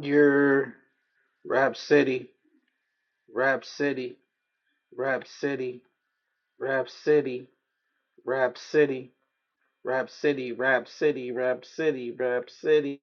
Your Rap City, Rap City, Rap City, Rap City, Rap City, Rap City, Rap City, Rap City, Rap City.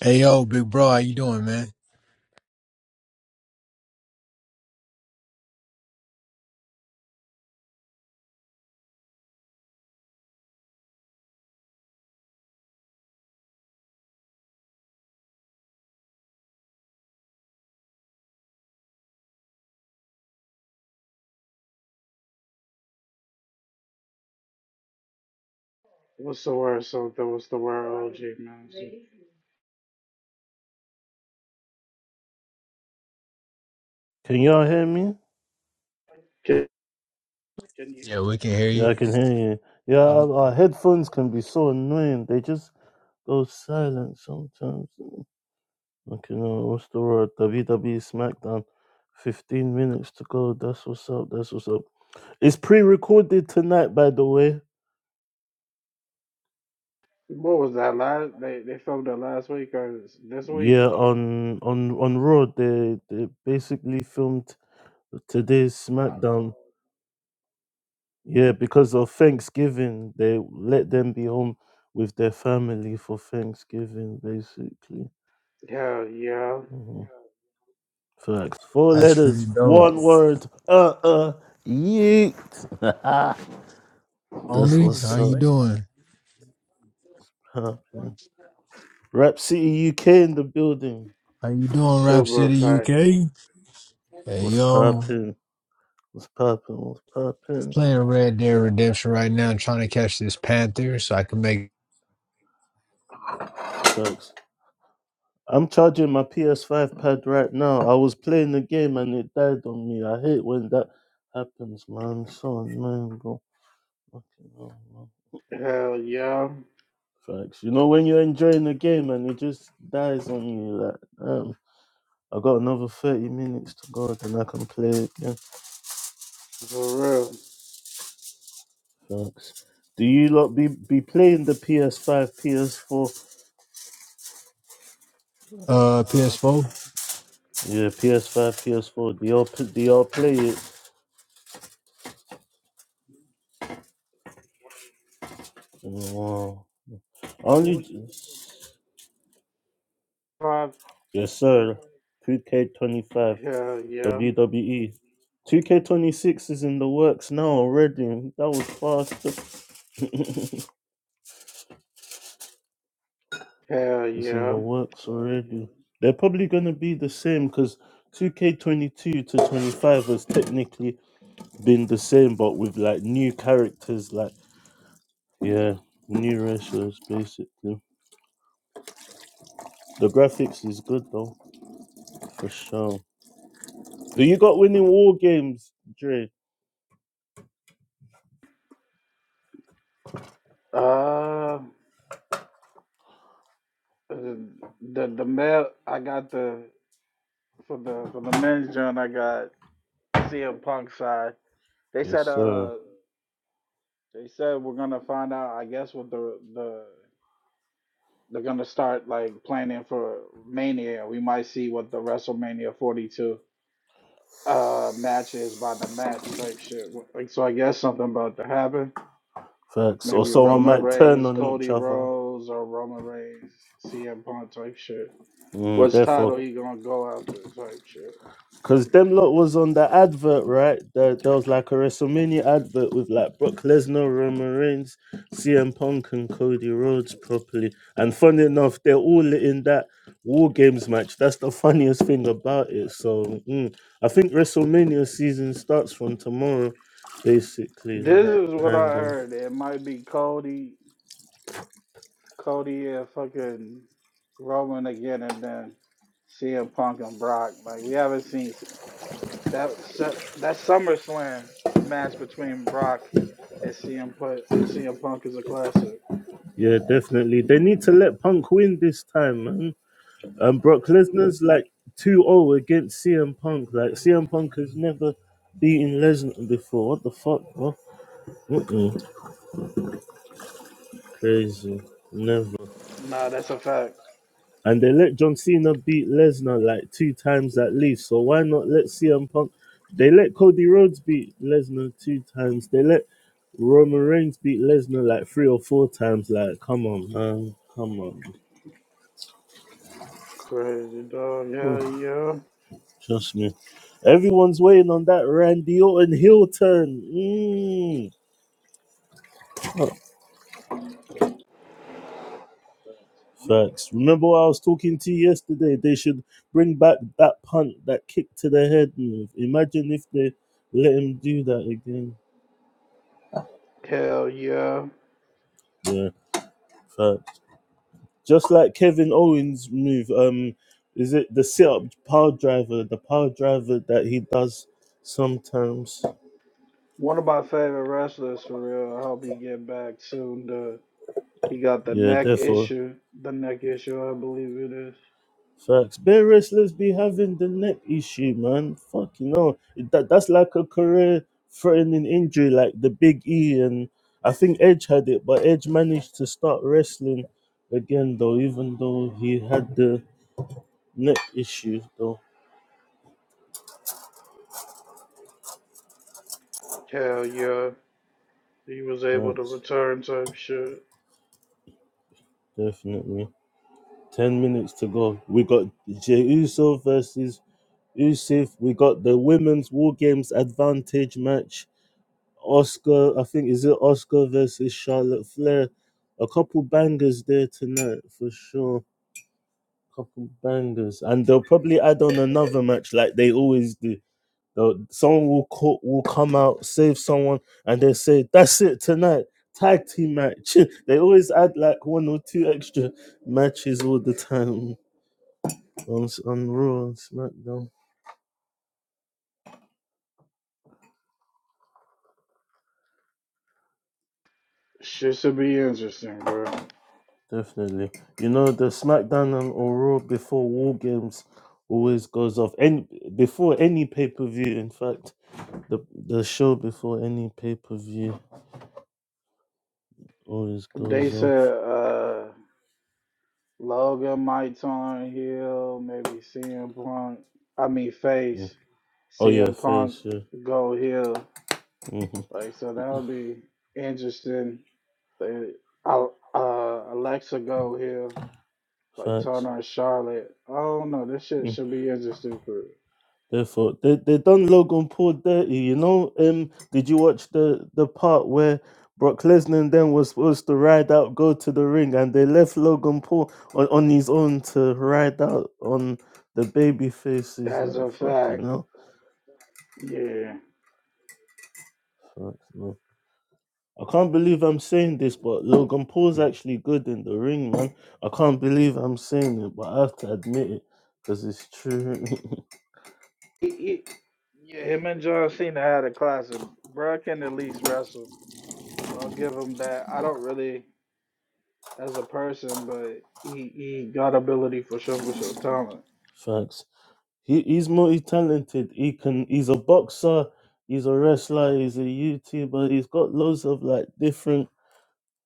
Hey yo, big bro, how you doing, man? What's the word? So so What's the word OG man. Can y'all hear me? Okay. Yeah, we can We hear can Yeah, I hear you. can you. hear you. Yeah, Oh, our our headphones can be so annoying. They just go silent sometimes. Okay, no, what's the word? WWE SmackDown. 15 minutes to go. That's what's up. That's what's up. It's pre-recorded tonight, by the way. What was that last? They they filmed that last week or this week? Yeah, on on on Raw, they they basically filmed today's SmackDown. Yeah, because of Thanksgiving, they let them be home with their family for Thanksgiving, basically. Hell yeah, Mm-hmm. Facts. Four That's pretty letters, dope. one word. Uh uh. Yeet. That's Only, how what's up. you doing? Poppin'. Rap City UK in the building. How you doing, Rap super City facts. UK? Hey What's yo, poppin'? What's poppin'? What's poppin'? playing Red Dead Redemption right now, trying to catch this Panther so I can make Facts. I'm charging my PS5 pad right now. I was playing the game and it died on me. I hate when that happens, man. So man, bro. Fucking hell, man. Hell yeah, Facts. You know when you're enjoying the game and it just dies on you, like, damn. I got another thirty minutes to go, then I can play it again. for real. Thanks. Do you lot be be playing the PS5, PS4? uh PS4. Yeah, PS5, PS4. Do y'all pl- do y'all play it? Wow. Only yes, sir. 2K25, Hell yeah, WWE. 2K26 is in the works now already. That was fast. hell It's in the yeah. works already. They're probably gonna be the same because 2K22 to 25 was technically been the same, but with like new characters, like yeah, new wrestlers. basically. The graphics is good though, for sure. Do you got winning war games, Dre? Uh, the the the male I got the for the for the men's joint I got CM Punk side. They Yes, said sir. uh they said we're gonna find out I guess what the the they're gonna start like planning for Mania. We might see what the WrestleMania 42 uh match is by the match type shit. Like so I guess something about to happen. Facts. Or Maybe Right. So, someone Roman so might turn Reigns, on each Cody other. Rhodes, or Roman Reigns, CM Punk type shit. Mm, What's therefore, title he gonna go after type shit. Cause them lot was on the advert, right? There, there was like a WrestleMania advert with like Brock Lesnar, Roman Reigns, CM Punk, and Cody Rhodes properly. And funny enough, they're all in that War Games match. That's the funniest thing about it. So mm, I think WrestleMania season starts from tomorrow, This basically. is what I Kind of. heard. It might be Cody, Cody and fucking Roman again, and then CM Punk and Brock. Like we haven't seen s- that su- that SummerSlam match between Brock and CM Punk. CM Punk is a classic. Yeah, definitely. They need to let Punk win this time, man. And Brock Lesnar's like 2 O against CM Punk. Like, CM Punk has never beaten Lesnar before. What the fuck, bro? Mm-mm. Crazy. Never. Nah, that's a fact. And they let John Cena beat Lesnar like two times at least. So why not let CM Punk? They let Cody Rhodes beat Lesnar two times. They let Roman Reigns beat Lesnar like three or four times. Like, come on, man. Come on. Crazy dog. Yeah, Oh, yeah. trust me. Everyone's waiting on that Randy Orton heel turn. Mm. Facts. Remember what I was talking to you yesterday? They should bring back that punt, that kick to the head move. Imagine if they let him do that again. Hell yeah. Yeah, facts. Just like Kevin Owens' move. Um, is it the sit-up power driver? The power driver that he does sometimes. One of my favorite wrestlers for real. I hope he get back soon. Duh. He got the Yeah, neck therefore. issue. The neck issue, I believe it is. Facts. Bear wrestlers be having the neck issue, man. Fucking no. That that's like a career threatening injury, like the big E and I think Edge had it, but Edge managed to start wrestling again though, even though he had the neck issue though. Hell yeah, he was able to Facts, return type shit. definitely. Ten minutes to go. We got Jey Uso versus Usif. We got the women's war games advantage match. Oscar, I think is it Oscar versus Charlotte Flair. A couple bangers there tonight for sure. Couple bangers, and they'll probably add on another match like they always do. They'll, someone will co- will come out, save someone, and they say that's it tonight. Tag team match. they always add like one or two extra matches all the time on on Raw and SmackDown. Shit should be interesting, bro. Definitely. You know, the SmackDown and or Raw before War Games always goes off. And before any pay per view, in fact, the the show before any pay per view always They goes said off. uh Logan might turn heel, maybe CM Punk. I mean face. Mm. Oh yeah, CM Punk face yeah. go heel. hmm Like so that'll be interesting. They uh, uh Alexa go heel. Like Facts. Turner and Charlotte. I don't know. This shit should be interesting for Therefore, they they done Logan Paul dirty. You know, um, did you watch the the part where Brock Lesnar then was supposed to ride out, go to the ring, and they left Logan Paul on, on his own to ride out on the baby faces? as Like a fuck, you fact. know. Yeah. Fuck, man. I can't believe I'm saying this, but Logan Paul's actually good in the ring, man. I can't believe I'm saying it, but I have to admit it because it's true. It, it, Him and John Cena had a classic. Bro can at least wrestle. I'll give him that. I don't really as a person, but he he got ability for sure for sure talent. Facts. He, he's multi-talented. He can. He's a boxer. He's a wrestler. He's a YouTuber. He's got loads of like different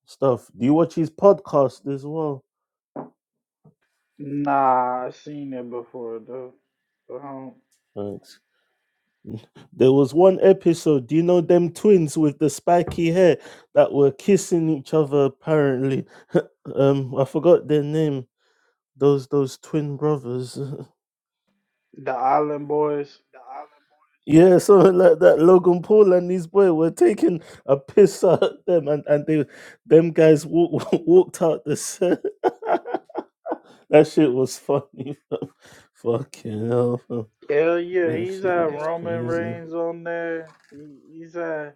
stuff. Do you watch his podcast as well? Nah, I seen it before though. Um, Thanks. There was one episode. Do you know them twins with the spiky hair that were kissing each other? Apparently, um, I forgot their name. Those those twin brothers. the Island Boys. yeah, something like that. Logan Paul and his boy were taking a piss out at them, and and they them guys walk, walked out the set. That shit was funny. Fucking hell. Hell yeah, That he's shit had is Roman crazy. Reigns on there. He, he's had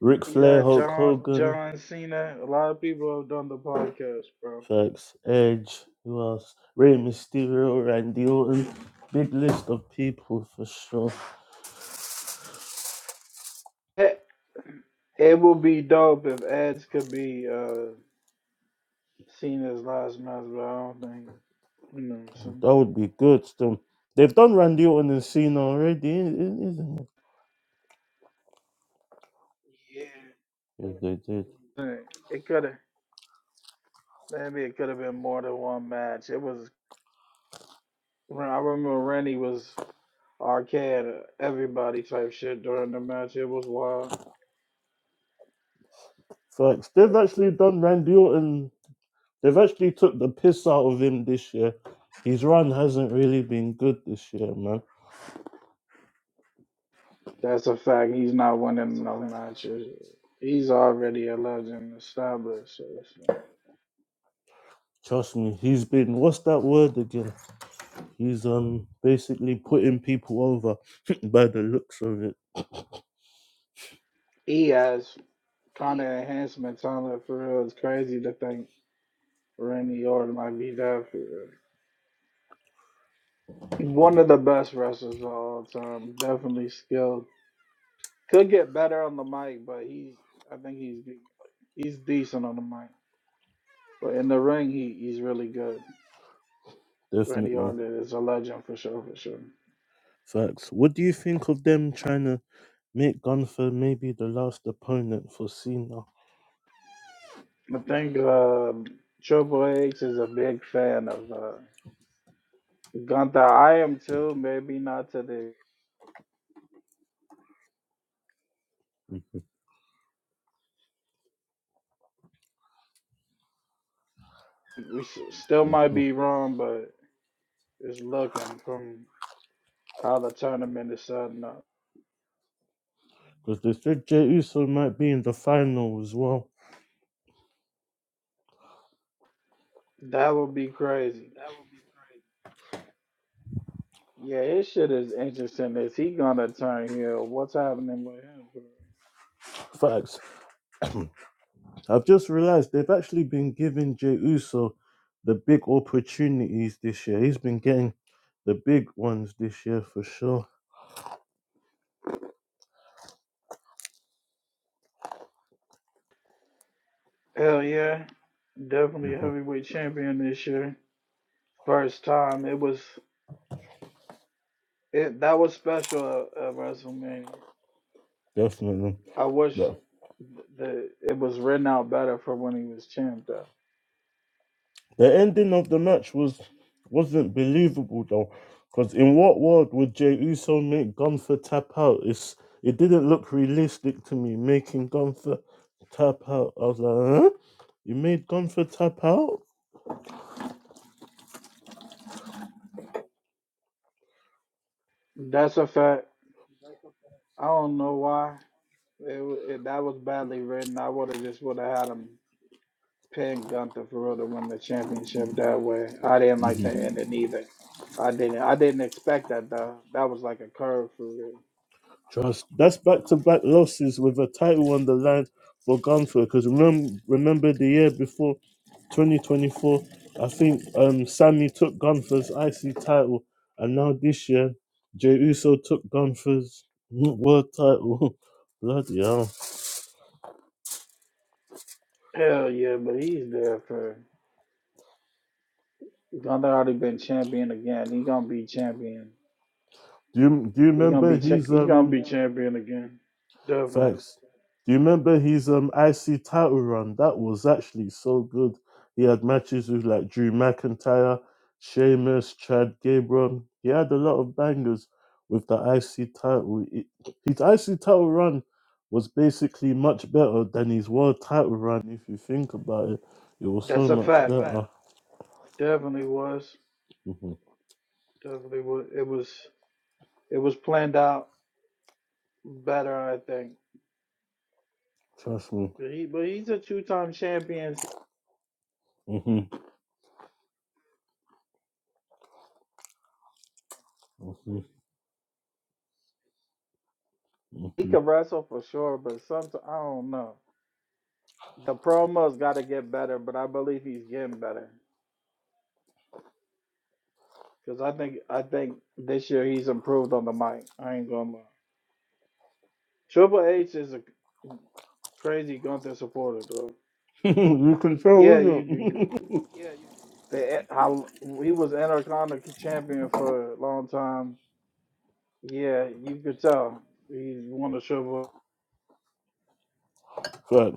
Rick Ric he's Flair, had Hulk John Hogan, John Cena. A lot of people have done the podcast, bro. Facts, Edge, who else? Rey Mysterio, Randy Orton. Big list of people for sure. Heck, It would be dope if ads could be. uh seen as last match, but I don't think you know what I'm saying. That would be good still. They've done Randy Orton and Cena already, i- i- isn't it? Yeah, they did. Like, It could have maybe it could have been more than one match. It was I remember Randy was arcade uh, everybody type shit during the match. It was wild. Facts. They've actually done Randy Orton. They've actually took the piss out of him this year. His run hasn't really been good this year, man. That's a fact. He's not winning enough matches. He's already a legend established. So it's like- Trust me, he's been what's that word again? He's um basically putting people over by the looks of it. He has kind of enhancement talent for real. It's crazy to think Randy Orton might be that for real. One of the best wrestlers of all time. Definitely skilled. Could get better on the mic, but he's I think he's he's decent on the mic. But in the ring, he, he's really good. Randy Definitely. Orton is a legend for sure, for sure. Facts. What do you think of them trying to make Gunther maybe the last opponent for Cena? I think um, Triple H is a big fan of uh, Gunther. I am too. Maybe not to the. We s- still might be Because wrong, but it's looking from how the tournament is setting up. they said Jey Uso might be in the final as well. That would be crazy. Yeah, his shit is interesting. Is he gonna turn heel? What's happening with him? Facts. I've just realised they've actually been giving Jey Uso the big opportunities this year. He's been getting the big ones this year for sure. Hell yeah, definitely Mhm. heavyweight champion this year. First time it was it that was special at, at WrestleMania. Definitely. I wish But th- that it was written out better for when he was champ though. The ending of the match was wasn't believable though, because in what world would Jey Uso make Gunther tap out? It's it didn't look realistic to me making Gunther tap out. I was like, huh? You made Gunther tap out? That's a fact. I don't know why it, wa- it that was badly written. I would have just would have had him. pinned Gunther for real to win the championship that way. I didn't like the ending either. I didn't. I didn't expect that though. That was like a curve for real. Trust. That's back to back losses with a title on the line for Gunther. Because remember, remember the year before, 2024, I think um Sammy took Gunther's IC title, and now this year, Jey Uso took Gunther's world title. Bloody hell! Hell yeah, but he's there for Gunther. Already been champion again. He gonna be champion. Do you do you He gonna remember be. Cha- his he's gonna um? be champion again. Definitely. Facts. Do you remember his um IC title run? That was actually so good. He had matches with like Drew McIntyre, Sheamus, Chad Gabron. He had a lot of bangers with the IC title. It- his IC title run was basically much better than his world title run. If you think about it, it was That's so a much fact. better. Definitely was. hmm Definitely was. It was. It was planned out better, I think. Trust me. But he. But he's a two-time champion. hmm hmm He hmm could wrestle for sure, but sometimes I don't know. The promo's got to get better, but I believe he's getting better because I think I think this year he's improved on the mic. I ain't gonna lie. Triple H is a crazy Gunther supporter, though. you can tell, Yeah, you can. isn't The, how he was Intercontinental champion for a long time. Yeah, you could tell he's one of Triple. it?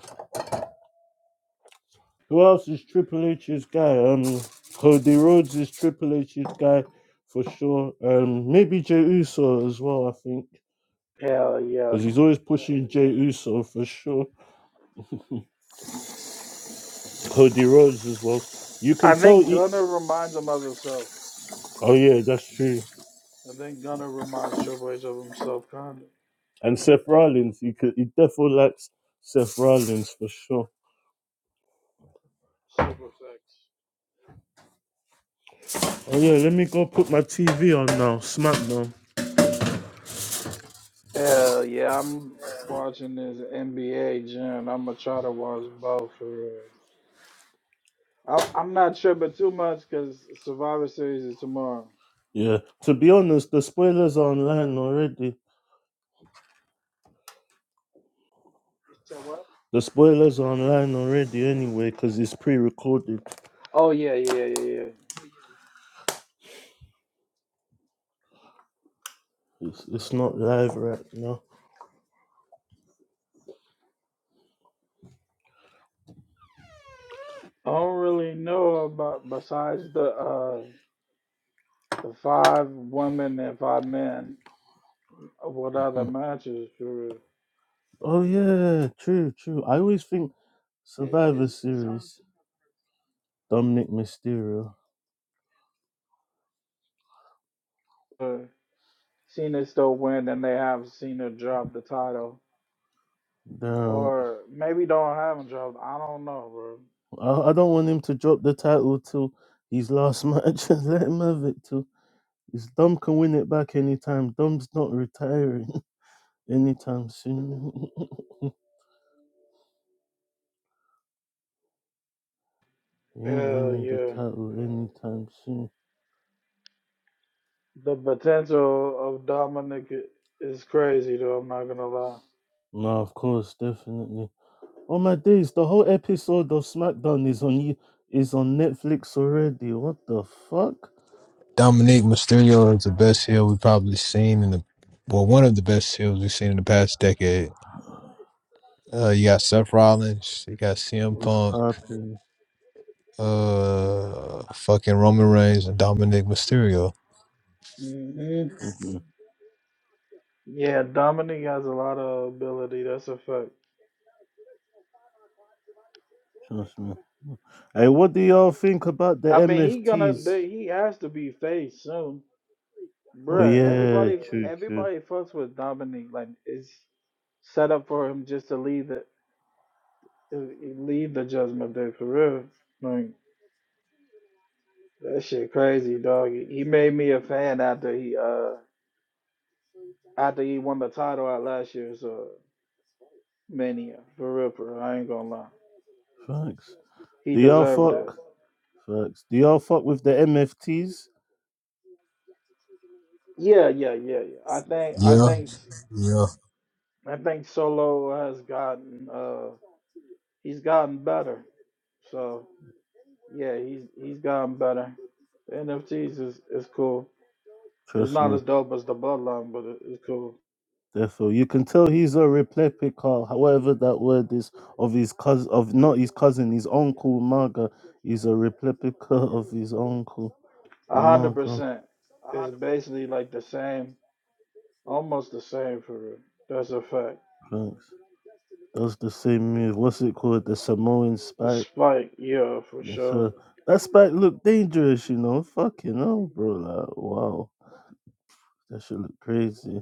Who else is Triple H's guy? Um, Cody Rhodes is Triple H's guy for sure. Um, maybe Jey Uso as well. I think Hell yeah! because he's always pushing Jey Uso for sure. Cody Rhodes as well. You can I tell. think He, Gunner reminds him of himself. oh yeah, that's true. I think Gunner reminds Triple H of himself, kind of. And Seth Rollins, he could, he definitely likes Seth Rollins for sure. Oh yeah, let me go put my TV on now. SmackDown. Hell yeah, I'm watching this NBA, Jim. I'm gonna try to watch both for real. I, I'm not tripping too much because Survivor Series is tomorrow. Yeah. To be honest, the spoilers are online already. The spoilers are online already anyway, because it's pre-recorded. Oh yeah, yeah, yeah, yeah. It's, it's not live right now. I don't really know about besides the uh the five women and five men. What other matches? For real. Oh yeah, true, true. I always think Survivor Series, Dominic Mysterio. Uh, Cena still win, and they have Cena drop the title, Damn, or maybe don't have him drop. I don't know, I, I don't want him to drop the title till his last match. Let him have it till his Dom can win it back anytime. Dom's not retiring anytime soon. he bro. ain't Hell winning the yeah. title anytime soon. The potential of Dominic i- is crazy, though. I'm not gonna lie. No, of course, definitely. Oh my days, the whole episode of SmackDown is on you is on Netflix already. What the fuck? Dominique Mysterio is the best heel we've probably seen in the well, one of the best heels we've seen in the past decade. Uh, you got Seth Rollins, you got CM What's Punk, popping? uh, fucking Roman Reigns, and Dominic Mysterio. hmm hmm Yeah, Dominic has a lot of ability. That's a fact. Trust me. Hey, what do y'all think about the I mean, he gonna MFTs? they, he has to be faced soon, Oh bruh. yeah, Everybody, true, true. everybody fucks with Dominic. Like, it's set up for him just to leave the leave the Judgment Day for real. Like that shit crazy, dog. He he made me a fan after he uh After he won the title at last year's uh, Mania, for real, for real, I ain't gonna lie, Facts. he Do y'all deserved it. fuck? Facts. Do y'all fuck with the MFTs? Yeah, yeah, yeah, yeah. I think, I Yeah, think, yeah. I think Solo has gotten, uh, he's gotten better. So yeah, he's he's gotten better. The NFTs is is cool. It's Trust not me. as dope as the Bloodline, but it, it's cool. Therefore, you can tell he's a replica, however that word is, of his cousin, of not his cousin, his uncle Maga. He's a replica of his uncle A hundred Maga. percent. It's basically like the same, almost the same for real. That's a fact. Thanks. That's the same move. What's it called? The Samoan spike. Spike, yeah, for Yes, sure. sir. That spike looked dangerous, you know. Fucking hell, bro. Like, wow. That should look crazy.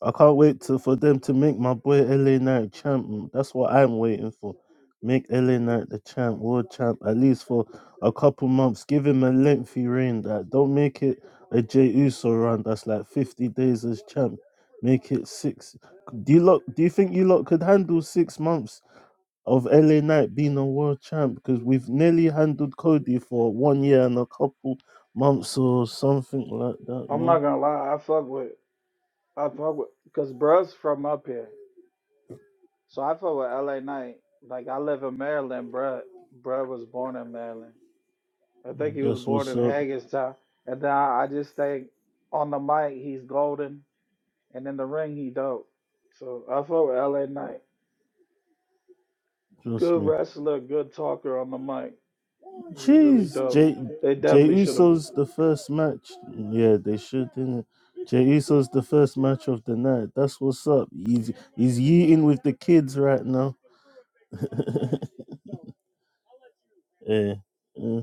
I can't wait to, for them to make my boy LA Knight champ. That's what I'm waiting for. Make LA Knight the champ, world champ, at least for a couple months. Give him a lengthy reign. That don't make it a Jey Uso run. That's like 50 days as champ. Make it six. Do you lot? Do you think you lot could handle six months of LA Knight being a world champ? Because we've nearly handled Cody for one year and a couple months or something like that. I'm not No, gonna lie, I fuck with I fuck with because bruh's from up here. So I fuck with LA Knight. Like I live in Maryland, bruh. Bruh was born in Maryland. I think he was that's born what's in up. Hagerstown. And then I, I just think on the mic he's golden and in the ring he dope. So I fuck with LA Knight. Trust Good me. wrestler, good talker on the mic. He's really Jeez, dope. Jay They Jay definitely should have Uso's the first match. Yeah, they should, didn't it? Jay Uso's the first match of the night. That's what's up. He's he's eating with the kids right now. yeah, yeah.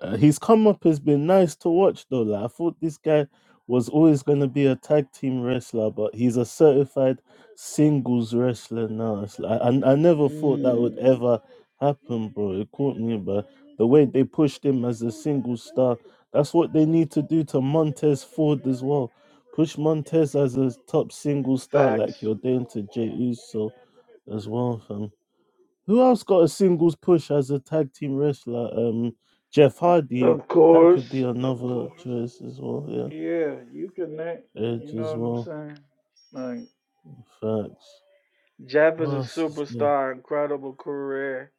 Uh, his come up has been nice to watch though. Like, I thought this guy was always going to be a tag team wrestler, but he's a certified singles wrestler now. It's like, I, I never thought that would mm, ever happen, bro. It caught me, but the way they pushed him as a single star, that's what they need to do to Montez Ford as well. Push Montez as a top single star facts. like you're doing to Jey Uso as well, fam. Who else got a singles push as a tag team wrestler? Um, Jeff Hardy. Of That could be course. another choice as well. Yeah, Yeah, you connect. You Edge know as what I'm well. saying? Like, Facts. Jeff Who is a else is there? superstar, incredible career.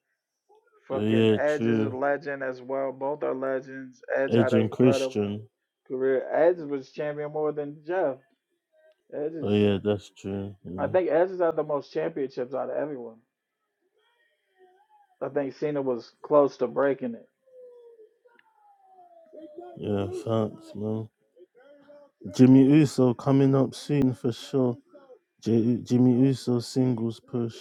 Oh Fucking yeah, Edge is a true. legend as well. Both are legends. Edge had Edge an and incredible Christian. career. Edge was champion more than Jeff. Edge Oh is, yeah, that's true. I Yeah, think Edge has had the most championships out of everyone. I think Cena was close to breaking it. yeah facts, man. Jimmy Uso coming up soon for sure. J- Jimmy Uso singles push,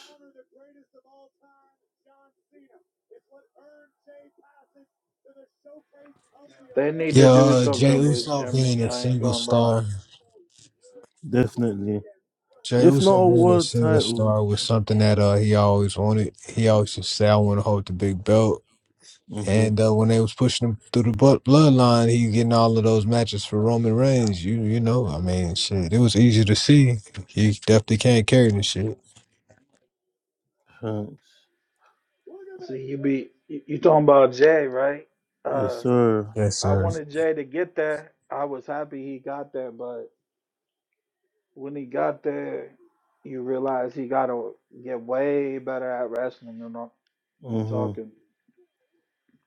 They need Yeah, to do uh, Jay something with Uso being Jimmy. a I ain't single gonna lie. star, definitely. Jay If not Uso a being a world single title. star was something that uh, he always wanted. He always just said, "I want to hold the big belt." Mhm. And uh, when they was pushing him through the bu- bloodline, he getting all of those matches for Roman Reigns. You you know, I mean, shit, it was easy to see. He definitely can't carry this shit. Facts. See, you be you, you talking about Jay, right? Yes, Uh. sir. Yes, I sir. wanted Jay to get there. I was happy he got there, but when he got there, you realize he got to get way better at wrestling and, all- and Mhm. talking.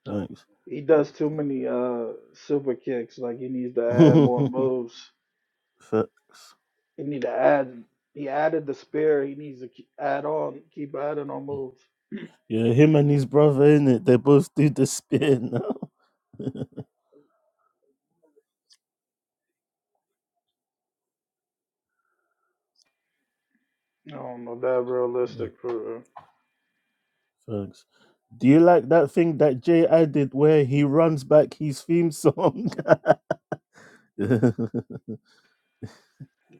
Thanks. He does too many uh super kicks. Like he needs to add Facts. more moves. He need to add. He added the spear. He needs to ke- add on. Keep adding on moves. Yeah, him and his brother, innit? They both do the spin now. I don't know that Mm, realistic for real. Facts. Do you like that thing that Jay added where he runs back his theme song? Yeah.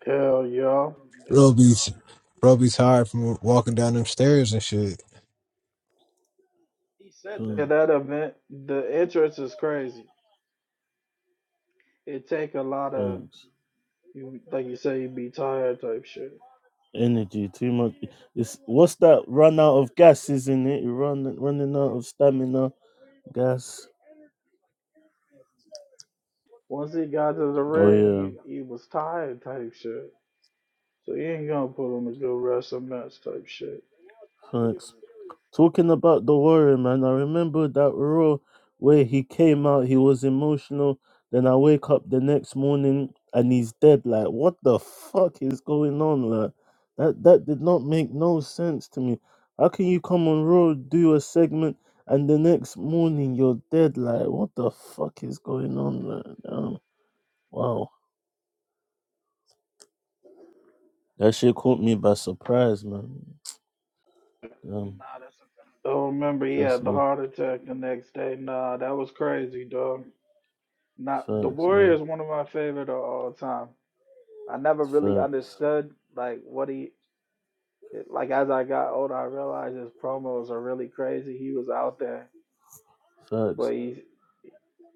hell, yeah. all Bro, be, bro, be tired from walking down them stairs and shit. he said Yeah, that. that event. The entrance is crazy. It take a lot of Mm, Facts. You like you say, he'd be tired type shit. Energy, too much. It's what's that? Run out of gas, isn't it? You run running out of stamina, gas. Once he got to the Oh ring, yeah, he he was tired type shit. So you ain't gonna put him to go wrestle match type shit. facts. Talking about the warrior, man, I remember that raw where he came out, he was emotional. Then I wake up the next morning and he's dead. Like, what the fuck is going on? Like, that that did not make no sense to me. How can you come on Raw, do a segment, and the next morning you're dead? Like, what the fuck is going on? Like, damn. wow, that shit caught me by surprise, man. Damn, I remember he trust had the me, heart attack the next day. Nah, that was crazy, dog. Not the facts, Warrior man, is one of my favorite of all time. I never really facts, understood like what he like as I got older. I realized his promos are really crazy. He was out there, facts. but he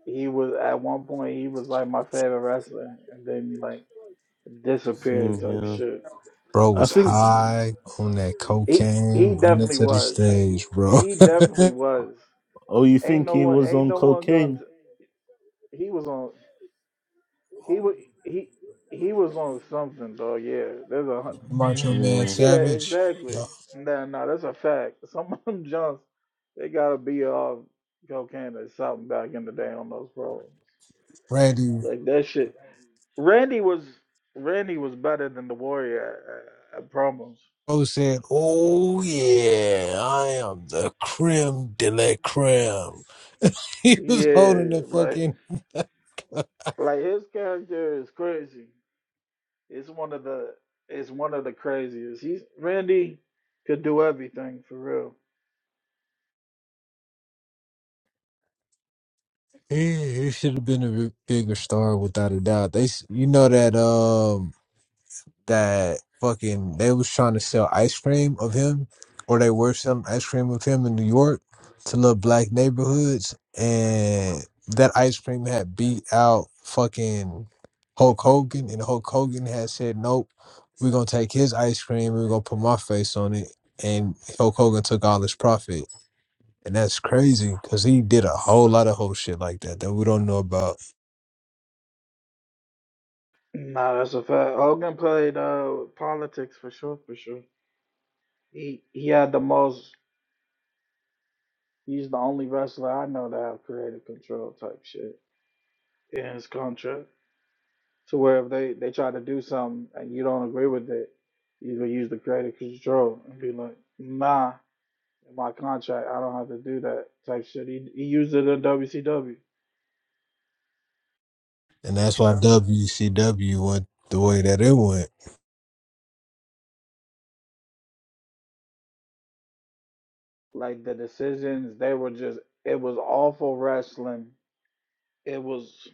he was at one point he was like my favorite wrestler, and then he like disappeared Same type here. shit. Bro I was think. high on that He he cocaine, running definitely to the was. stage, bro. He definitely was. Oh, you Ain't think no he one. was Ain't on no one going. cocaine? to He was on. He was. He he was on something though. Yeah. There's a. hun- Macho Man Mm, Yeah. Savage. Exactly. Yeah. Nah. Nah. That's a fact. Some of them Johns, they gotta be off cocaine or something back in the day on those problems. Randy Like that shit. Randy was. Randy was better than the Warrior at, at, at promos. Rose said, Oh, yeah, I am the creme de la creme. He was holding Yeah. the Like. fucking. Like his character is crazy. It's one of the it's one of the craziest. He's Randy could do everything for real. he he should have been a bigger star without a doubt. They, s- You know that. um. that fucking they was trying to sell ice cream of him, or they were selling ice cream of him in New York to little black neighborhoods, and that ice cream had beat out fucking Hulk Hogan, and Hulk Hogan had said, "Nope, we're gonna take his ice cream, we're gonna put my face on it," and Hulk Hogan took all his profit, and that's crazy because he did a whole lot of whole shit like that that we don't know about, Nah, that's a fact. Hogan played uh politics for sure, for sure. He he had the most. He's the only wrestler I know to have creative control type shit in his contract. To where if they they try to do something and you don't agree with it, you can use the creative control and be like, nah, in my contract I don't have to do that type shit. He he used it in WCW. and that's why WCW went the way that it went. Like the decisions, they were just it was awful wrestling. It was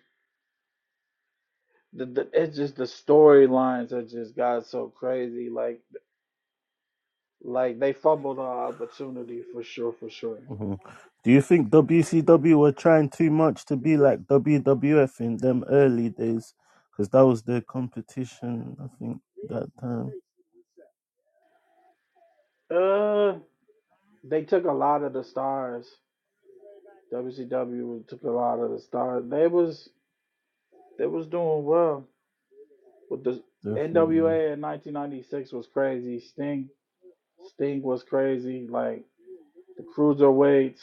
the, the it's just the storylines that just got so crazy. Like like they fumbled an opportunity for sure, for sure. mhm. Do you think WCW were trying too much to be like WWF in them early days? Because that was their competition, I think, that time. Uh, they took a lot of the stars. WCW took a lot of the stars. They was they was doing well with the Definitely. NWA in 1996 was crazy. Sting Sting was crazy. Like the cruiserweights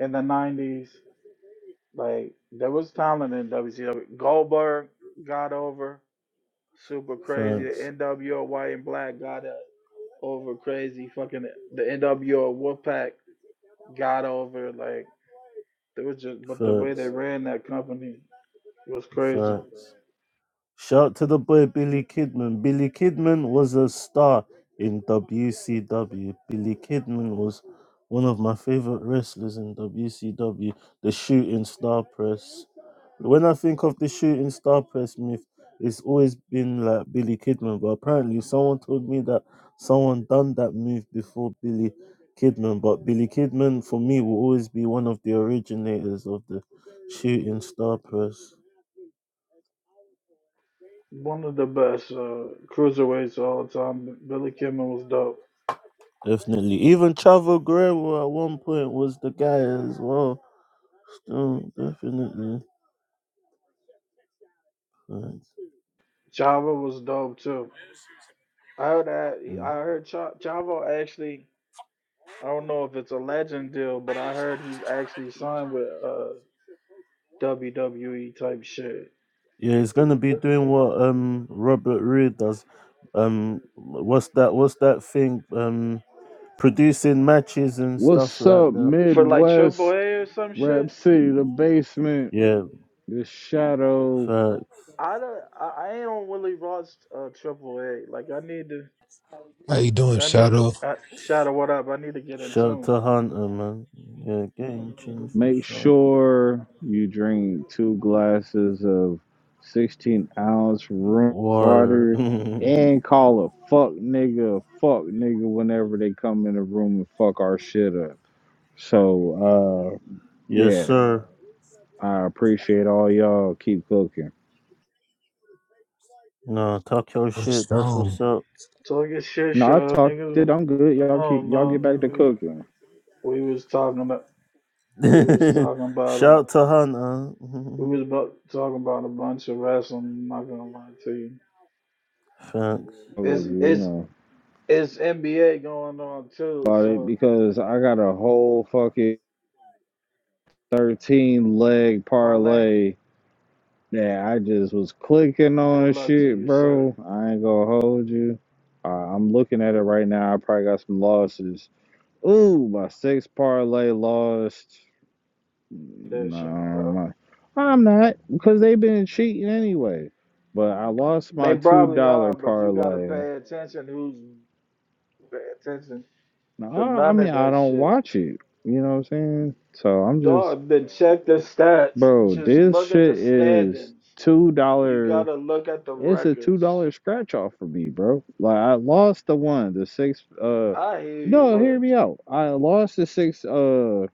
in the 90s. Like there was talent in WCW. Goldberg got over super crazy. The Facts. NWO White and Black got uh, over crazy. Fucking the NWO Wolfpack got over. Like there was just, but the way they Facts. ran that company was crazy. Facts. Shout to the boy Billy Kidman. Billy Kidman was a star in WCW. Billy Kidman was one of my favorite wrestlers in WCW, the shooting star press. When I think of the shooting star press myth, it's always been like Billy Kidman, but apparently someone told me that someone done that move before Billy Kidman. But Billy Kidman, for me, will always be one of the originators of the shooting star press. One of the best uh, cruiserweights of all time. Billy Kimmel was dope. Definitely. Even Chavo Guerrero at one point was the guy as well. So definitely. Thanks. Chavo was dope too. I heard that. I Mm. heard Cha- Chavo actually. I don't know if it's a legend deal, but I heard he's actually signed with. uh. WWE type shit. Yeah, he's Yeah. gonna be doing what um Robert Reed does. Um what's that what's that thing? Um producing matches and stuff What's like up, that. For like Triple Midwest? A or some shit. Rap City, the basement, Yeah, the shadow. fact. I don't. I, I ain't on really watch uh Triple A. Like I need to. How you doing, I need. Shadow? I, Shadow, what up? I need to get in Shout tune. to Hunter man. Yeah, game change for Make sure. sure you drink two glasses of 16 ounce room Water. water and call a fuck nigga a fuck nigga whenever they come in the room and fuck our shit up. So, uh, yes yeah, sir. I appreciate all y'all. Keep cooking. No, talk your Of shit, that's Stone. what's up. Talk your shit, No, I show talked it. niggas. I'm good. I Y'all keep, don't y'all get know. back to It- cooking. We was talking about. We was talking about. A, Shout to Hannah. we was about, talking about a bunch of wrestling. I'm not gonna lie to you. Thanks. Oh, It's You it's know. it's NBA going on too. about it So because I got a whole fucking 13 leg parlay. parlay that I just was clicking Good on luck to shit, you, sir. bro. I ain't gonna hold you. Uh, I'm looking at it right now. I probably got some losses. Ooh, my six parlay lost. That No, shit, bro. I'm not. I'm not because they've been cheating anyway. But I lost They my $2 probably are, but you gotta parlay. pay attention. Who's pay attention No, to I I none mean, of I that don't shit? watch it. You know what I'm saying? So I'm just Dog, then check the stats. Bro, Just this look at the shit is standings. two You dollar. gotta look at the It's a two records. dollar scratch off for me, bro. Like I lost the one, the six. Uh, I hear you, no, hear but me out. I lost the six. Uh,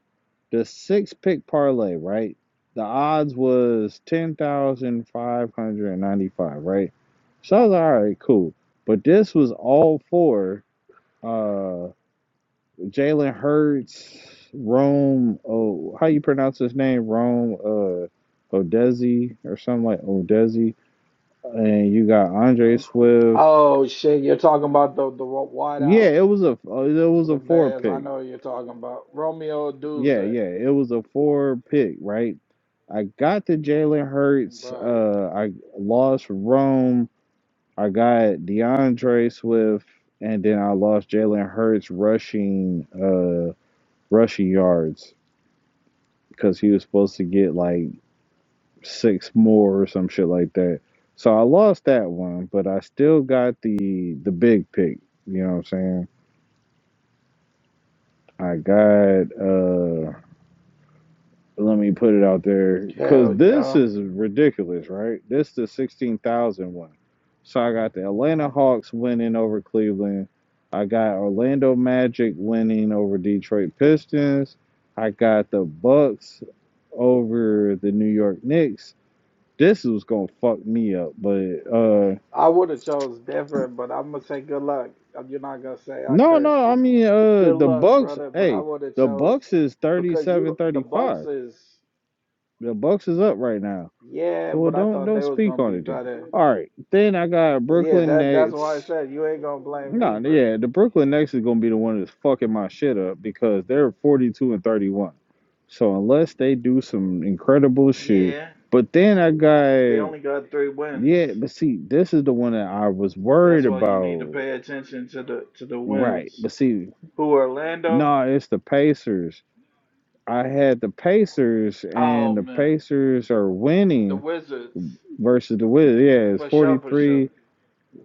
the six pick parlay, right? The odds was ten thousand five hundred ninety five, right? So I was like, all right, cool. But this was all for. uh. Jalen Hurts, Rome. Oh, how you pronounce his name? Rome. Uh, Odezi or something like Odezi. And you got Andre Swift. oh shit, you're talking about the the Yeah, wideout it was a uh, it for was the a four Bears. I pick. know what you're talking about Romeo Duse, Yeah, yeah, it was a four pick, right? I got the Jalen Hurts. right? Uh, I lost Rome. I got DeAndre Swift, and then I lost Jalen Hurts rushing uh rushing yards because he was supposed to get like six more or some shit like that. So I lost that one, but I still got the the big pick. You know what I'm saying? I got uh let me put it out there cuz Hell this yeah. is ridiculous, right? This is the 16,000 one. So I got the Atlanta Hawks winning over Cleveland. I got Orlando Magic winning over Detroit Pistons. I got the Bucks over the New York Knicks. This was going to fuck me up, but uh I would have chose different, but I'm gonna say good luck. Uh, You're not gonna say I No, cursed no, I you. mean uh Good the luck, Bucks, brother. But I hey, would have the chose Bucks is because you 37, don't- the Bucks 35. is The Bucks is up right now. yeah, So, Well, but I don't thought don't they was speak gonna on be it then. better. All right. Then I got Yeah, Brooklyn that that's why I Nets. said you ain't gonna blame me, No, but yeah, the Brooklyn Nets is going to be the one that's fucking my shit up because they're 42 and 31. So unless they do some incredible shit, yeah, but then I they got only got three wins. yeah, but see, this is the one that I was That's worried why you need to about. pay attention to the to the Right. wins. But see, Who Orlando? nah, it's the Pacers. I had the Pacers, Oh and the man, Pacers are the winning Wizards versus the Wizards. Yeah, it's for sure, for sure. 43.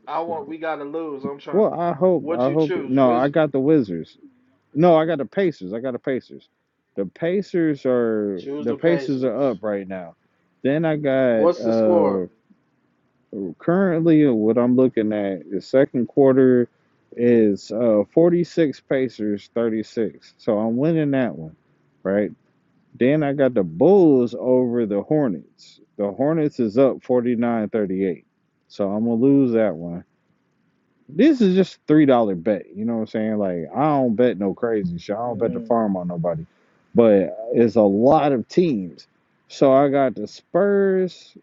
I want we gotta lose. I'm trying. Well, I hope, What'd I you hope. choose? No, Wiz I got the Wizards. No, I got the Pacers. I got the Pacers. The Pacers are Choose the the Pacers Pacers. are up right now. Then I got What's the score? uh currently what I'm looking at the second quarter is uh 46 Pacers 36. So I'm winning that one, right? Then I got the Bulls over the Hornets. The Hornets is up forty nine thirty eight, So I'm gonna lose that one. This is just three dollar bet. You know what I'm saying? Like I don't bet no crazy shit. I don't bet the Mm. farm on nobody. But it's a lot of teams. So I got the Spurs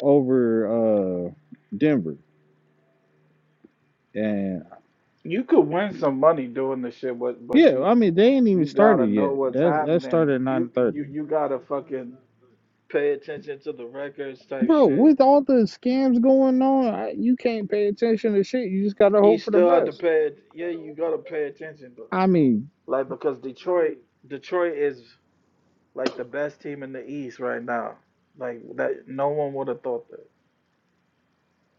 over uh Denver. And You could win some money doing this shit, but but yeah, you I mean they ain't even you started gotta know yet. what's That that happening. started at You you 9:30. you gotta fucking Pay attention to the records type Bro, shit. with all the scams going on, I, you can't pay attention to shit. You just gotta You hope for the still have to best. pay. It. Yeah, you gotta pay attention though. I mean, Like because Detroit, Detroit is like the best team in the East right now. Like that, no one would have thought that.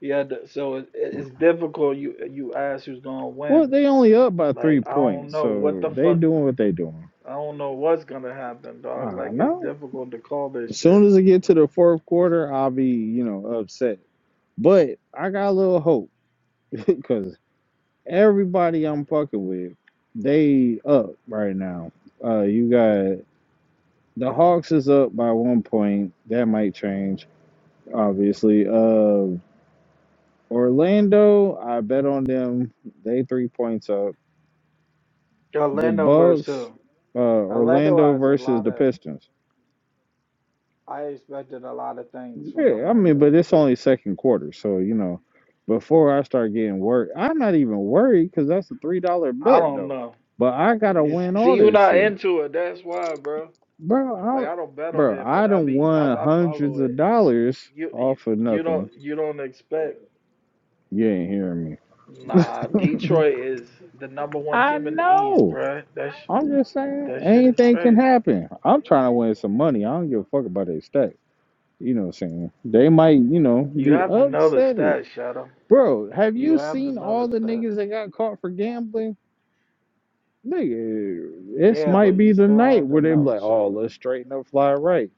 Yeah, the- so it, it- it's difficult. You you ask who's gonna well, win. they only up by three Like I don't points, know what so the they fuck. doing what they doing. I don't know what's gonna happen, dog. I Like it's know. difficult to call this As soon shit. as it get to the fourth quarter, I'll be, you know, upset. But I got a little hope because everybody I'm fucking with, they up right now. Uh, you got the Hawks is up by one point. That might change, obviously. Uh. Orlando, I bet on them. They three points up. The Orlando versus Bucks, who? uh, Orlando Orlando has a versus lot the of. Pistons. I expected a lot of things from Yeah, I mean, Orlando. but it's but only second quarter, so you know. Before I start getting worried, I'm not even worried because that's a three dollar I bet don't though. know. But I gotta It's- win see, all you're this not shit, into it. That's why, bro. bro. Like I, I don't bet on bro, it, I but I done be I, won I hundreds follow of it. dollars You, you off of you nothing. don't you don't expect. You ain't hearing me. Nah, Detroit is the number one I team in the East, know. bro. That sh- I'm just saying, that shit is anything can crazy. happen. I'm trying to win some money. I don't give a fuck about their stack. You know what I'm saying? They might, you know, You be have to know the upset. It. stats, Shadow. Bro, have You you have to seen know all the the stats. niggas that got caught for gambling? Nigga, this Yeah, might but be you the still night had to where they be know, like, oh, Charlotte. let's straighten up, fly right.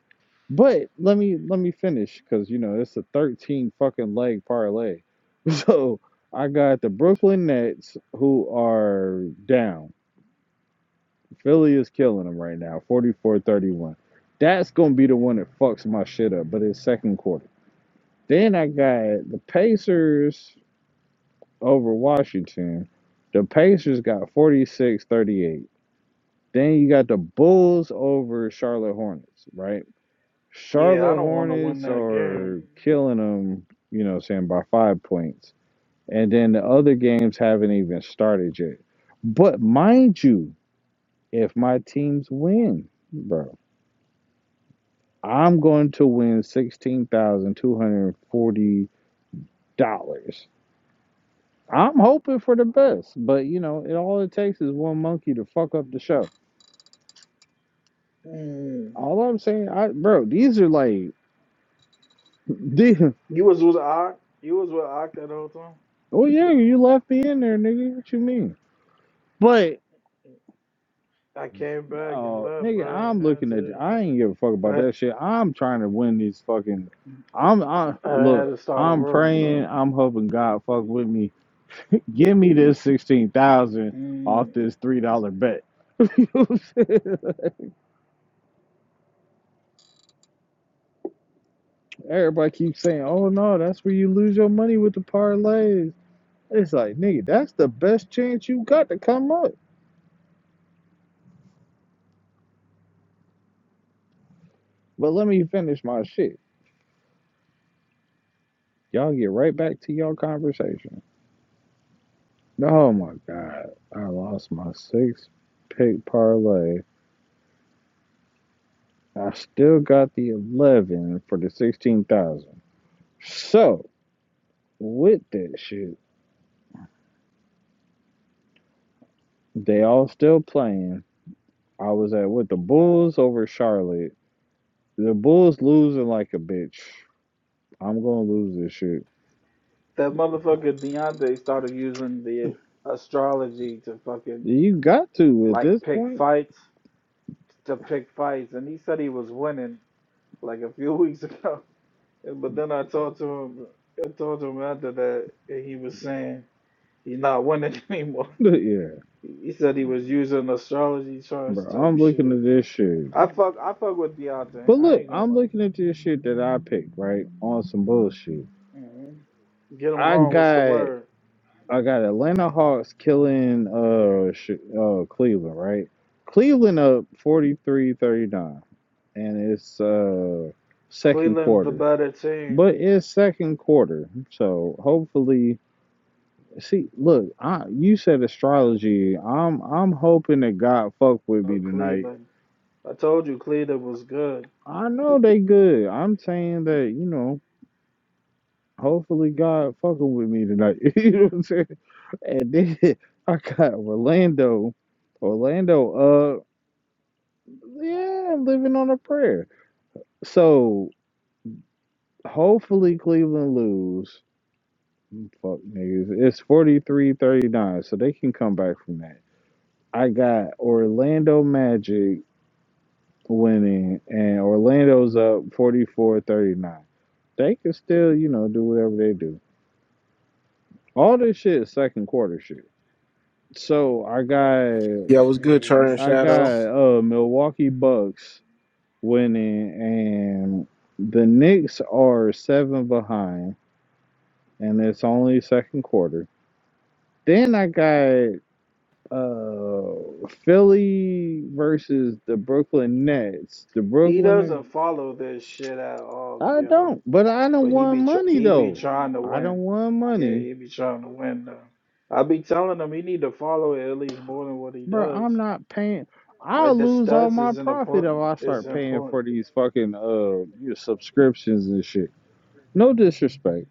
But let me let me finish because you know it's a 13 fucking leg parlay. So I got the Brooklyn Nets who are down. Philly is killing them right now, forty-four thirty-one. That's gonna be the one that fucks my shit up, but it's second quarter. Then I got the Pacers over Washington. The Pacers got forty-six thirty-eight. Then you got the Bulls over Charlotte Hornets, right? Yeah, I Charlotte don't want to win Hornets that game. are killing them, you know, what I'm saying by five points. And then the other games haven't even started yet. But mind you, if my teams win, bro. I'm going to win sixteen thousand two hundred and forty dollars. I'm hoping for the best, but you know, it all it takes is one monkey to fuck up the show. Mm. All I'm saying, I bro, these are like, the- You was with Ock. You was with Ock that whole time. oh yeah, you left me in there, nigga. What you mean? But I came back and uh, left, nigga, bro. I'm I had looking at. to. I ain't give a fuck about I, that shit. I'm trying to win these fucking. I'm I I had look. to start a I'm room, praying. though. I'm hoping God fuck with me. Give me this sixteen thousand Mm. off this three dollar bet. You know what I'm saying? Everybody keeps saying, "Oh no, that's where you lose your money with the parlays." It's like, nigga, that's the best chance you got to come up. But let me finish my shit. Y'all get right back to your conversation. Oh my god, I lost my six pick parlay. I still got the eleven for the sixteen thousand. So with that shit, they all still playing. I was at with the Bulls over Charlotte. The Bulls losing like a bitch. I'm gonna lose this shit. That motherfucker Deontay started using the astrology to fucking You got to at like this pick point. fights, to pick fights, and he said he was winning like a few weeks ago. And- But then I talked to him. I talked to him after that, and he was saying he's not winning anymore. yeah, He said he was using astrology charts bro. type I'm looking shit. at this shit. I fuck, I fuck with But Deontay. I look, ain't gonna I'm lie. looking at this shit that I picked right on some bullshit. Mhm. Get him I going. What's the got word? I got Atlanta Hawks killing uh sh- uh Cleveland right. Cleveland up forty three thirty nine, and it's uh second Cleveland's the quarter. better team. But it's second quarter, so hopefully See, look, I you said astrology. I'm I'm hoping that God fuck with Oh, me tonight. Cleveland. I told you Cleveland was good. I know they good. I'm saying that, you know, hopefully God fucking with me tonight. you know what I'm saying? And then I got Orlando. Orlando, uh yeah, living on a prayer. So hopefully Cleveland lose. Fuck niggas. It's forty three thirty nine. so they can come back from that. I got Orlando Magic winning, and Orlando's up 44 39. They can still, you know, do whatever they do. All this shit is second quarter shit. So I got Yeah, what's good, Charlie Mhm. and I Shadow? got uh Milwaukee Bucks winning and the Knicks are seven behind and it's only second quarter. Then I got uh Philly versus the Brooklyn Nets. The He Brooklyn doesn't follow this shit at all. I Get him. don't, but I don't But he want be tr- money he be though. trying to I don't win. want Yeah, money, he be trying to win though. I be telling him he need to follow it at least more than what he bro. does. I'm not paying. I'll Like the lose all stats my is an profit if important I is start paying important. for these fucking uh your subscriptions and shit. No disrespect,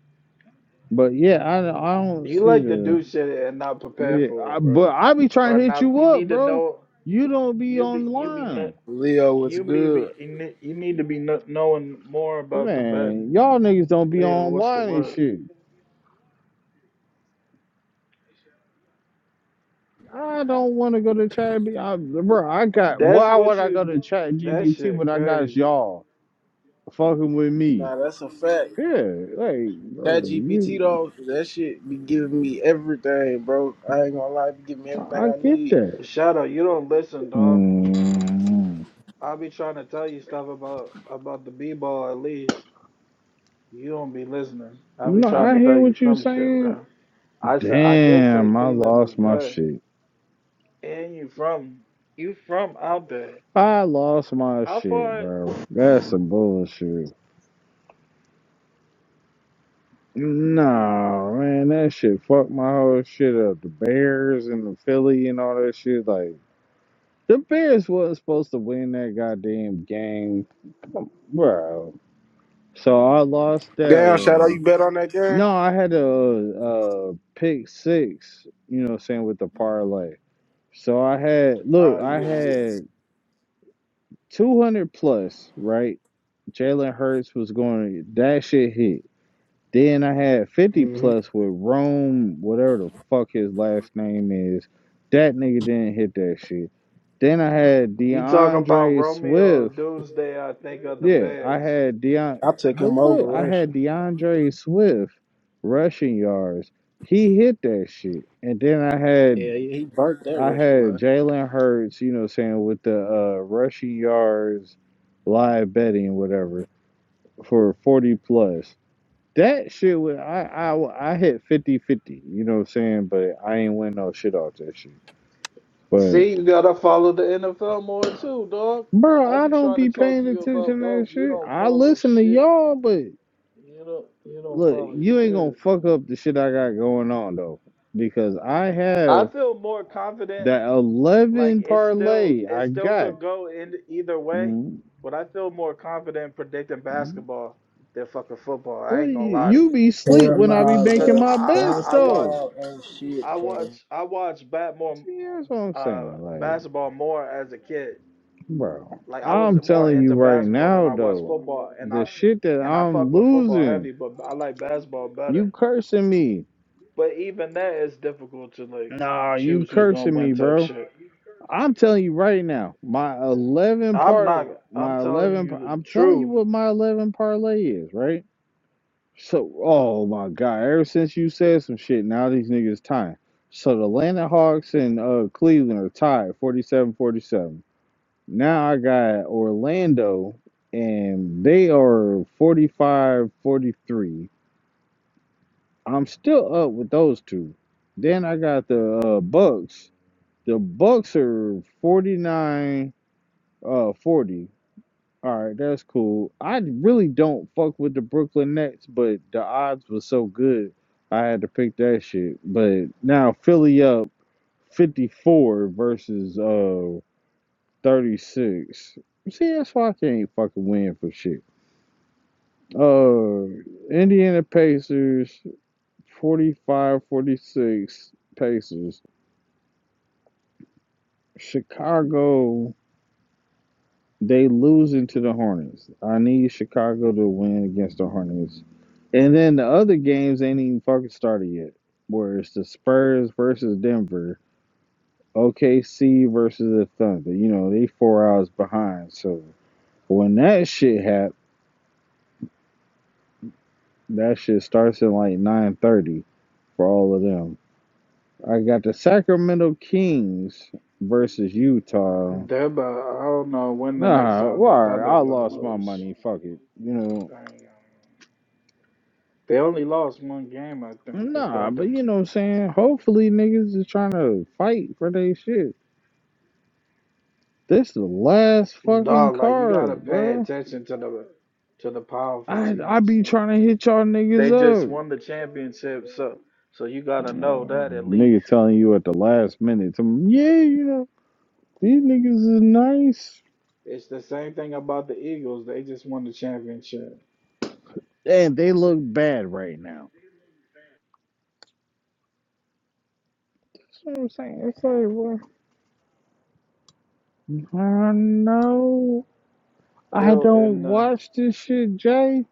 but yeah, I I don't You see like to the do shit and not prepare yeah. for I, it, bro. but I be trying Or to hit not you you up, need to bro. know You don't be you be you be no, online, Leo, what's you be, be good? you ne- you need to be kno- knowing more about the betting. man. Y'all niggas don't be Leo, what's the online and word? shit. I don't want to go to chat. I, bro, I got That's why what would I you go d- to chat that GPT shit when I got crazy. y'all? fucking with me. Nah, that's a fact. Yeah, like, Chat bro, GPT you, though, that shit be giving me everything, bro. I ain't gonna lie, it be giving me I everything I I get need. that. Shadow, you don't listen, dog. mm I'll be trying to tell you stuff about about the b ball at least. You don't be listening. I'll be No, trying to I tell hear you what you some shit, saying. bro. I said I did say Damn, I Cleveland was lost my good, shit. and you from you from out there. I lost my How shit, far? bro. wh- That's some bullshit. Nah, man, that shit fucked my whole shit up. The Bears and the Philly and all that shit. Like, the Bears wasn't supposed to win that goddamn game, bro. So I lost that Damn, Shadow, one. you bet on that game? No, I had a uh pick six, you know what I'm saying, with the parlay. So I had look, Oh I yeah, yeah. had two hundred plus, right? Jalen Hurts was going that shit hit. Then I had fifty hmm plus with Rome, whatever the fuck his last name is. That nigga didn't hit that shit. Then I had You talk about DeAndre Romeo Swift Doomsday. I think of the yeah, I Bears. had Deion, I took but him over look, I Russia. had DeAndre Swift rushing yards. He hit that shit, and then I Yeah, had yeah, he burnt that I Russia had line. Jalen Hurts, you know, what I'm saying with the uh, rushing yards, live betting, whatever, for forty plus. That shit was I I I hit fifty fifty, you know what I'm saying, but I ain't win no shit off that shit. But See, you gotta follow the NFL more too, dog. bro, I I be don't trying to be talk to paying you about attention to that both. You shit. don't I follow listen to shit. y'all, but. You don't. You don't Look, follow you ain't gonna shit. fuck up the shit I got going on though, because I I have feel more confident. that Like eleven it still parlay it I still got. could go in either way, What but I feel more confident predicting basketball than fucking football. I ain't gonna you, lie to you you be sleep Hell when I be nah, because making I bro. my I, bets I watch though. Basketball ain't shit, I Trey. watch I watch bat more See, that's what I'm uh saying. Like, basketball more as a kid. bro, Like I was I'm more telling you into right basketball than now I was though, football, and I the shit that and I fuck I'm with football heavy, losing, but I like basketball better. you cursing me. But even that is difficult to like Nah, you choose who's gonna cursing me, win type bro. shit. I'm telling you right now, my 11 I'm not. part, I'm my telling 11, you par- the I'm telling you truth. what my 11 parlay is, right? So, oh my God, ever since you said some shit, now these niggas tying. So the Atlanta Hawks and uh, Cleveland are tied 47, 47. Now I got Orlando and they are forty-five, forty-three. I'm still up with those two. Then I got the uh, Bucks. The Bucks are 49. Uh, 40. All right, that's cool. I really don't fuck with the Brooklyn Nets, but the odds were so good, I had to pick that shit. But now Philly up 54 versus uh 36. See, that's why I can't fucking win for shit. Uh, Indiana Pacers 45 46 Pacers. Chicago They losing to the Hornets. I need Chicago to win against the Hornets. And then the other games ain't even fucking started yet. Where it's the Spurs versus Denver, OKC versus the Thunder. You know, they four hours behind. So when that shit happens, that shit starts at like nine thirty for all of them. I got the Sacramento Kings versus Utah. Deba, I don't know when the next Nah, time well, the all Thunder right, are I gonna lost my lose. money. Fuck it. You know, I ain't gonna- They only lost one game, I think. The Nah, but Thunder. you know what I'm saying? Hopefully niggas is trying to fight for their shit. This the last fucking Dog, like you gotta card, pay bro. attention to the to the powerful I I teams. be Like trying to hit y'all they niggas just up. won the championship, so so you gotta know Oh, that at least. nigga telling you at the last minute, some, yeah, you know, these niggas is nice. It's the same thing about the Eagles. They just won the championship. And they look bad right now. That's what I'm saying. It's like, well, I know. I Still don't in the, watch this shit, Jay.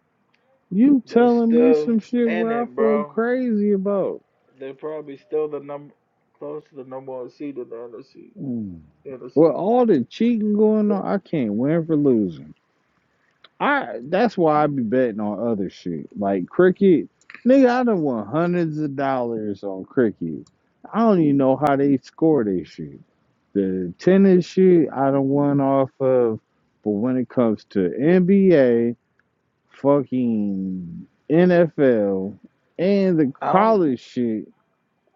You they're telling me still some shit in where I it, feel bro. crazy about. They're probably still the number close to the number one seed in the NFC. Mm. Well, NFC. all the cheating going on, I can't win for losing. I that's why I be betting on other shit like cricket. Nigga, I done won hundreds of dollars on cricket. I don't even know how they score this shit. The tennis shit, I done won off of. But when it comes to NBA, fucking NFL, and the I don't. college shit,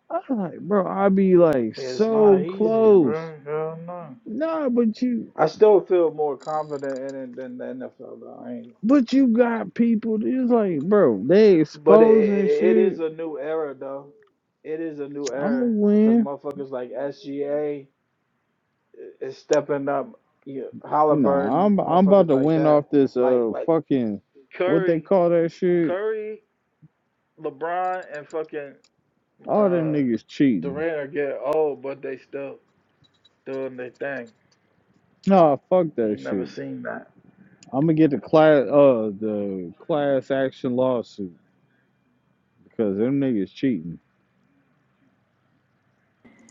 I'm like, bro, I be like It's not so easy, close. bro. Hell no. Nah, but you. I still feel more confident in it than the NFL, though. I ain't. But you got people It's like, bro, they But it, exposing it it is shit. a new era, though. It is a new I'ma era because win. motherfuckers like SGA is stepping up. You know, Nah, Halliburton, I'm I'm about motherfuckers to like win off that, this like uh like fucking what they Curry, call that shit. Curry, LeBron, and fucking All uh, them niggas cheating. Durant are getting old, but they still doing their thing. Nah, fuck You that ain't never shit. seen that. I'ma get the class uh the class action lawsuit because them niggas cheating.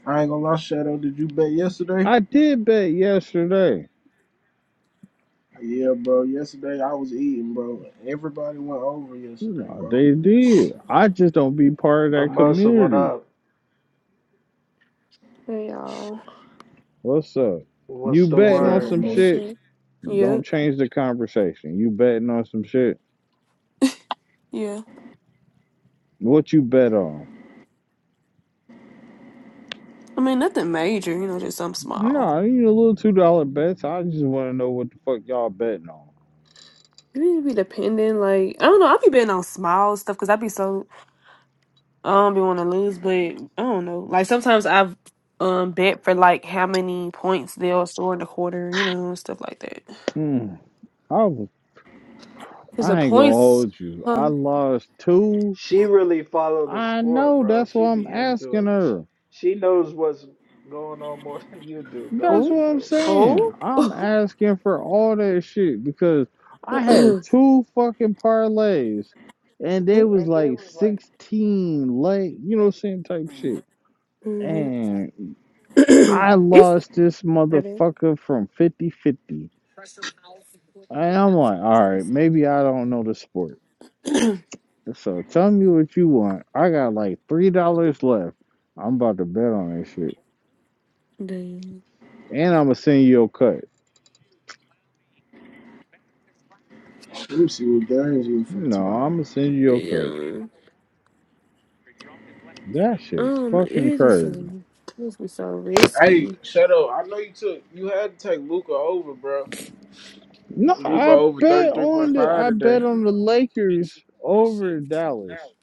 I ain't gonna lie, Shadow. Did you bet yesterday? I did bet yesterday. Yeah, bro. Yesterday I was eating, bro. Everybody went over yesterday, No, bro. they did. I just don't be part of But that Mercer, what community. up? Hey y'all. What's up? You What's the What's up, betting on word? some Mouse? What's shit up? Yeah, Don't change the conversation. You betting on some shit. yeah. What you bet on? I mean, nothing major, you know, just something small. Nah, you know, little two dollar bets. I just want to know what the fuck y'all betting on. You need to be dependent, like I don't know. I be betting on small stuff because I be so I don't be want to lose, but I don't know. Like sometimes I've um bet for like how many points they'll score in the quarter, you know, and stuff like that. Mm, I was, Cause the I ain't gonna points, hold you. I huh? lost two. She really follow the I sport, know. bro. That's what She I'm be into asking it. She, her. she knows what's going on more than you do, dog. That's Oh, what She I'm knows what she's doing. oh, saying. I'm oh. asking for all that shit because I had two fucking parlays, and they was like sixteen leg. You know, same type shit. Mm-hmm. And I it's lost this motherfucker from 5050 And I'm like, all right, maybe I don't know the sport. So tell me what you want. I got like $3 left. I'm about to bet on that shit. Damn. And I'm going to send you a cut. Let me see what games we finna No, turn I'm on. going to send you a cut. Damn. That shit was Um, it fucking is be so crazy. it must be so Hey, risky. Shadow, I know you took you had to take Luca over, bro. No, Luca I over thirty bet three on point the five I today. bet on the Lakers over Dallas.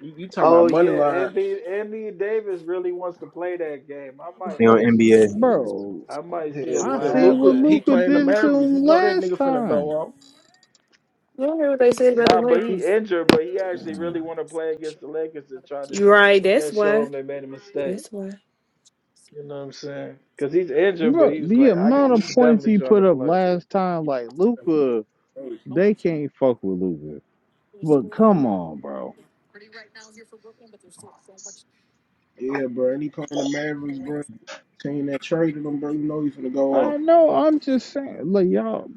You, you talking Oh about money yeah, line? Anthony Anthony Davis really wants to play that game. I I might money on actually, NBA Bro, I might see Yeah, if I I yeah. seen have what Luca, that. he Luca playing the did to Mavericks. You him know that last nigga finna time. go don't hear what they said about the Nah, but he Lakers. injured, but he actually really want to play against the Lakers to try to, You s- right, I that's guess, show why. them they made a mistake. That's why. You know what I'm saying? Because he's injured, but Bro, he was the like, I, got- amount of he's points definitely he trying to put up play. last time, like Luca, off. they can't fuck with Luca. But come on, bro. Yeah, bro. And he playing the Mavericks, bro. Team that traded him, bro. You know he finna go off. I know. I'm just saying, like y'all,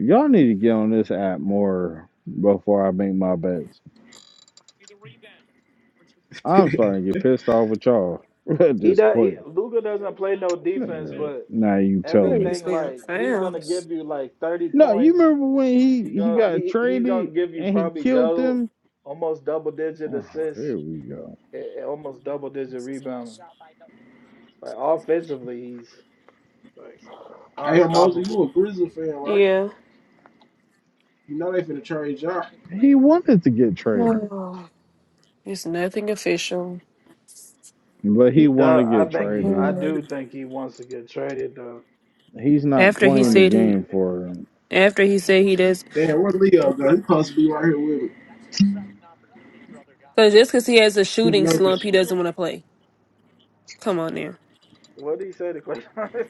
y'all need to get on this app more before I make my bets. I'm starting to get pissed off with y'all at He this does. He, point. Luka doesn't play no defense, but Now you tell I need to me. everything stay on like he's gonna fouls. give you like thirty No, you points. remember when He he he gonna got he he's gonna traded give you and he probably killed double, them? almost double digit Oh, assists, here we go. a- a- almost double digit rebounding. Like offensively, he's like hey, Moses, you a unstoppable. Grizzly fan, right? Yeah. You know they finna trade y'all. He wanted to get traded, Oh, it's nothing official. but He he does. wanted to I get think he. traded. I Hmm. do think he wants to get traded though. He's not After he playing the Like said he game for them. after he said he does Damn, where Leo go? He supposed to be right here with me. because just because he has a He shooting know slump, this he doesn't want to play. Come on what did he say to Clay? Thompson?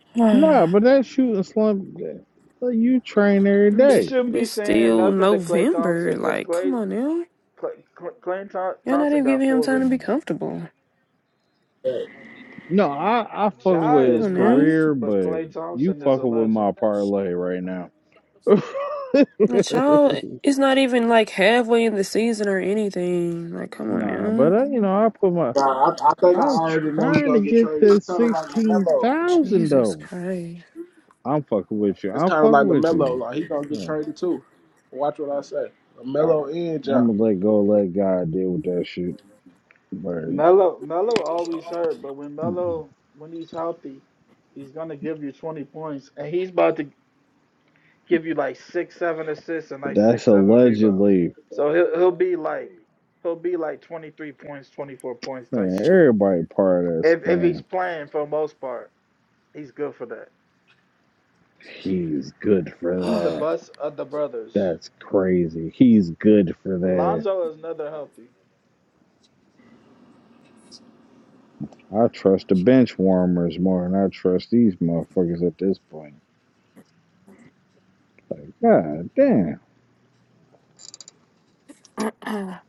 now. No, but that shooting slump, that- you train every I'm he day. st- shouldn't be it's saying still nothing to Clay November. Thompson because Like, Clay come on now. Clay, Clay You're not Thompson even got giving him four time to be rings. comfortable. shit. No, I, I fuck Ja with Come his is on now. nice, career, but but Klay you Thompson is a fucking with legend. my parlay right now. The child it's not even like halfway in the season or anything. Like, come on nah, but now. I, you know, I put my. Nah, I, I think I I'm already know he's trying to gonna get get traded. It's this kind of like sixteen Lamelo. thousand Jesus though. Christ. I'm fucking with you. It's I'm kind of fucking like with Lamelo. you. Like he gonna get Yeah, traded too. Watch what I say. all right, Lamelo and I'm John. gonna let go. Let God deal with that shit. But Melo Melo always hurt, but when Melo when he's healthy, he's gonna give you twenty points, and he's about to give you like six, seven assists and like that's six, seven rebounds. allegedly So he'll he'll be like he'll be like twenty three points, twenty four points type Man, shit. everybody part of that If if he's scam. playing for the most part, he's good for that. He's good for He's the that. best of the brothers. That's crazy. He's good for that. Lonzo is another healthy. I trust the bench warmers more than I trust these motherfuckers at this point. Like, god damn.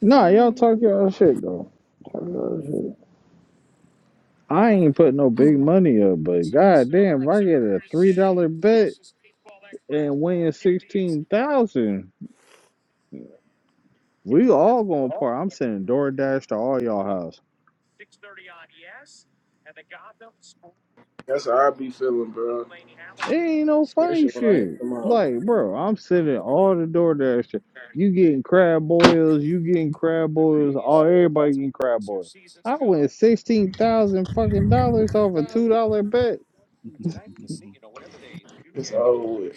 Nah, y'all talk y'all shit though. Talk y'all shit. I ain't putting no big money up, but god damn, if I get a three dollar bet and win sixteen thousand, we all gonna part. I'm sending DoorDash to all y'all house. That's how I be feeling, bro. It ain't no funny Especially when I hit shit. them all. Like, bro, I'm sending all the DoorDash shit. You getting crab boils, you getting crab boils, all everybody getting crab boils. I went sixteen thousand fucking dollars off a two dollar bet. It's over with.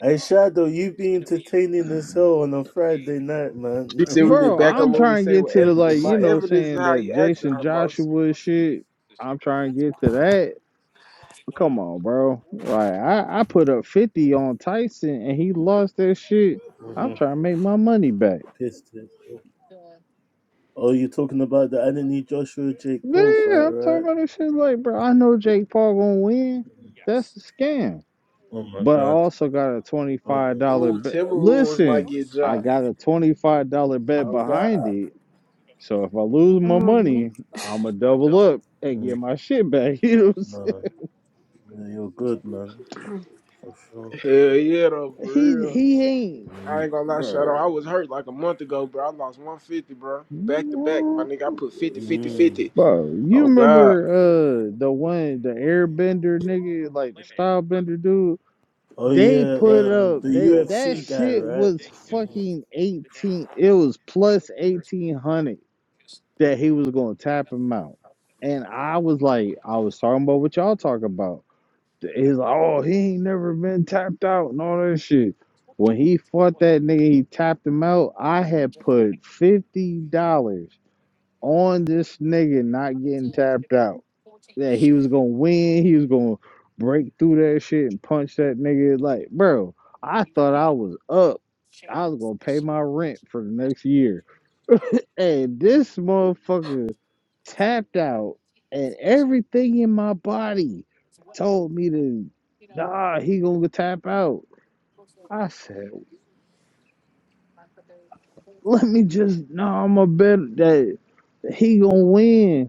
Hey Shadow, you be entertaining as hell on a Friday night, man. She said we need to Bro, back up I'm what we trying to say get with to the like, evidence. you My know, evidence is saying how that you act on Jason her most. Joshua shit. I'm trying to get to that. Come on, bro. Like I, I put up fifty on Tyson and he lost that shit. I'm Mhm. trying to make my money back. Pissed it. Oh, you're talking about the Anthony Joshua Jake Paul Yeah, fight, I'm talking right? about this shit like, bro, I know Jake Paul gonna win. That's a scam. Oh my But I god. also got a Oh $25 my god. Ooh, bet. Timberwolves might Listen, get I John. got a $25 bet Oh behind God. it. So if I lose my Oh, money, man. I'm gonna double up and get Mm. my shit back. You know what I'm No, Yeah, you're good, man, Damn. for sure. Hell yeah, though, saying? for He, real. he ain't, I Mm. ain't gonna lie, shout out. I bro. was hurt like a month ago, bro. I lost 150, bro. Back to back, my No. nigga. I put fifty, 50, 50. Mm. Bro, you Oh God, remember uh the one, the airbender nigga, like the style bender dude? Oh They yeah, put um, up the that that UFC guy, shit right? was fucking eighteen. It was plus eighteen hundred that he was gonna tap him out, and I was like, I was talking about what y'all talk about. He's like, oh, he ain't never been tapped out and all that shit. When he fought that nigga, he tapped him out. I had put fifty dollars on this nigga not getting tapped out that he was gonna win, he was gonna break through that shit and punch that nigga. Like, bro, I thought I was up. I was gonna pay my rent for the next year. And this motherfucker tapped out and everything in my body told me to nah, he gonna tap out. I said, let me just nah, I'm a bet that he gonna win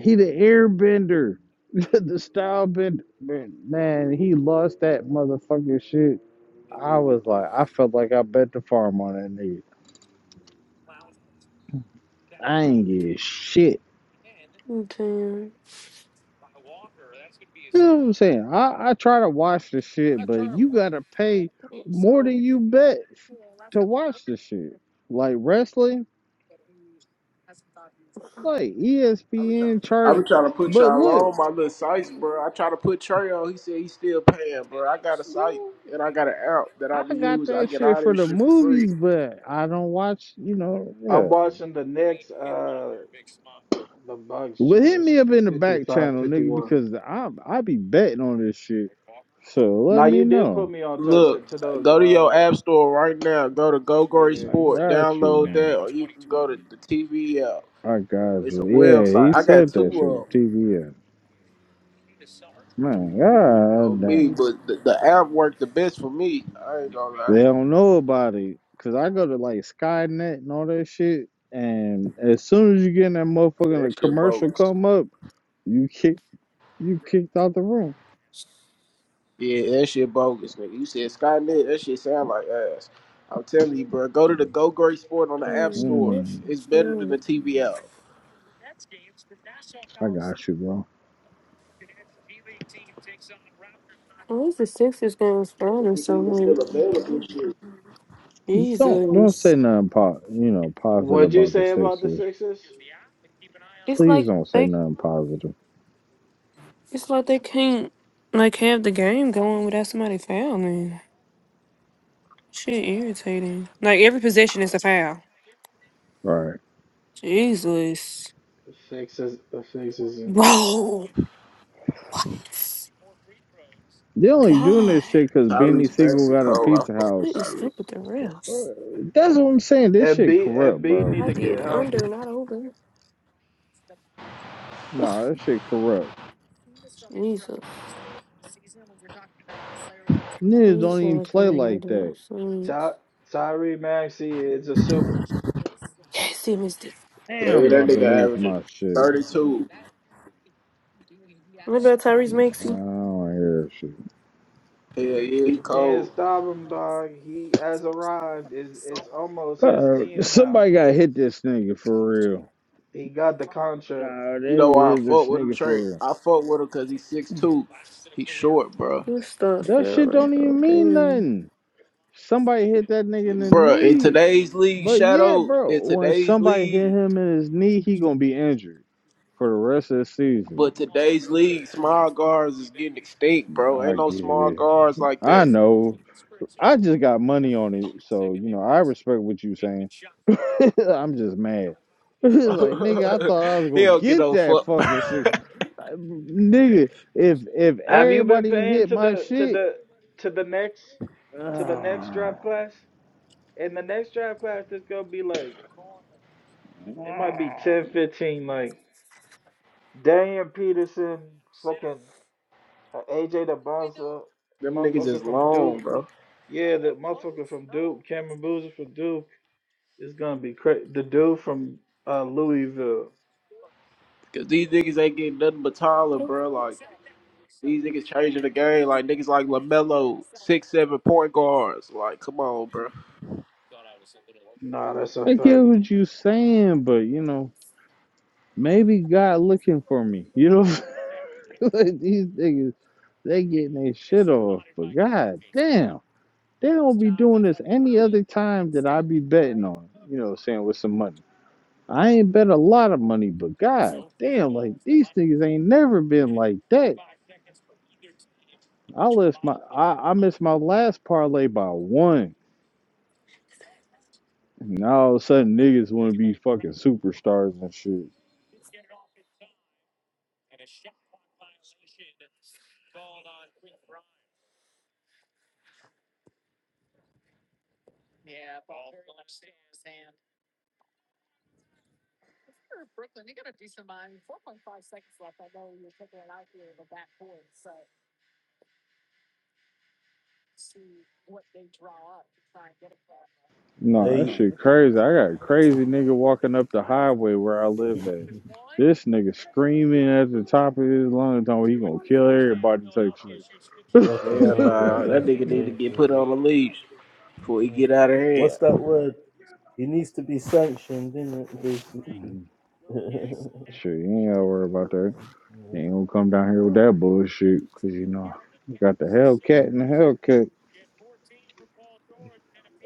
He the airbender, the style bender. Man, he lost that motherfucking shit. I was like, I felt like I bet the farm on that nigga. I ain't get shit. Mm, You know what I'm saying? I, I try to watch the shit, but you gotta pay more than you bet f- to watch the shit. Like wrestling, like ESPN I charted. be trying to put But y'all look, on my little sites, bro. I try to put Trey on. He said he still paying, bro. I got a site man, and I got an app that I I be got using. I that get shit all for this the shit for free. movies, but I don't watch, you know, yeah. I'm watching the Knicks. Uh, The Bucks, Well, John, hit is me up in the back 55, channel, nigga, 51. because I I be betting on this shit. So let Now, you me did put know. me on to, to, Look, to those. go to your Uh, app store right now. Go to Go Gory yeah. I Sport. got Download that, you. or you can go to the TV app. I got It's you. a Yeah, he website. I got said that two shit. of TBS. Man, 'em god on me, damn. but the, the app worked the best for me. I ain't gonna lie. They don't know about it. Cause I go to like Skynet and all that shit. And as soon as you get in that Yeah, motherfucking That shit commercial bogus. come up, you kick you kicked out the room. Yeah, that shit bogus, nigga. You said Skynet, that shit sound like ass. I'm telling you, bro. Go to the Go Great Sport on the App Store. What's Mm, the It's better than the show? TVL. I got you, bro. At least the Sixers game started If or it's even still something. available, shit. Don't don't Jesus. say nothing po- you know, positive What'd you about the say about the Sixers. Sixers? It's Please like don't say they nothing positive. It's like they can't like have the game going without somebody fouling. Shit irritating. Like every possession is a foul. All right. Jesus. The Sixers, the Sixers. and- Bro. What? They only doing God. this shit because Beanie Tyrese Siegel Maxey got a cold. I pizza fuck with What house. is Tyrese. up with the Uh, refs? That's what I'm saying. This shit Embiid, corrupt, Embiid bro. need I to get did under, healthy. not over. Ugh, Nah, that shit corrupt. Jesus. Niggas Please don't show even us the play way they like do that. it. Ty, Please. Tyree Maxey is a super. Yes, he missed it. Yeah, Damn, I'm yeah, that about to nigga lose averaging my shit. 32. What about Tyrese I Maxey? don't hear shit. Yeah, yeah, he You can't cold. stop him, dog. He has arrived. It's, it's almost his Uh, team now. somebody got to hit this nigga for real. He got the contract. Nah, they You know why I hit fuck this with him, nigga for Trey? real. I fuck with him because he's six-two. He's short, bro. This stuff That shit failing, don't bro. even mean Damn. nothing. Somebody hit that nigga in the Bro, in knee. today's league, But yeah, Shadow, bro, in when today's somebody hit league, him in his knee, he gonna be injured for the rest of the season. But today's league, small guards is getting extinct, bro. Ain't I no get small it. guards like I that. know. I just got money on it, so you know I respect what you saying. I'm just mad. It's like nigga, I thought I was he gonna don't get get no that fuck, bro. fucking six. Nigga, if if Have you been everybody paying hit to my the to shit, the to the next to the next draft class? In the next draft class, there's gonna be like it might be 10, 15. like Darian Peterson, fucking uh, AJ DeBosa, Them niggas is motherfucker from long, Duke. bro. Yeah, the motherfucker from Duke, Cameron Boozer from Duke is gonna be crazy. The dude from uh, Louisville. Cause these niggas ain't getting nothing but taller, bro. Like these niggas changing the game. Like niggas like Lamelo, six seven point guards. Like, come on, bro. Nah, that's a I get fact. what you saying, but you know. Maybe God looking for me. You know, like these niggas, they getting their shit off. But God damn, they don't be doing this any other time that I be betting on. You know, what I'm saying with some money. I ain't bet a lot of money, but God damn, like these niggas ain't never been like that. I lost my, I, I missed my last parlay by one. And all of a sudden, niggas want to be fucking superstars and shit. No, Hey, that shit crazy. I got a crazy nigga walking up the highway where I live at. This nigga screaming at the top of his lungs, talking about he gonna kill everybody that takes you. fucking Hell hell, bro, nah, that that's nigga need to crazy, get put on bro. a leash before he get out of hand. What's that word? He needs to be sanctioned, isn't it, basically? yeah, Shit, you ain't gotta worry about that. You ain't gonna come down here with that bullshit, cause you know you got the Hellcat right. and the Hellcat.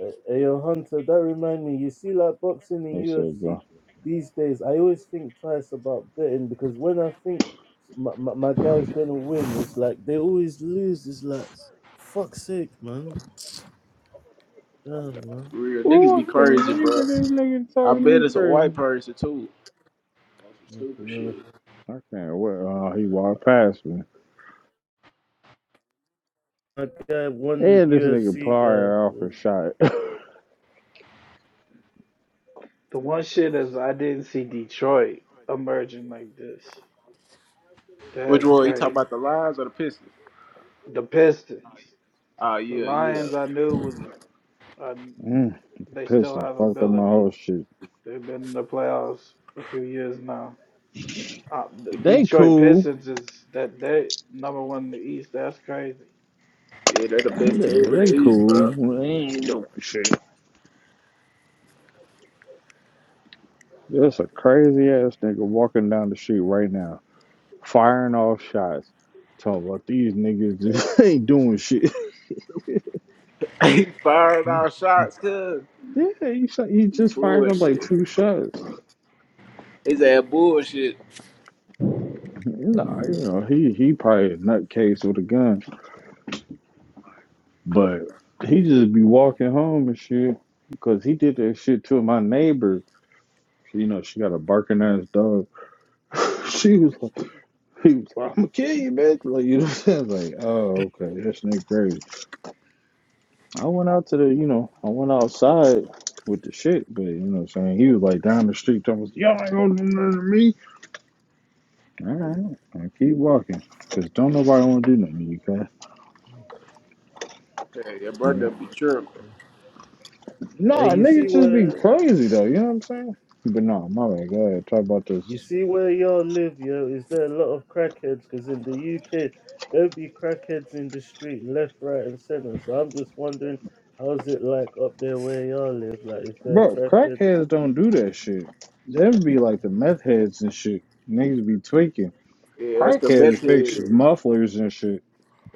Uh, hey, yo, Hunter, that remind me, you see, like boxing and What's up, UFC bro? these days, I always think twice about betting because when I think my, my, my guy's gonna win, it's like they always lose. It's like, fuck's sake, man. Damn, man. For real niggas Oh, be I can't crazy, wait bro. for this nigga to I talk to bet me it's a crazy. white person too. That's I some don't stupid shit. know. I can't wait. Uh, he walked past me. My guy, one And this nigga UFC guy. fired off uh, a shot. The one shit is I didn't see Detroit emerging like this. Which That's one? You talking crazy. about the Lions or the Pistons? The Pistons, Oh the yeah, yeah, Lions, I knew was uh, they still Pistons have fucked up my ability. whole shit. They've been in the playoffs a few years now. Uh, the They Detroit cool. Pistons is that they number one in the East. That's crazy. yeah. They're the Yeah, best team in the they East, bro. cool. They ain't doing shit. There's a crazy ass nigga walking down the street right now, firing off shots. Talking about these niggas just ain't doing shit. he fired our shots, cuz Yeah, he, he just fired up like bullshit. two shots. He's that bullshit. Nah, you know, he, he probably a nutcase with a gun. But he just be walking home and shit. Because he did that shit to my neighbor. You know, she got a barking ass dog. She was like, He was like, I'm gonna kill you, bitch. Like, you know what I'm saying? Like, oh, okay, that's nigga crazy. I went out to the, you know, I went outside with the shit, but you know what I'm saying? He was like down the street, talking, about, y'all ain't gonna do nothing to me. All right, I keep walking, because don't nobody wanna do nothing to you, cuz. Hey, your You brother know? be tripping. Hey, Nah, you see niggas just be where? crazy, though, you know what I'm saying? But nah, my bad, go ahead, talk about You this. see where y'all live, yo, is there a lot of crackheads? Because in the UK, there will be crackheads in the street, left, right, and center. So I'm just wondering, how's it like up there where y'all live? Like, is there Bro, crackheads? crackheads don't do that shit. Them be like the meth heads and shit. Niggas be tweaking. Yeah, that's the meth Crackheads fix head. mufflers and shit.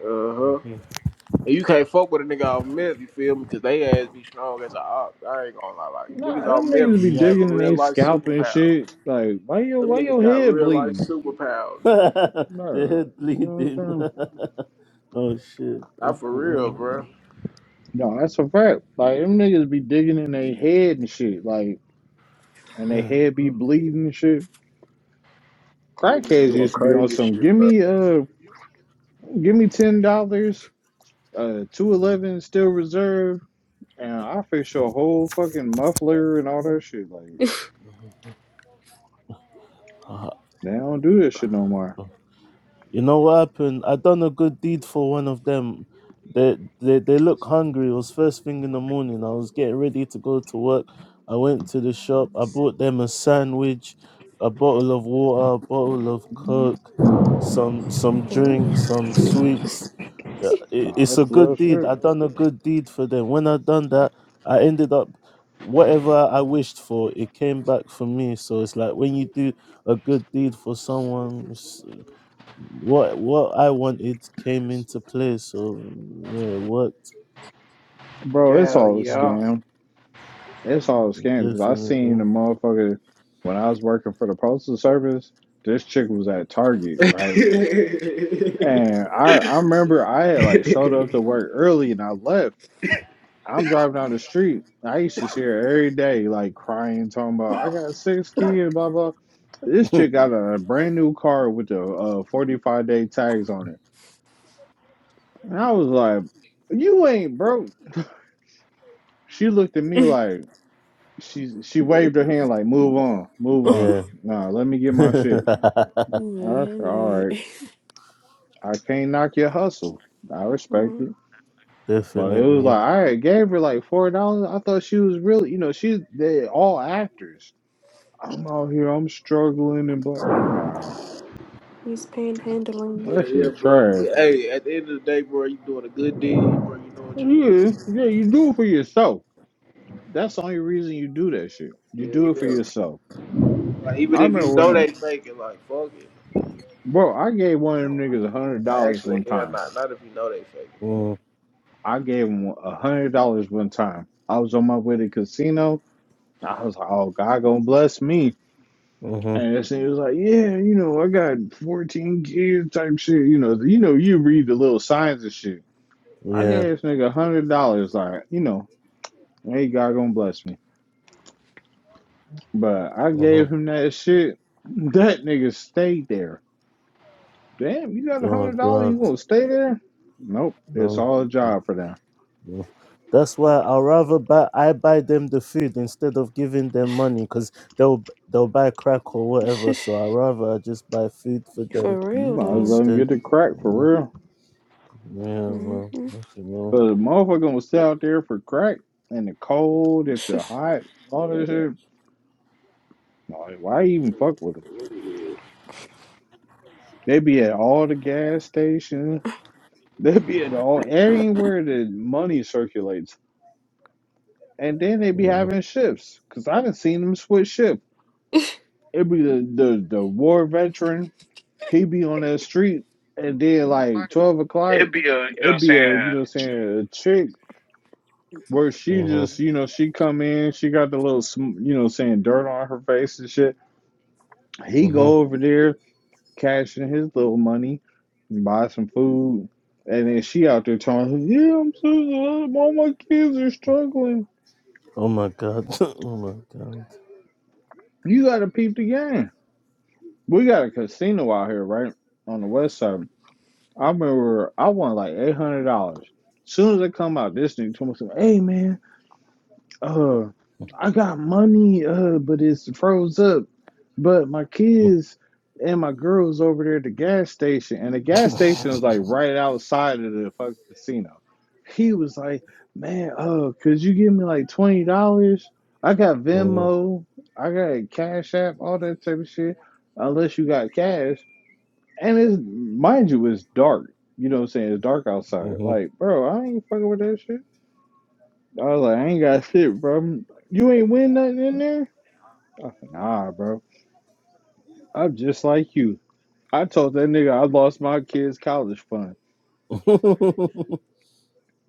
Uh huh. And you can't fuck with a nigga off meth, you feel me? Cause they ass be strong as a ox. I ain't gonna lie, like niggas Nah, off them niggas meth be be Mm. having digging in real they life scalp and superpowers. shit. Like, why your Them why niggas your got head real life bleeding? superpowers, bro. the No, head you know what I'm bleeding. saying? oh shit. Not Fucking for real, hell, bro. man. No, that's a fact. Like, them niggas be digging in their head and shit. Like, and their Damn, head be bleeding and shit. Niggas Crackheads doing used to be on crazy some. Give shit, me uh, give me ten dollars, uh, two eleven still reserve, and I fix your whole fucking muffler and all that shit. Like, bro. they don't do this shit no more. You know what happened? I done a good deed for one of them. They they they look hungry. It was first thing in the morning. I was getting ready to go to work. I went to the shop. I bought them a sandwich, a bottle of water, a bottle of coke, some some drinks, Damn. some sweets. Uh, i- Nah, It's that's a real good deed. shit, I done a good deed for them. When I done that, I ended up whatever I wished for. It came back for me. So it's like when you do a good deed for someone what what I wanted came into play, so yeah, it worked. bro. It's Hell all a Yeah, yeah. scam. It's all a scam because I seen definitely. a motherfucker when I was working for the postal service. This chick was at Target, right? And I I remember I had like bro. showed up to work early and I left. I'm driving down the street. I used to see her every day, like crying, talking about I got six kids, blah blah. This chick got a brand new car with the uh, 45 day tags on it, and I was like, "You ain't broke." She looked at me like. She she waved her hand like, move on, move on. Yeah, Nah, let me get my shit. You made I him said, all mad. right. I can't knock your hustle. I respect Mhm. it. But it was definitely. like, all right, gave her like four dollars. I thought she was really, you know, she's they all actors. I'm out here, I'm struggling and blah. Nah, He's panhandling. Yeah, that yeah, shit bro. trash. Hey, at the end of the day, bro, you doing a good deed, bro. You know what you're doing. Yeah, yeah, you do it for yourself. That's the only reason you do that shit. You do it Yeah, for yeah. yourself. Like even I if remember you when, know a, they faking, like fuck it. bro, I gave one of them niggas a hundred Like dollars actually, one hell, time. not not if you know they faking. Mm, I gave him a hundred dollars one time. I was on my way to the casino. I was like, "Oh, God gonna bless me." hmm And this nigga was like, "Yeah, you know, I got fourteen kids type shit. You know, you know, you read the little signs and shit." I gave Yeah. this nigga a hundred dollars, like, you know, hey, God gonna bless me. But I hmm gave him that shit. That nigga stayed there. Damn, you got a Oh hundred dollars, you God. gonna stay there? Nope, it's No. all a Mm. job for them. mm-hmm. That's why I'd rather buy I buy them the food instead of giving them money because they'll they'll buy crack or whatever. So i rather I just buy food for them For You real, might as though. well let him get instead. the crack for Mm, real. Yeah. Well. Mm-hmm. Okay. Well. But a motherfucker gonna sit out there for crack and the cold, if the hot, all that shit. Like, why even fuck with them? They be at all the gas stations. They be at all anywhere that money circulates, and then they be Mm-hmm. having shifts. Cause I done seen them switch shift. It be the the the war veteran. He be on that street, and then like twelve o'clock, it be a you know what I'm saying a chick where she mm-hmm. just you know she come in, she got the little sm- you know what I'm saying dirt on her face and shit He hmm go over there, cash in his little money, and buy some food, and then she out there telling him, "Yeah, I'm so all my kids are struggling. Oh my God. Oh my God. You gotta peep the game. We got a casino out here, right on the west side. I remember I won like eight hundred dollars. As Soon as I come out, this nigga told me, "Hey man." uh I got money, uh, but it's froze up. But my kids and my girls over there at the gas station, and the gas station was like right outside of the fucking casino. He was like, Man, uh, could you give me like twenty dollars? I got Mm-hmm. Venmo, I got Cash App, all that type of shit. Unless you got cash. And it's mind you, it's dark. You know what I'm saying? It's dark outside. Like, bro, I ain't fucking with that shit. I was like, I ain't got shit, bro. You ain't win nothing in there? I said, nah, bro. I'm just like you. I told that nigga I lost my kid's college fund.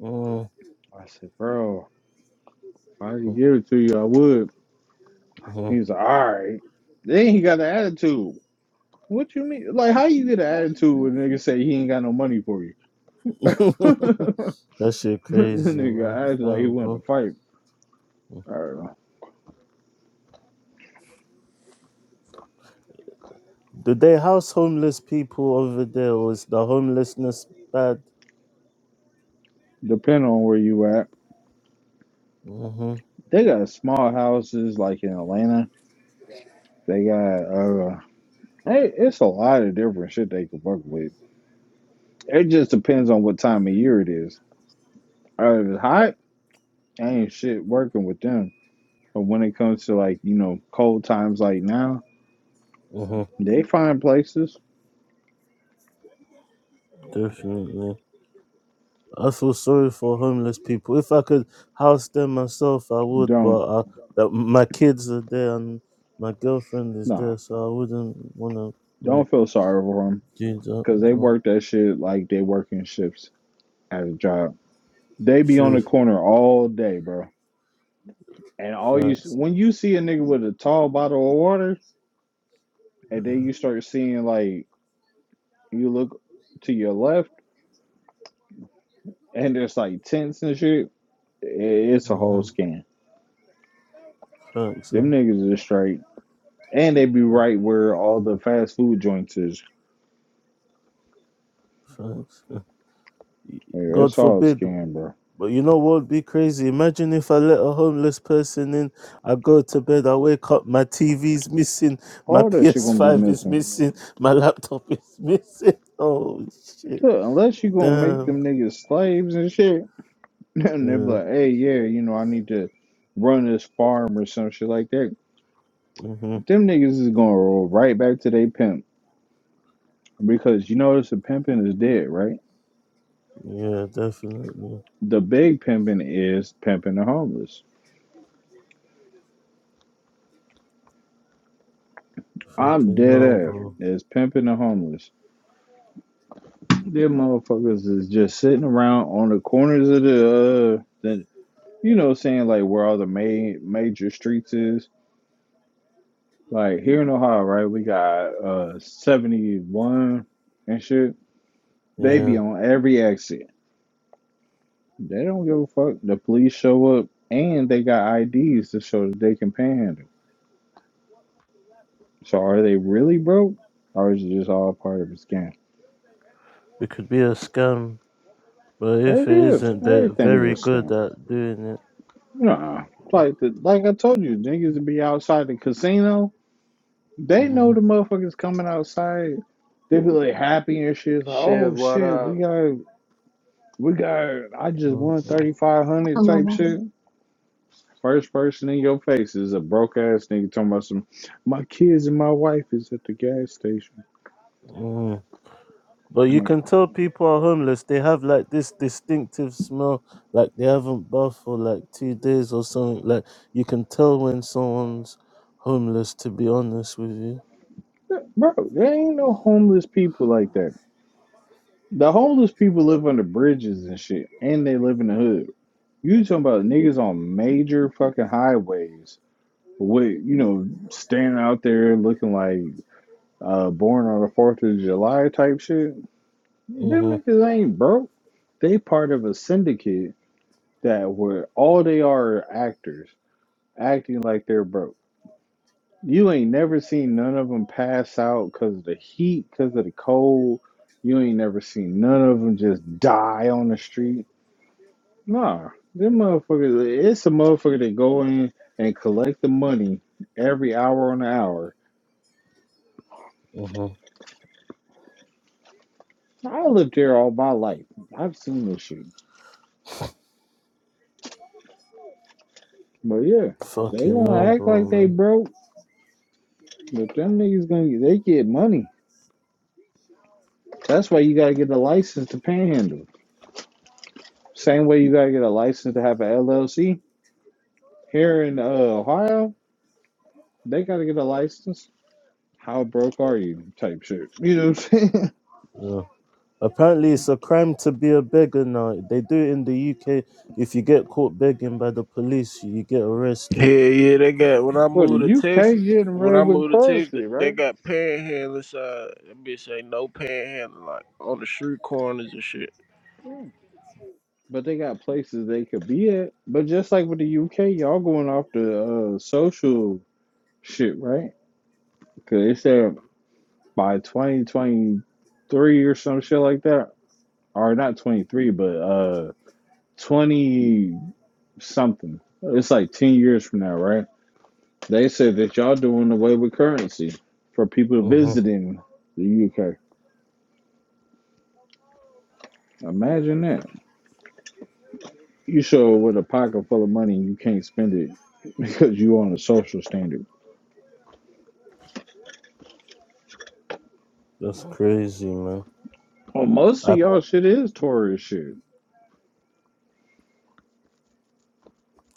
mm I said, bro, if I could give it to you, I would. Mhm. He's like, all right. Then he got an attitude. What you mean? Like, how you get an attitude when a nigga say he ain't got no money for you? that shit That crazy, man. nigga acted like he Damn, wanted to bro. fight. I don't know. Do they house homeless people over there, or is the homelessness bad? Depending on where you at. hmm They got small houses like in Atlanta. They got Hey, it's a lot of different shit they can work with. It just depends on what time of year it is. Uh, If it's hot, ain't shit working with them. But when it comes to like you know cold times like now, hmm they find places. Definitely. I feel sorry for homeless people. If I could house them myself, I would. Don't But I, that my kids are there and my girlfriend is nah, there, so I wouldn't want to yeah, don't feel sorry for them do that. because you they know. work that shit like they working shifts at a job. They be on True. the corner all day, bro. And all you s- Facts. when you see a nigga with a tall bottle of water, and then you start seeing like you look to your left and there's like tents and shit It's a hmm whole scam. Facts. Them uh, niggas is straight, and they be right where all the fast food joints is. Facts. uh. Yeah, God it's all a forbid. scam, bro. But you know what would be crazy? Imagine if I let a homeless person in, I go to bed, I wake up, my TV's missing, my All that shit gonna be PS5 is missing. missing, my laptop is missing. Oh, shit. Look, unless you gonna make Damn. them niggas slaves and shit, and they be Yeah. like, hey, yeah, you know, I need to run this farm or some shit like that. hmm Them niggas is gonna roll right back to they pimp because you notice the pimping is dead, right? Yeah, definitely. The big pimping is pimping the homeless. I'm Fucking dead no, ass. bro. It's pimping the homeless Them motherfuckers is just sitting around on the corners of the, uh, the you know, saying like where all the main major streets is. Like here in Ohio, right? We got uh 71 and shit. They be Yeah. on every exit. They don't give a fuck. The police show up and they got IDs to show that they can panhandle. So are they really broke? Or is it just all part of a scam? It could be a scam, but if It it is. isn't, they're Everything's a very good scam. at doing it. Nah. Like the, like I told you, niggas be outside the casino. They know the motherfuckers coming outside. They be like happy and shit. It's like, Shit, oh what shit, we up? got, we got. I just hmm won thirty five hundred type Allah shit. First person in your face is a broke ass nigga talking about some. My kids and my wife is at the gas station. Mm. But you can tell people are homeless. They have like this distinctive smell, like they haven't bathed for like two days or something. Like you can tell when someone's homeless. To be honest with you, like, Bro, there ain't no homeless people like that. The homeless people live under bridges and shit, and they live in the hood. You talking about niggas on major fucking highways with you know standing out there looking like. uh, born on the Fourth of July type shit. Them mm-hmm, niggas ain't broke. They part of a syndicate that where all they are are actors acting like they're broke. You ain't never seen none of them pass out because of the heat, because of the cold. You ain't never seen none of them just die on the street. Nah, them motherfuckers. It's a motherfucker that go in and collect the money every hour on the hour. mm-hmm. I lived there all my life. I've seen this shit. But yeah, they fucking gonna no, act bro, like they man. broke, but them niggas gonna get they get money. That's why you gotta get a license to panhandle. Same way you gotta get a license to have an LLC. Here in uh, Ohio, they gotta get a license. How broke are you? Type shit. You know what I'm saying? Yeah. Apparently, it's a crime to be a beggar now. They do it in the UK. If you get caught begging by the police, you get arrested. Hell yeah, they got. When I Well, the moved to UK Texas, getting when rid I with moved to Texas, currency, they right? got panhandlers. Uh, that bitch ain't no panhandling, like on the street corners and shit. Yeah. But they got places they could be at. But just like with the UK, y'all going off the uh, social shit, right? Because they said by 2023 or some shit like that, or not 23, but uh 20 something. It's like 10 years from now, right? They said that y'all doing away with currency for people Mm-hmm. visiting the UK. Imagine that. You show up with a pocket full of money and you can't spend it because you on a social standard. That's crazy, man. Well, most of I y'all shit is tourist shit.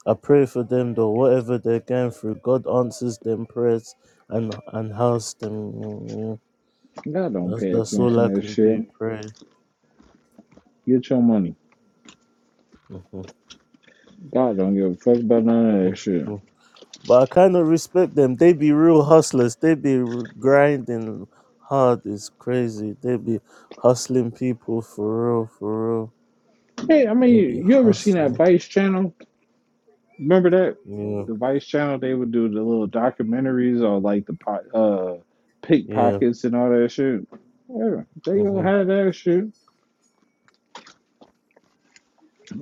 I pray for them though, whatever they're going through, God answers them prayers and and helps them. mm, God don't That's pay that's all attention I to that can shit. do. Pray. Get your money. Mhm, God don't give a fuck about none of that shit. mm. But I kind of respect them. They be real hustlers. They be r- grinding hard. It's crazy. They be hustling people for real, for real. Hey, I mean, They you, be you ever seen that hustling. Vice channel? Remember that? Yeah, The Vice channel, they would do the little documentaries or like the po uh yeah. pickpockets and all that shit. Yeah, they don't hmm have that shit.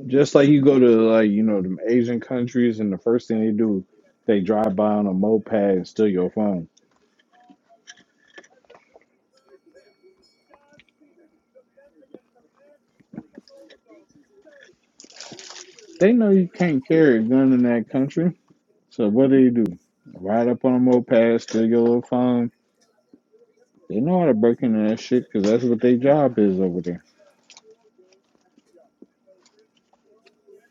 Just like you go to like, you know, them Asian countries and the first thing they do, they drive by on a moped and steal your phone. They know you can't carry a gun in that country. So what do you do? Ride up on a moped, steal your little phone. They know how to break into that shit because that's what their job is over there.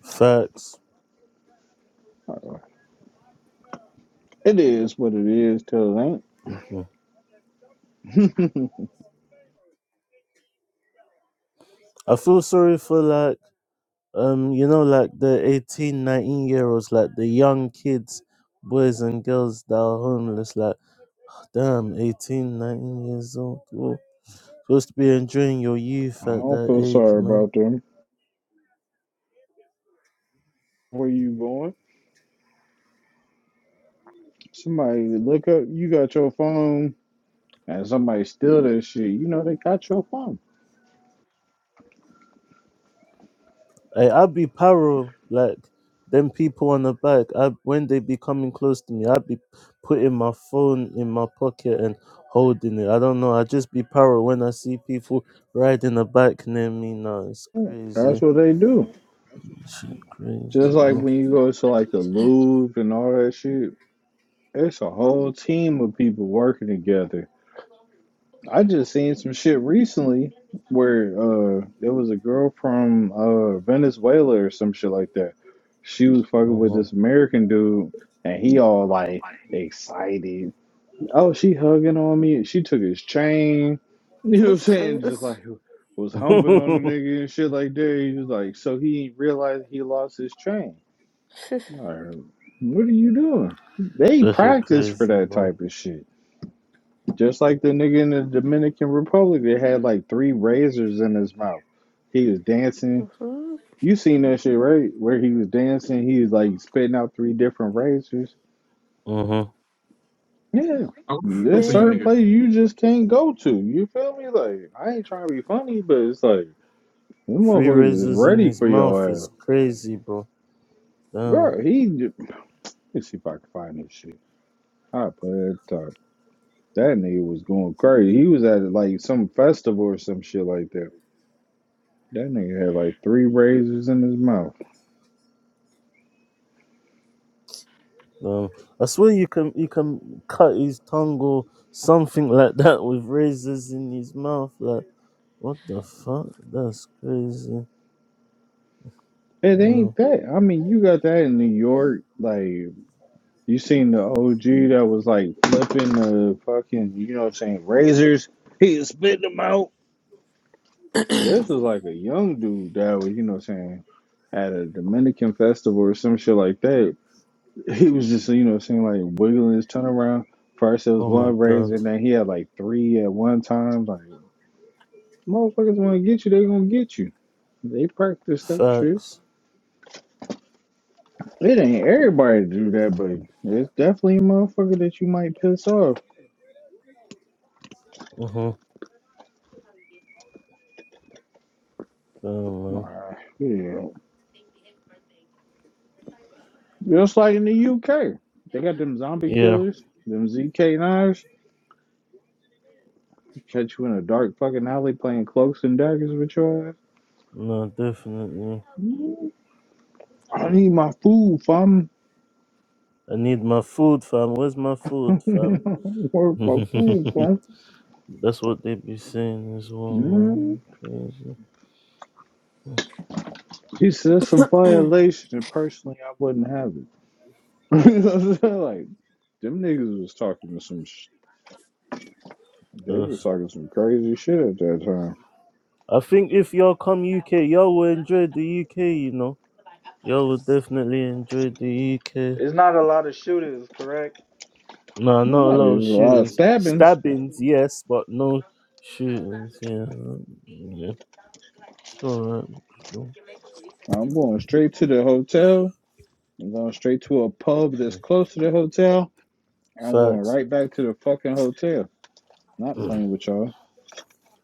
Facts. It is what it is till it ain't. hmm I feel sorry for like um you know like the 1819 year olds like the young kids boys and girls that are homeless like damn 18, 19 years old Whoa. supposed to be enjoying your youth I at don't that feel age sorry man about them. Where you going? Somebody look up. You got your phone, and somebody steal that shit. You know they got your phone. I, i'd be paro like them people on the bike I, when they be coming close to me i'd be putting my phone in my pocket and holding it i don't know i just be paro when i see people riding a bike near me now it's That's crazy what they do. Shit, crazy Just like bro. when you go to like the Louvre and all that shit. It's a whole team of people working together. I just seen some shit recently where uh there was a girl from uh Venezuela or some shit like that. She was fucking Uh with huh. this American dude and he all like excited. Oh, she hugging on me. She took his chain. You know what I'm I'm saying? Just close. like was humping on the nigga and shit like that. He was like, so he realized he lost his chain. Like, what are you doing? They that shit practice for crazy, that bro. type of shit. Just like the nigga in the Dominican Republic that had like three razors in his mouth. He was dancing. uh-huh. You seen that shit, right? Where he was dancing, he was like spitting out three different razors. Mm-hmm. Yeah. I got a question There's for you, certain nigga. places you Damn. just can't go to. You feel me? Like, I ain't trying to be funny, but it's like, them Free motherfuckers is razors in ready his for mouth your ass. is crazy, bro. Damn, Bro, he, j- let's see if I can find this shit. I put it up. That nigga was going crazy. He was at like some festival or some shit like that That nigga had like three razors in his mouth. damn. I swear you can you can cut his tongue or something like that with razors in his mouth. Like what the fuck? That's crazy. It Damn. ain't that. I mean, you got that in New York. Like, you seen the OG that was like flipping the fucking, you know what I'm saying, razors. He was spitting them out. This is like a young dude that was, you know what I'm saying, at a Dominican festival or some shit like that. He was just, you know what I'm saying, like wiggling his tongue around. First it was Oh my one razor, god. and then he had like three at one time. Like, motherfuckers want to get you, they going to get you. They practice that shit. Facts. It ain't everybody do that, but it's definitely a motherfucker that you might piss off. Mm-hmm. Damn, man. Wow, yeah. Just like in the UK. They got them zombie Yeah. killers, them ZK9s, catch you in a dark fucking alley playing cloaks and daggers with your ass. No, definitely. Mm, I need my food, fam. I need my food, fam. Where's my food, Where's my fam? food, fam? That's what they be saying as well, Mm. man. Crazy. He said it's a violation, and personally, I wouldn't have it. You know what I'm saying? like, them niggas was talking to some sh- they was Yes. talking some crazy shit at that time. I think if y'all come UK, y'all will enjoy the UK, you know. Y'all will definitely enjoy the UK. It's not a lot of shooters, correct? Nah, not No, a it lot of was a lot of shootings. stabbings. Stabbings, yes, but no shootings, yeah. Yeah. It's alright. you I'm going straight to the hotel. I'm going straight to a pub that's know. close to the hotel. I'm going Facts. right back to the fucking hotel. Not playing with y'all.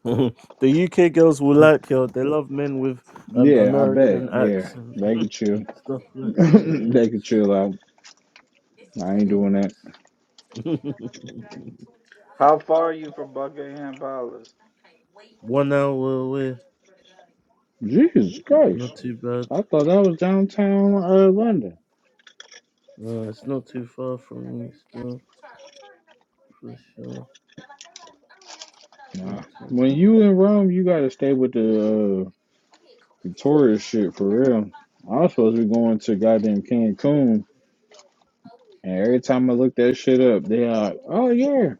the UK girls will like y'all. They love men with um Yeah, I bet. American Yeah, accent. they can chill. Stuff like that, they can chill out. I ain't doing that. yeah. How far are you from Buckingham Palace? One hour away. Jesus Not Christ. too bad. I thought that was downtown uh, London. Uh, it's not too far from me still, for sure. Nah. Not too When you far. in Rome, you gotta stay with the uh, Victoria shit for real. I was supposed to be going to goddamn Cancun And every time I look that shit up, they are like, oh yeah,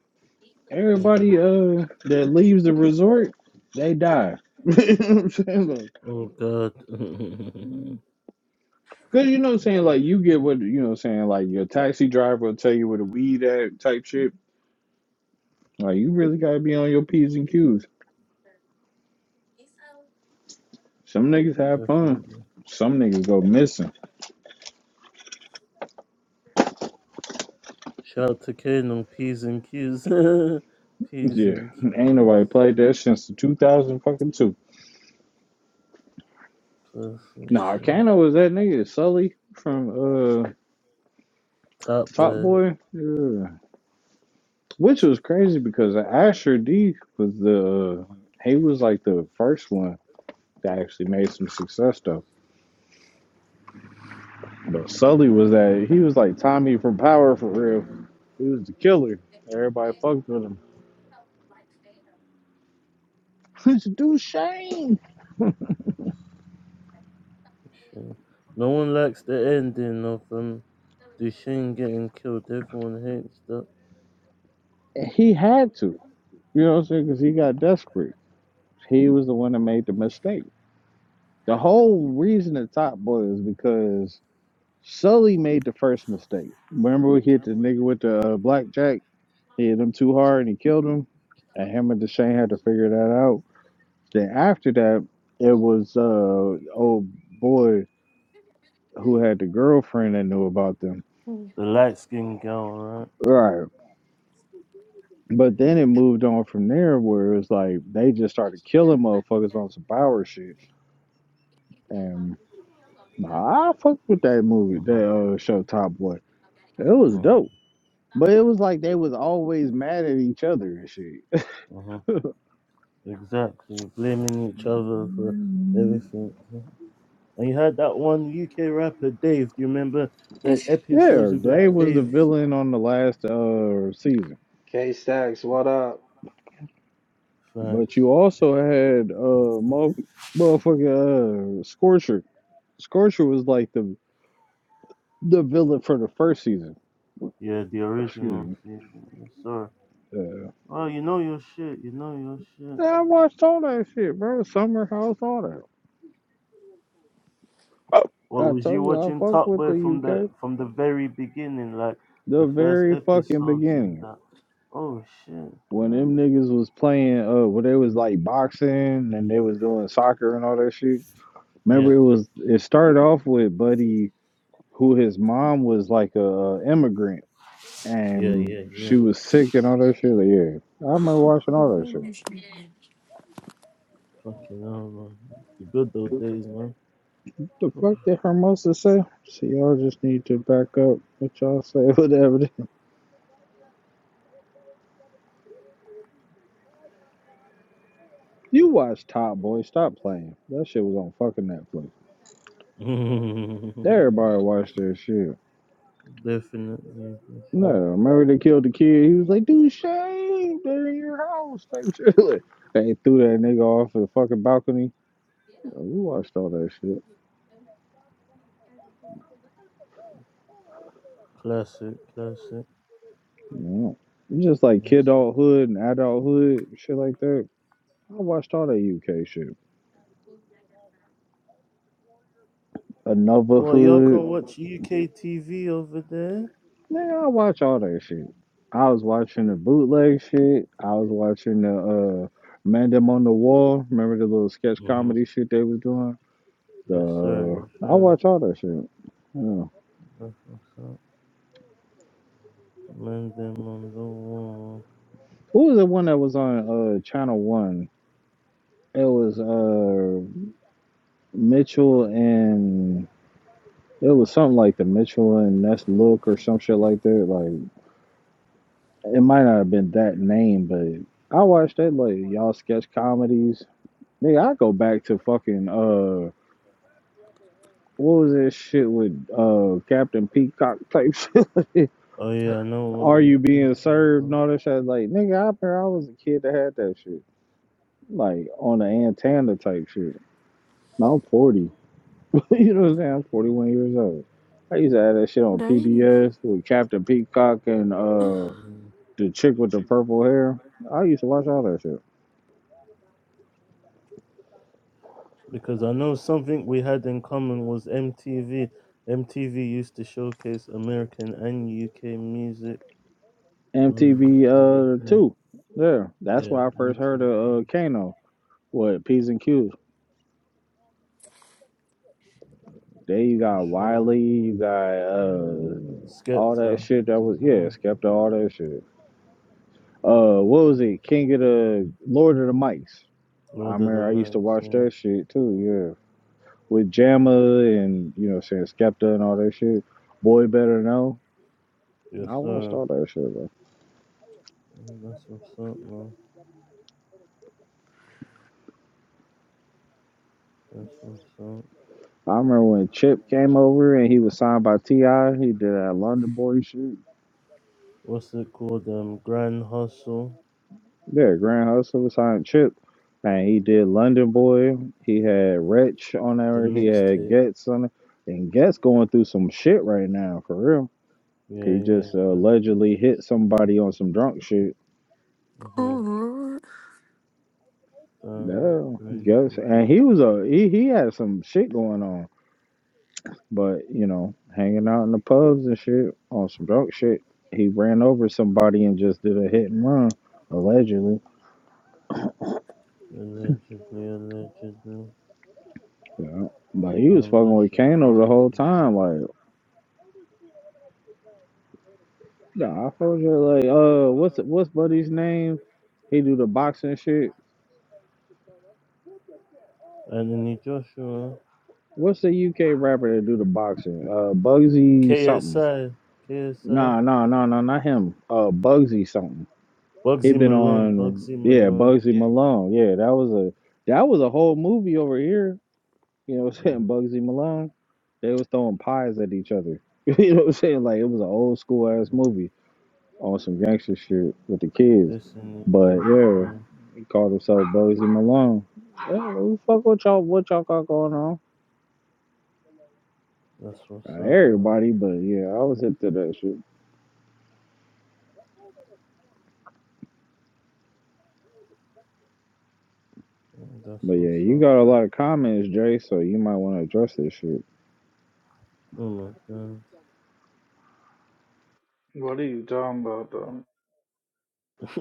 Uh-huh. everybody uh that leaves the resort, they die. you know what I'm saying? Like, Oh God. Cause you know what I'm I saying, should like you get do what you that, know what I'm saying, like your taxi driver will tell you where to weed at type shit. Like you really gotta be on your P's and Q's. Some niggas have fun. Definitely. Some niggas go missing. Shout out to Kane P's and Q's. P's Yeah. and Ain't Q's. nobody played that since the two thousand fucking two. Classic Nah, man. Kano was that nigga, Sully from uh Top Top boy. Boy. Yeah. Which was crazy because Asher D was the he was like the first one that actually made some success though. But Sully was that he was like Tommy from Power for real. He was the killer. Everybody fucked with him. Let's do Shane. Shit. No one likes the ending of um Duchenne getting killed. Everyone hates that. he had to, you know what I'm saying? Because he got desperate. He was the one that made the mistake. The whole reason the Top Boy is because Sully made the first mistake. Remember we hit the nigga with the uh, blackjack. He hit him too hard and he killed him. And him and Deshane had to figure that out. Then after that, it was uh old boy who had the girlfriend that knew about them. The light skinned girl, Right. But then it moved on from there where it was like they just started killing motherfuckers on some power shit. And nah, I fucked with that right? movie, Uh that uh, show Top Boy. It was huh. dope. But it was like they was always mad at each other and shit. Uh-huh. Exactly, blaming each other for everything. And you had that one UK rapper, Dave. Do you remember the episodes Yeah, with Black Day was the Dave? villain on the last uh season, K Stacks, what up? but Facts. you also had uh mo- motherfucker uh, Scorcher. Scorcher was like the the villain for the first season. Yeah, the Excuse original me. season. Yes, sir. Uh, Well, you know your shit. You know your shit. yeah, I watched all that shit, bro. Summer House, all that. What I was you told you I watching fuck Top with the Boy from the UK. from the very beginning, like The the first very fucking episodes and beginning that? Oh shit. when Yeah. them niggas was playing, uh, when they was like boxing and they was doing soccer and all that shit. Yeah. Remember, it was it started off with Buddy. who his mom was like a immigrant Yeah. and Yeah. yeah. she was sick and all that shit. Like, yeah, I remember watching all that shit. Fucking hell, man. The good old days, The fuck man. did Hermosa say? See, y'all just need to back up what y'all say, whatever. it is. You watch Top Boy, stop playing. That shit was on fucking Netflix. Everybody watched that shit. Definitely, for No, sure. remember they killed the kid. He was like, dude, shame, they're in your house. Type shit. They threw that nigga off the fucking balcony. We watched all that shit. Classic, classic, No. It's just like kid classic. adulthood and adulthood, shit like that. I watched all that UK shit. Another Well, y'all can hood. watch UK TV over there. Nigga, I watch all that shit. I was watching the bootleg shit. I was watching the uh Man Them on the Wall. Remember the little sketch Mm-hmm. comedy shit they was doing? The Yes, sir. Yes, I sir. watch all that shit. Yeah. That's what's up. Man, them on the wall. Who was the one that was on uh Channel One? It was uh Mitchell and it was something like the Mitchell and Ness Look or some shit like that. Like. it might not have been that name, but I watched that like y'all sketch comedies. Nigga, I go back to fucking uh what was that shit with uh Captain Peacock type shit? Oh yeah, I know what Are you you're being thinking served and about. all that shit? Like, nigga, I remember I was a kid that had that shit. Like on the antenna type shit. Now I'm forty. you know what I'm saying? I'm forty one years old. I used to have that shit on Dang. PBS with Captain Peacock and uh Mm. the chick with the purple hair. I used to watch all that shit. Because I know something we had in common was MTV. MTV used to showcase American and UK music. Um, MTV uh um, two. Yeah, that's yeah, where I first heard MTV of uh, Kano. What P's and Q's. There you for got sure. Wiley, you got uh all that Skepta shit that as was yeah, well. Skepta, all that shit. Uh, what was it? King of the Lord of the Mics. I Lord of the remember I used to Knights, watch yeah. that shit too. Yeah, with Mhm. Jamma and you know what I'm saying Skepta and all that shit. Boy Better Know. Yes, I watched sir. all that shit. Bro. Mhm, That's what's up, man. That's what's up. I remember when Chip came over and he was signed by Ti. He did that London Boy shit. What's it called? Um, Grand Hustle, Yeah, Grand Hustle, Silent Chip. And he did London Boy. He had Wretch on the there. He had mixtape. Getz on it. And Getz going through some shit right now, for real. Yeah, He yeah, just uh, it's Grand allegedly hit Hustle. somebody on some drunk shit. Mhm. Oh, Um, Yeah, Getz. crazy, And bro. he was a he, he had some shit going on. But, you know, hanging out in the pubs and shit on some drunk shit. He ran over somebody and just did a hit and run, allegedly. Allegedly, allegedly. Yeah. But he was Um, fucking that with shit Kano the crazy. whole Man. time. like. Nah, I told you like uh what's what's Buddy's name? He do the boxing shit. Anthony Joshua, What's the UK rapper that do the boxing? Uh Bugsy something. KSI, KSI, Nah, nah, nah, nah, not him. Uh Bugsy something. He Bugsy been Malone, on Bugsy yeah, Malone. Bugsy Malone. Yeah, that was a that was a whole movie over here. You know what I'm saying? Mhm. Bugsy Malone. They was throwing pies at each other. you know what I'm saying? Like it was an old school ass movie on some gangster shit with the kids. Dissing each But other, yeah. yeah. Call himself Bugsy Malone. Yeah, who fuck with y'all? What y'all got going on? That's what's Not up, man. everybody, but yeah, I was hip to that shit. Oh, That's But what's yeah, you up. got a lot of comments, Jay, so you might want to address this shit. Oh my god. What are you talking about, though?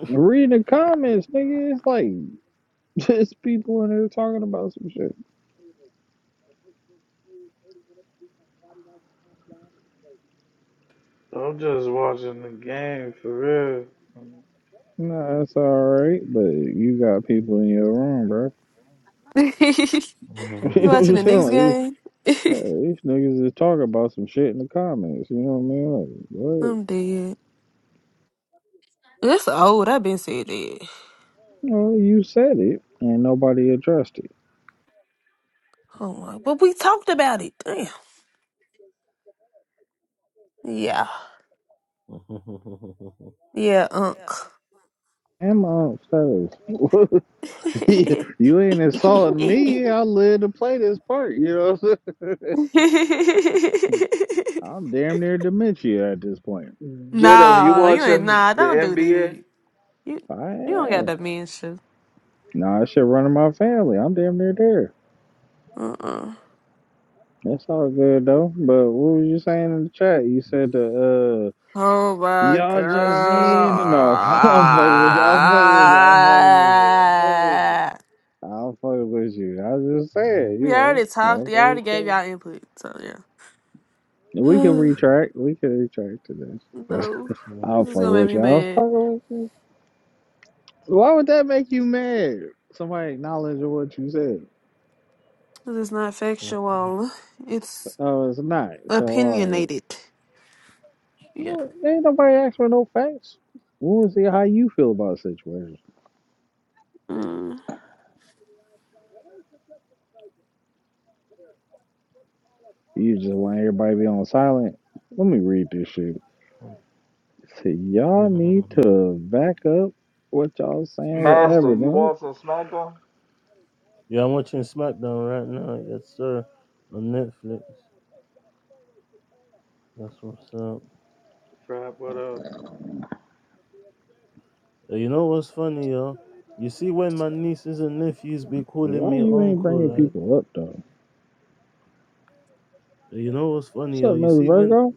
Read the comments, nigga. It's like just people in there talking about some shit. I'm just watching the game for real. Nah, that's all right, but you got people in your room, bro. Lord. you You know what watching I'm the saying? Knicks Like, you- game? yeah, these niggas is talking about some shit in the comments. You know what I mean? Like, what? I'm dead. That's old. I've been said that. Well, you said it, and nobody addressed it. Oh my, but we talked about it. Damn. Yeah. Yeah, Unc. Am I fellas? you ain't insulting me. I live to play this part. You know what I'm saying? I'm damn near dementia at this point. Get him. You nah, you ain't. watching Nah, the don't do that. NBA? You I you don't got am. dementia. Nah, I should run in my family. I'm damn near there. Uh uh. That's all good though. But what was you saying in the chat? You said the Oh uh my y'all just need to know. I'm fucking with you. I'm fucking with you. I'm fucking with you. I'm fucking with you. god. I'm fucking with you. I was just saying, you You know, already talked. You motherfuckers already gave go. y'all input. So We can yeah. retract. We can retract to this. No, I'm this is fucking gonna make with me you. I'm mad. fucking with you. Why would that make you mad? Somebody acknowledging what you said. This is not factual. It's Oh, it's not. So, all right. opinionated. You Yeah. know, ain't nobody asked for no facts. We want to see how you feel about the situation. Mm. You just want everybody to be on silent. Let me read this shit. See, y'all need to back up what y'all saying with Master, you evidence. watching SmackDown? yeah, I'm watching SmackDown right now. Yes, sir. On Netflix. That's what's up. Frap, what up? Uh, You know what's funny, y'all? You see, when my nieces and nephews be calling Why me you ain't uncle, bringing like, people up, though? uh, you know what's What's funny, up, y'all? You Miss see, when Virgo?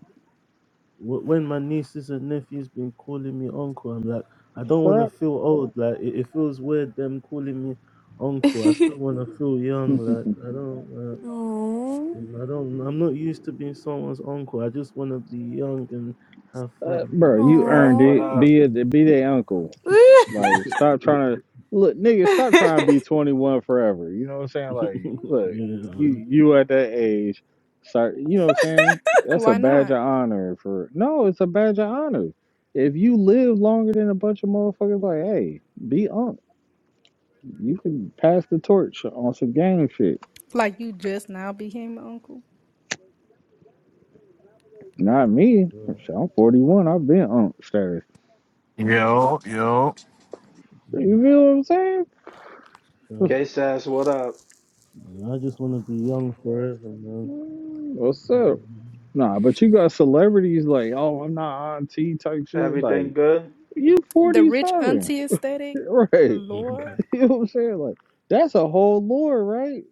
wh- when my nieces and nephews been calling me uncle, I'm like, I don't want to Frap? feel old. Like it, it feels weird them calling me uncle. I still want to feel young. Like I don't, oh. uh, I don't. I'm not used to being someone's uncle. I just want to be young and have Uh, fun. bro, Like, you Frap, earned what it. Oh. up? Be a, be their uncle. Like, stop trying to look, nigga. Stop trying to be 21 forever. You know what I'm saying? Like, look, yeah, you man. you at that age, start. You know what I'm saying? That's a Why badge not? of honor for. No, it's a badge of honor. If you live longer than a bunch of motherfuckers, like, hey, be on. You can pass the torch on some gang shit. Like you just now became an uncle. Not me. So, Shit, I'm 41. I've been on status. Yo, yo. yeah, You feel what I'm saying? so, K Sass, what up? yeah, I just want to be young forever, man. Mm, What's up? Nah, but you got celebrities like, oh, I'm not on T type shit. Like, Everything good? You The rich 47. auntie aesthetic, Right. Lord, You know what I'm saying? Like, that's a whole lore, right?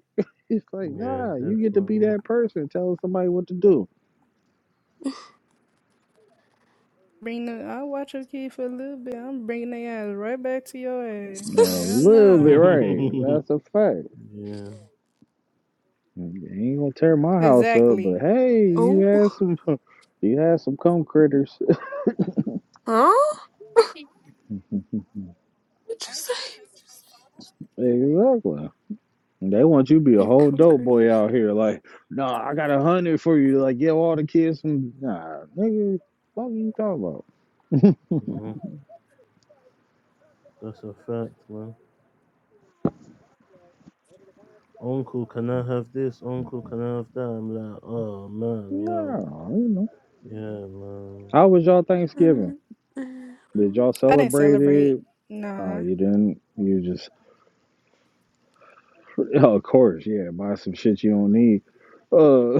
It's like, yeah, nah, you get to be definitely. that person telling somebody what to do. bring the I watch your kid for a little bit. I'm bringing their ass right back to your ass. A Hell little bit, nah. right. yeah, That's a fact. yeah. You ain't gonna tear my house up, but Exactly. hey, you oh. had some, you had some cum critters. Huh? What'd you say? Exactly. They want you to be a Yeah, whole dope concrete. boy out here. Like, nah, I got a hundred for you. Like, give all the kids some. Nah, nigga, what are you talking about? mhm. That's a fact, man. Uncle, can I have this? Uncle, can I have that? I'm like, oh man, No, yo, nah, you know, yeah, man, How was y'all Thanksgiving? Mm, mm, Did mm. y'all I didn't celebrate celebrate. it? Uh, Nah, you didn't. You just, of course, yeah. Buy some shit you don't need. Uh,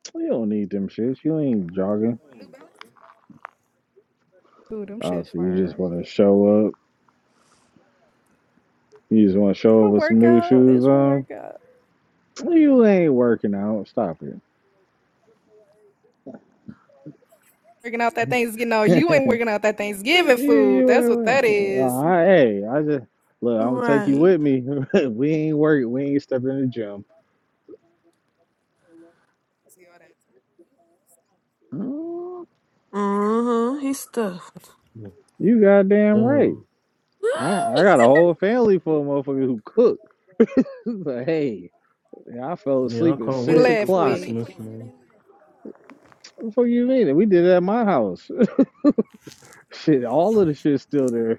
you don't need them shits. You ain't jogging. dude, them Uh, shits so you fire. just want to show up. You just want to show up For with some new workout, shoes it's for on. workout. You ain't working out. Stop it. Working out that Thanksgiving. No, you ain't working out that Thanksgiving you, food. you That's what ain't that working. Uh, is. I, hey, I just look. I'm gonna take you Right. with me. we ain't working. We ain't stepping in the gym. Mm, Uh huh. He's stuffed. Yeah, You goddamn right. damn, I, I got a whole family full of motherfuckers who cook. But hey, yeah, I fell me, I asleep at can't Ain't six wait for left o'clock. with. Christmas, man. What the fuck you mean? And We did it at my house. Shit, all of the shit's still there.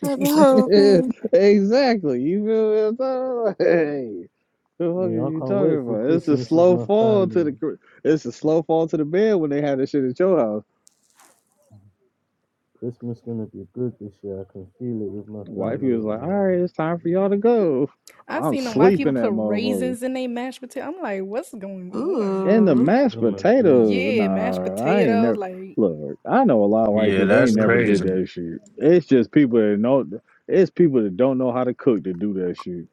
Like a whole thing. exactly. You feel me? I'm talking about? Hey, what the fuck Me, I is you can't wait talking for about? It's a Christmas with slow my fall to the family. cr- it's a slow fall to the bed when they had this shit at your house. Christmas gonna be good this year. I can feel it with my The wifey was family, like, all right, it's time for y'all to man. go. I I'm seen them white people sleeping that put motherfucker. raisins in their mashed potato. I'm like, what's going on? And the Ooh. Like. mashed oh my days, potatoes, Yeah, mashed nah, I ain't potatoes, never. like Look, I know a lot of white Yeah, people. They ain't that's never raisins, did crazy. that shit. It's just people that know. It's people that don't know how to cook to do that shit.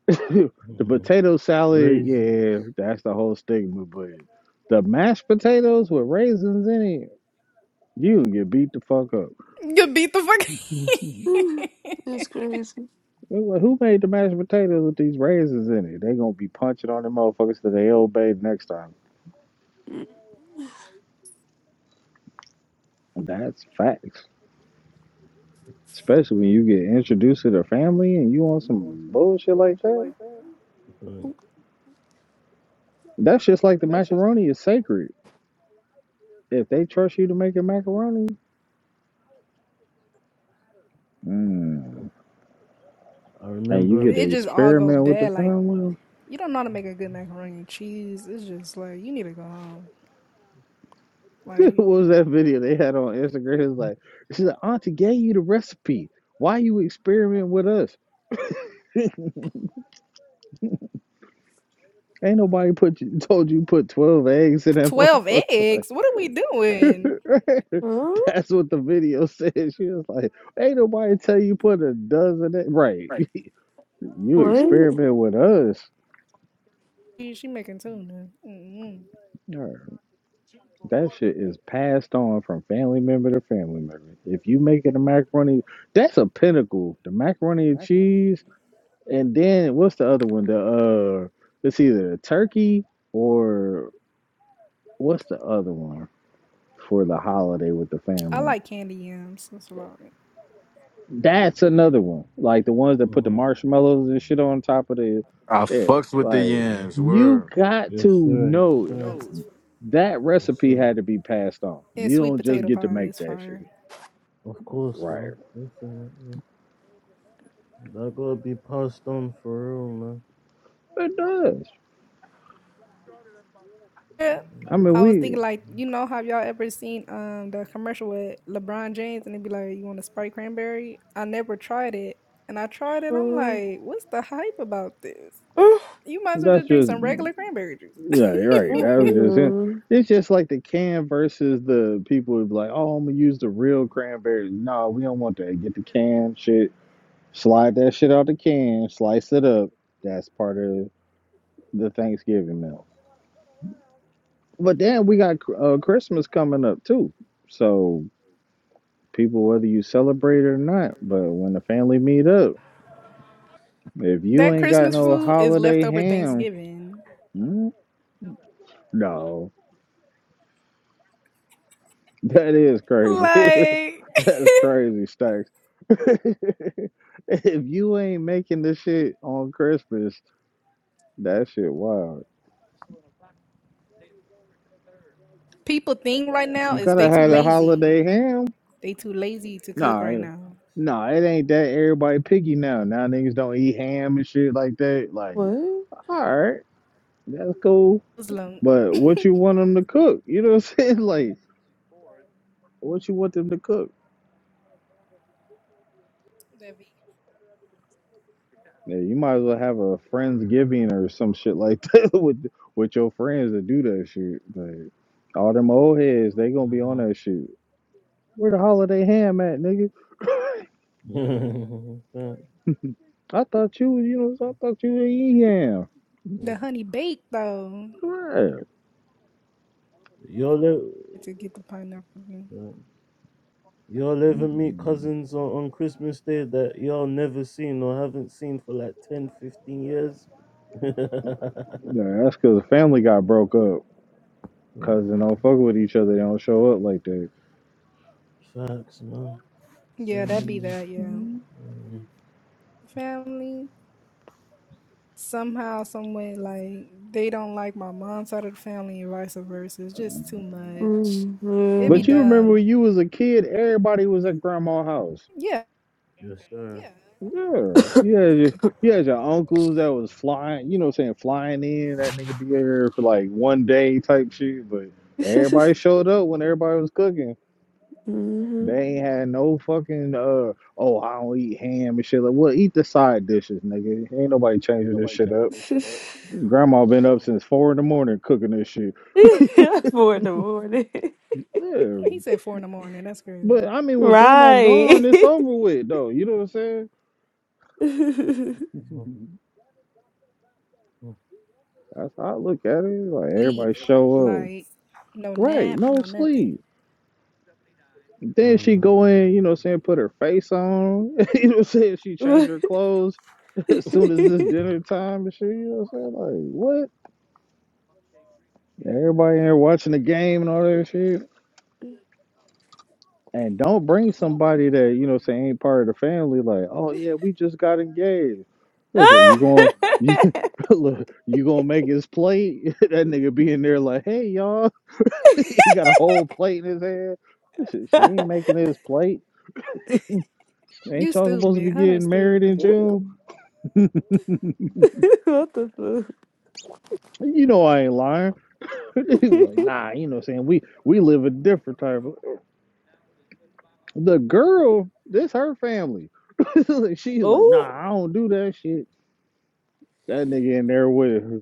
the potato salad, raisins. yeah, that's the whole stigma. But the mashed potatoes with raisins in it, you get beat the fuck up. You beat the Mhm. fuck. Mm, That's crazy. Who who made the mashed potatoes with these raisins in it? They gonna be punching on them motherfuckers till they obey next time. Mm. That's facts. Especially when you get introduced to the family and you on some bullshit like that. Right. That's just like the macaroni is sacred. If they trust you to make a macaroni, mm, I and you remember. get it to just all go experiment with the bad. Like family. you don't know how to make a good macaroni and cheese. It's just like you need to go home. Like what was that video they had on Instagram? It's like, she's said, Auntie gave you the recipe. Why you experiment with us? Ain't nobody put you, told you put 12 eggs in that twelve motherfucker. Like, eggs. What are we doing? Huh? that's what the video said. She was like, Ain't nobody tell you put a dozen eggs. Right. You What? experiment with us. She, she making tuna. mm er, That shit is passed on from family member to family member. If you make it a macaroni, that's a pinnacle. The macaroni and cheese, and then what's the other one? The uh, it's either a turkey or what's the other one for the holiday with the I family? like candy yams. That's a lot. That's another one. Like the ones that put the hmm marshmallows and shit on top of the, I yeah. fucks with the Like yams. you Word. got to Yes, sir. Yes, know. sir. That Yes, recipe sir. had to be passed on. And You sweet don't just potato get to pie make is that shit. fire. Of course, Right. man. Definitely. That gotta be passed on for real, man. It does. I mean, I was we, thinking like, you know, have y'all ever seen um the commercial with LeBron James and it'd be like, you want a Sprite cranberry? I never tried it, and I tried it. I'm Mm, like, what's the hype about this? mm, You might as well just that's drink just, some regular cranberry juice. yeah, you're right. mm, That was just him. mm. It's just like the can versus the people who be like, oh, I'm going to use the real cranberries. No, we don't want that. Get the can shit, slide that shit out the can, slice it up. That's part of the Thanksgiving meal. But then we got uh, Christmas coming up too. So people, whether you celebrate it or not, but when the family meet up, If you That ain't got Christmas no food is holiday leftover ham, Thanksgiving. mm, no, that is crazy. Like That's crazy, Stacks. if you ain't making this shit on Christmas, that shit wild. people think right now You is they gotta too have a lazy. holiday ham. They too lazy to cook Nah, right it- now. nah, it ain't that everybody picky now. Now niggas don't eat ham and shit like that. Like, What? all right, that's cool. Muslim. But what you want them to cook? You know what I'm saying? Like, what you want them to cook? Yeah, you might as well have a friendsgiving or some shit like that with with your friends to do that shit. Like, all them old heads, they gonna be on that shit. Where the holiday ham at, nigga? I thought you, was- you know, I thought you would eating ham. the honey baked though. Right. y'all live, To get the pineapple. y'all ever meet Mm-hmm. cousins on, on Christmas Day that y'all never seen or haven't seen for like ten, fifteen 15 years? Yeah, that's because the family got broke up. Oh, Cousin don't fuck with each other. They don't show up like that. Facts, man. So Yeah, that'd be many. that, yeah. family somehow, some way, like they don't like my mom's side of the family and vice versa. It's just too much. Mm, It'd be But yeah. you um, remember when dumb. you was a kid, everybody was at grandma's house. Yeah, Yes, sir. Yeah. Yeah, you had your, you had your uncles that was flying, you know, what I'm saying flying in. That nigga be here for like one day type shit, but everybody showed up when everybody was cooking. hmm They ain't had no fucking uh oh I don't eat ham and shit. Like, well, eat the side dishes, nigga. Ain't nobody changing this shit up. Grandma been up since four in the morning cooking this shit. For the morning. Yeah, he said four in the morning. That's crazy. but I mean, when grandma gone, Right. it's over with though. You know what I'm saying? That's how I look at it. Like Sleep, everybody show up, like no right? nap, No no nothing. sleep. No, no, Then she no. go in, you know what I'm saying, put her face on. you know what I'm saying? She change What? her clothes as soon as it's dinner time and shit. You know what I'm saying? Like, what? Everybody in there watching the game and all that shit. And don't bring somebody that, you know what I'm saying, ain't part of the family, like, oh yeah, we just got engaged. It's like, you going to... you look, you gonna make his plate? that nigga be in there like, hey y'all, he got a whole plate in his hand. This is she ain't making his plate. Ain't You y'all supposed to stupid, be Hunter. getting married in Stupid. June? what the fuck? You know I ain't lying. He was like, nah, you know what I'm saying? We we live a different type of the girl, this her family. She's like, Oh. nah, I don't do that shit. That nigga in there with her.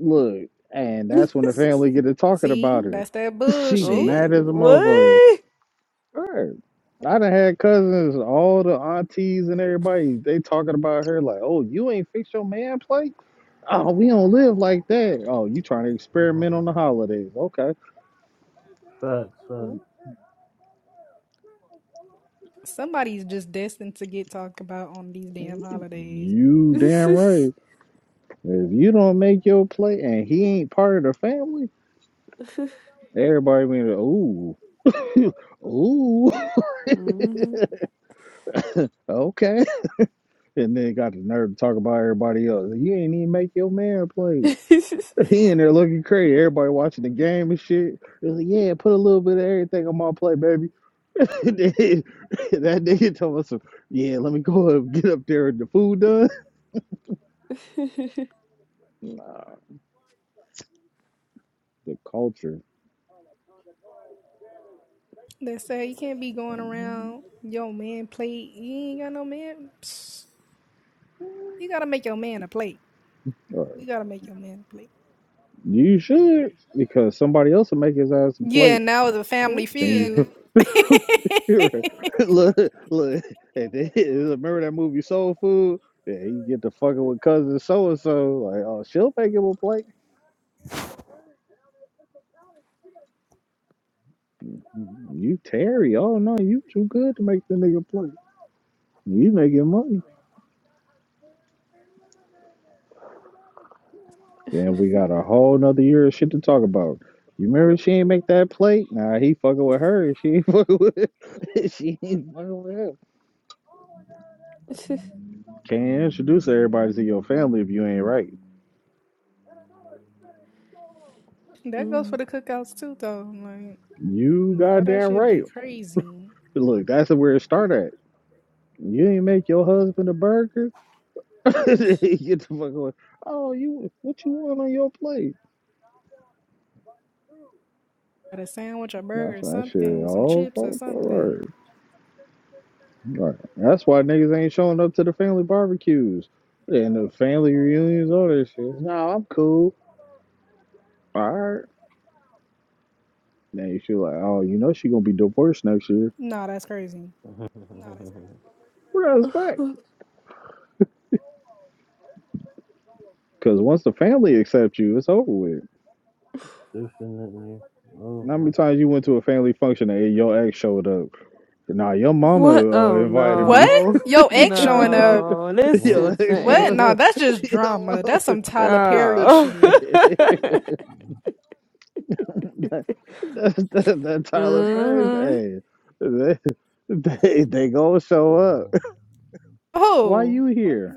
Look, and that's when the family get to talking about See, her. that's that She be oh. bullshit. mad as a motherfucker. What? Her. I done had cousins, all the aunties and everybody, they talking about her like, oh, you ain't fix your man plate? Oh, we don't live like that. Oh, you trying to experiment on no. the holidays. Okay. Facts, facts. Oh. Somebody's just destined to get talked about on these damn holidays. You damn right. If you don't make your play and he ain't part of the family, everybody be like, ooh, ooh, hmm okay. And then got the nerve to talk about everybody else. You ain't even make your man play. He in there looking crazy. Everybody watching the game and shit. It was like, yeah, put a little bit of everything on my plate, baby. And then that nigga told us, yeah, let me go and get up there and the food done. The culture. They say you can't be going around your man plate. You ain't got no man. Psst. You gotta make your man a plate. Uh, You gotta make your man a plate. You should, because somebody else will make his ass a Yeah, plate. now it's a family oh. Then you feud. you're right. look, look. Hey, then, remember that movie Soul Food? Yeah, you get to fucking with cousin so and so. Like, oh, she'll make him a plate. You Terry? Oh no, you too good to make the nigga play. You making money? Then we got a whole nother year of shit to talk about. You remember she ain't make that plate? Nah, he fucking with her. and She ain't fucking with. she ain't fucking with him. Can't introduce everybody to your family if you ain't right. That goes for Mm. the cookouts too, though. Like You all that goddamn shit right. be crazy. Look, that's where it started. at. You ain't make your husband a burger. Get the fuck away. Oh, you what you want on your plate? Got a sandwich, a That's burger, that shit. something with some All chips or all- all something. right. All right. That's why niggas ain't showing up to the family barbecues and the family reunions, all that shit. Nah, I'm cool. All right. Now you feel like, oh, you know she gonna be divorced next year. Nah, that's crazy. Well, that's back. Cause once the family accepts you, it's over with. Definitely. Oh, How no. many times you went to a family function and your ex showed up? Nah, your mama what? uh, Oh invited What? me. no. Yo, ex showing up. No. This Yo, is Well, What? insane. Nah, yo, that's just yo, drama. That's some Tyler Perry Oh. shit. that, that, that, that Tyler Perry, mm-hmm. hey, they, they, they gonna show up. Why Oh, you here?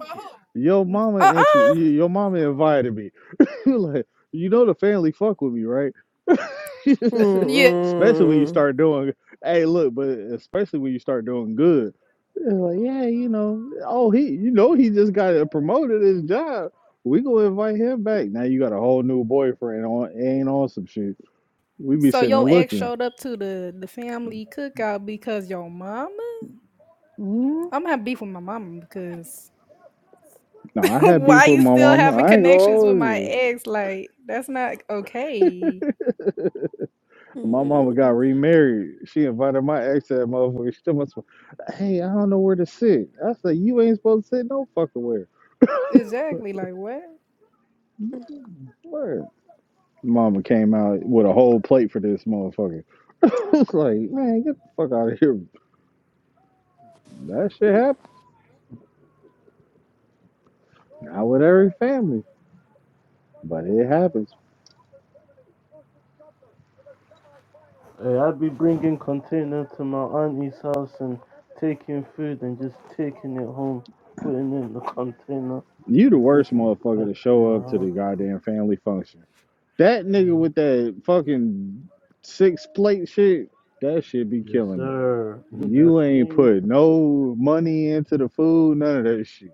Your mama uh intro, y- uh your mama invited me. like, you know the family fuck with me, right? Yeah. especially when you start doing hey look but especially when you start doing good It's like yeah you know oh he you know he just got promoted his job we gonna invite him back now you got a whole new boyfriend on ain't on some shit we be So sitting there your ex looking showed up to the the family cookout because your mama. mm I'm gonna have beef with my mama because no i had why beef with you my still mama having i ain't gonna connections with hold my you ex? Like that's not okay. my mama got Mm-mm. remarried. She invited my ex to that motherfucker. She told me, "Hey, I don't know where to sit." I said, "You ain't supposed to sit no fucking Exactly. Like what? Yeah. where." Mama came out with a whole plate for this motherfucker. it's like, man, get the fuck out of here. That shit happens. Not with every family, but it happens. hey, I'd be bringing container to my auntie's house and taking food and just taking it home, putting it in the container You the and worst taking it motherfucker back to to my show up to the house. goddamn family function. That nigga Yeah. with that fucking six plate shit, that shit be Yes, killing me. sir. That's You ain't me. put no money into the food, none of that shit.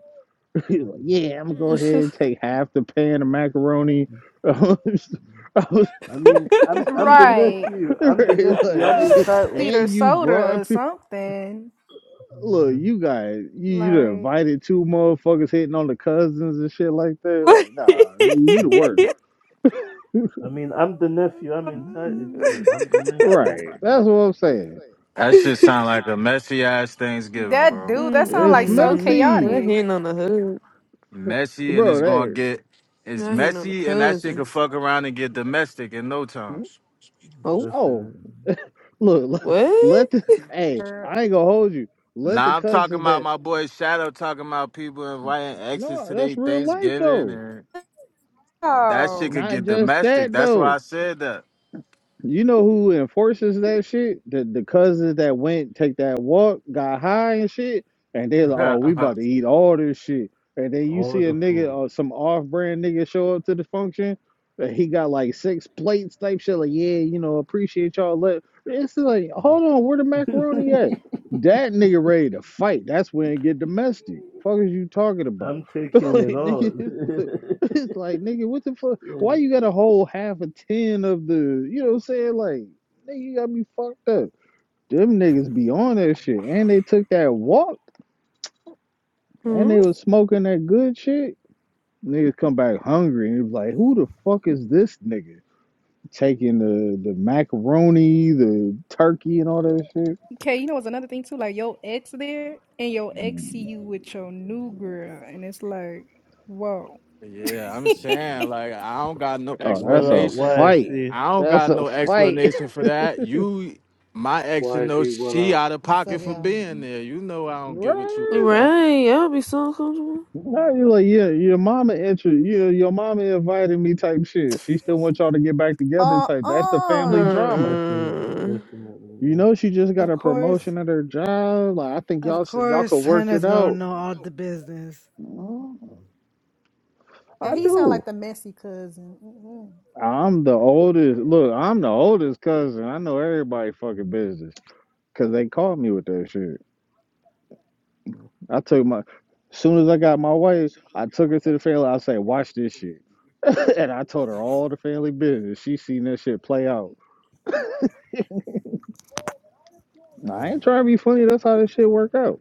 You're like, yeah, I'm gonna go ahead and take half the pan of macaroni. I was I mean, I'm I'm the Right. nephew. I'm the Right, nephew. like, I'm nigga, entitled. and Either you soda or brought people. something. Look, Mhm. you got you, you done Like invited two motherfuckers hitting on the cousins and shit like that. What? Like, nah, nigga, you the worst. I mean, I'm the nephew. I'm entitled to it. I'm the nephew. Right, that's what I'm saying. That shit sound like a messy ass Thanksgiving, that bro. dude, that sounds It's like so Mm-mm. messy, We're chaotic. hitting on the hood. Messy and bro. it's gonna That get it's We're hitting on the messy and that shit could cousins. fuck around and get domestic in no time. oh, Definitely. look, look, What? let the hey, Or- I ain't gonna hold you. Let the Nah, I'm talking cousins about that my boy Shadow talking about people inviting exes no, to that's their real life Thanksgiving though. and that shit Oh. could Not get just domestic. that That's why though. I said You know who enforces that shit? The the cousins that went take that walk, got high and shit, and they're like, Mhm. "Oh, that. we about to eat all this shit." And then you All see a the nigga food. or some off-brand nigga show up to the function, and he got like six plates type shit. Like, yeah, you know, appreciate y'all. Let it's like, hold on, where the macaroni at? That nigga ready to fight. That's when it get domestic. Fuck is you talking about? I'm taking like, it all. nigga, it's like nigga, what the fuck? Why you gotta hold half a ten of the, you know what I'm saying? Like, nigga, you got me fucked up. Them niggas be on that shit. And they took that walk and Hmm? they was smoking that good shit. Niggas come back hungry and it was like, who the fuck is this nigga? Taking the, the macaroni, the turkey, and all that shit. Okay, you know what's another thing too? Like your ex there and your ex see you with your new girl and it's like, whoa. Yeah, I'm saying like I don't got no Oh, that's Well, uh, a explanation. why I fight. YC? I don't That's got a no fight. explanation for that. You, my ex, should know Wifey, what she up? out of What's pocket up, for y'all? being there. You know I don't get with you Right? like that. Right, I'll be so uncomfortable. No, you like yeah, your mama intro, you your mama invited me type shit. She still wants y'all to get back together type. That's the family Uh-uh. drama. Definitely, Mm-mm. You definitely, know, she just got Of a course, promotion at her job. Like I think of y'all should, y'all could course, work Hunter's it gonna out. know all the business. Mm, yeah. I And he sound like do. the messy cousin. Mm-mm. I'm the oldest. Look, I'm the oldest cousin. I know everybody fucking business because they called me with that shit. I took my, soon as I got my wife, I took her to the family. I say, watch this shit, and I told her all the family business. She seen this shit play out. Nah, I ain't trying to be funny. That's how this shit work out.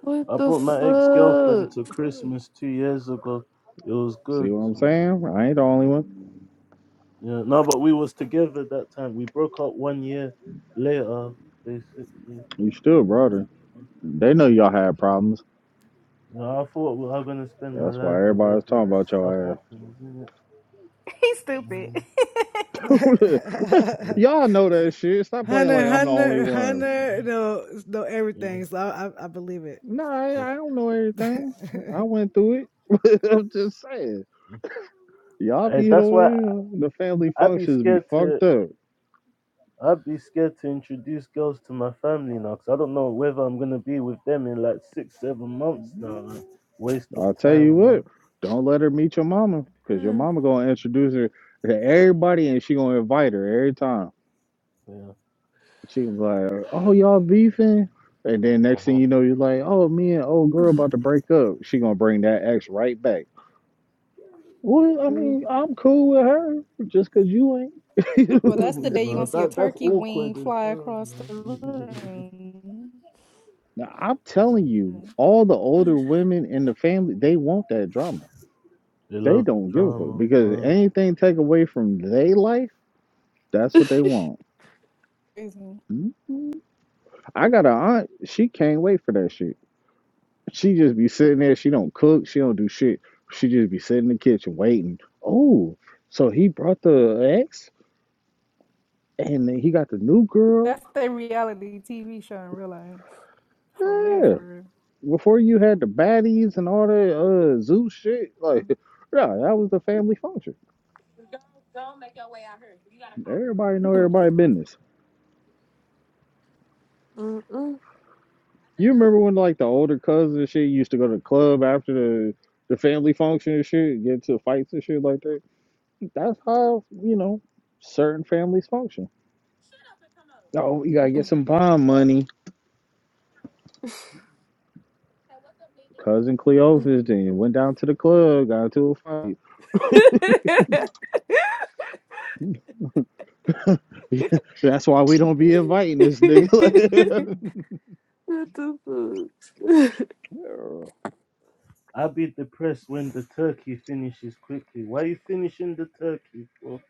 What I the brought my ex girlfriend fuck? to Christmas two years ago. It was See good. what I'm mm, saying? I ain't the only one. Yeah, no, but we was together that time. We broke up one year later, basically. You still brother. They know y'all had problems. Yeah, I thought we were gonna spend my That's why life with her, everybody's but talking about stuff your happens, isn't it? He's stupid. Mm, ass. yeah, Hunter, y'all know that shit. Stop playing like I'm the only Hunter, one. Hunter know, know yeah, yeah. everything, so I, I, I believe Nah, I, I don't know it. everything. I went through it. I'm just saying. Y'all Hey, be that's on why I, here. The family I be functions be scared to. fucked up. I'd be scared to introduce girls to my family now because I don't know whether I'm gonna be with them in like six, seven months now. Like, waste of I'll tell you time, what. man. Don't let her meet your mama, cause your Mm-mm. mama gonna introduce her to everybody, and she gonna invite her every time. Yeah, She was like, "Oh, y'all beefing," and then next thing you know, you're like, "Oh, me and old girl about to break up." She gonna bring that ex right back. Well, I mean, I'm cool with her just 'cause you ain't. well, that's the day you're no, gonna see a that that's turkey wing awkward as fly hell, across man. the room. now I'm telling you, Mm, all the older women in the family, they want that drama. they They love the don't give a fuck drama, because bro. anything take away from their life, that's what they want. Crazy. Mhm. I got a aunt. She can't wait for that shit. She just be sitting there. She don't cook. She don't do shit. She just be sitting in the kitchen waiting. Oh, so he brought the ex and then he got the new girl. That's the reality TV show in real life. For real, Yeah. for real. Before you had the baddies and all that uh zoo shit, like yeah, that was the family function. Everybody know everybody business. Mm-mm. You remember when like the older cousins and shit used to go to the club after the the family function and shit, get into fights and shit like that. That's how you know certain families function. Oh, you gotta get some bond money Cousin Cleophas then went down to the club, got into a fight. that's why we don't be inviting this nigga. what the fuck? Girl. I'd be depressed when the turkey finishes quickly. Why are you finishing the turkey for?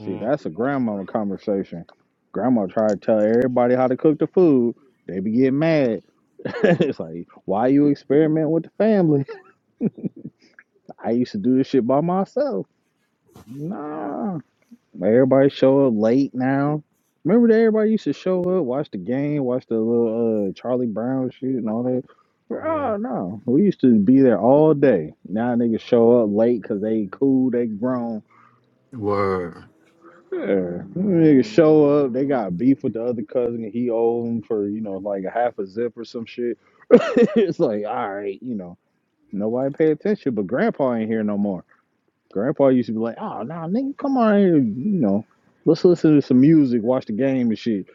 See, that's a grandmama conversation. Grandma try to tell everybody how to cook the food. They be getting mad. it's like, why you experiment with the family? I used to do this shit by myself. Nah. Everybody show up late now. Remember that everybody used to show up, watch the game, watch the little uh, Charlie Brown shit and all that. Yeah. Oh no, we used to be there all day. Now niggas show up late because they cool, they grown. Word. Yeah, niggas show up. They got beef with the other cousin, and he owe them for you know like a half a zip or some shit. it's like all right, you know, nobody pay attention, but Grandpa ain't here no more. Grandpa used to be like, "Oh, nah, nigga, come on here, you know, let's listen to some music, watch the game and shit,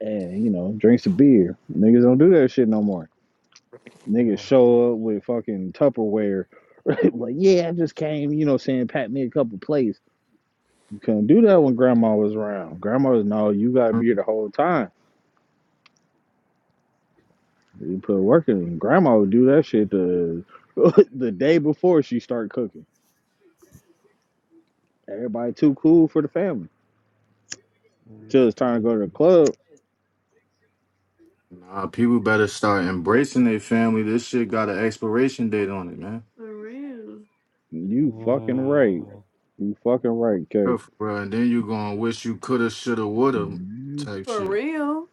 and you know, drink some beer." Niggas don't do that shit no more. Niggas Mm-hmm. show up with fucking Tupperware, like, "Yeah, I just came, you know, saying pat me a couple plates." You couldn't do that when Grandma was around. Grandma was no, you gotta Mm-hmm. be here the whole time. You put work in. Grandma would do that shit the the day before she started cooking. Everybody too cool for the family. Till it's time to go to the club. Nah, people better start embracing their family. This shit got an expiration date on it, man. For real. Mm-hmm. You fucking right. Mm-hmm. You fucking right, K. Real for real. And then you gonna wish you coulda, shoulda, woulda You type For shit. real.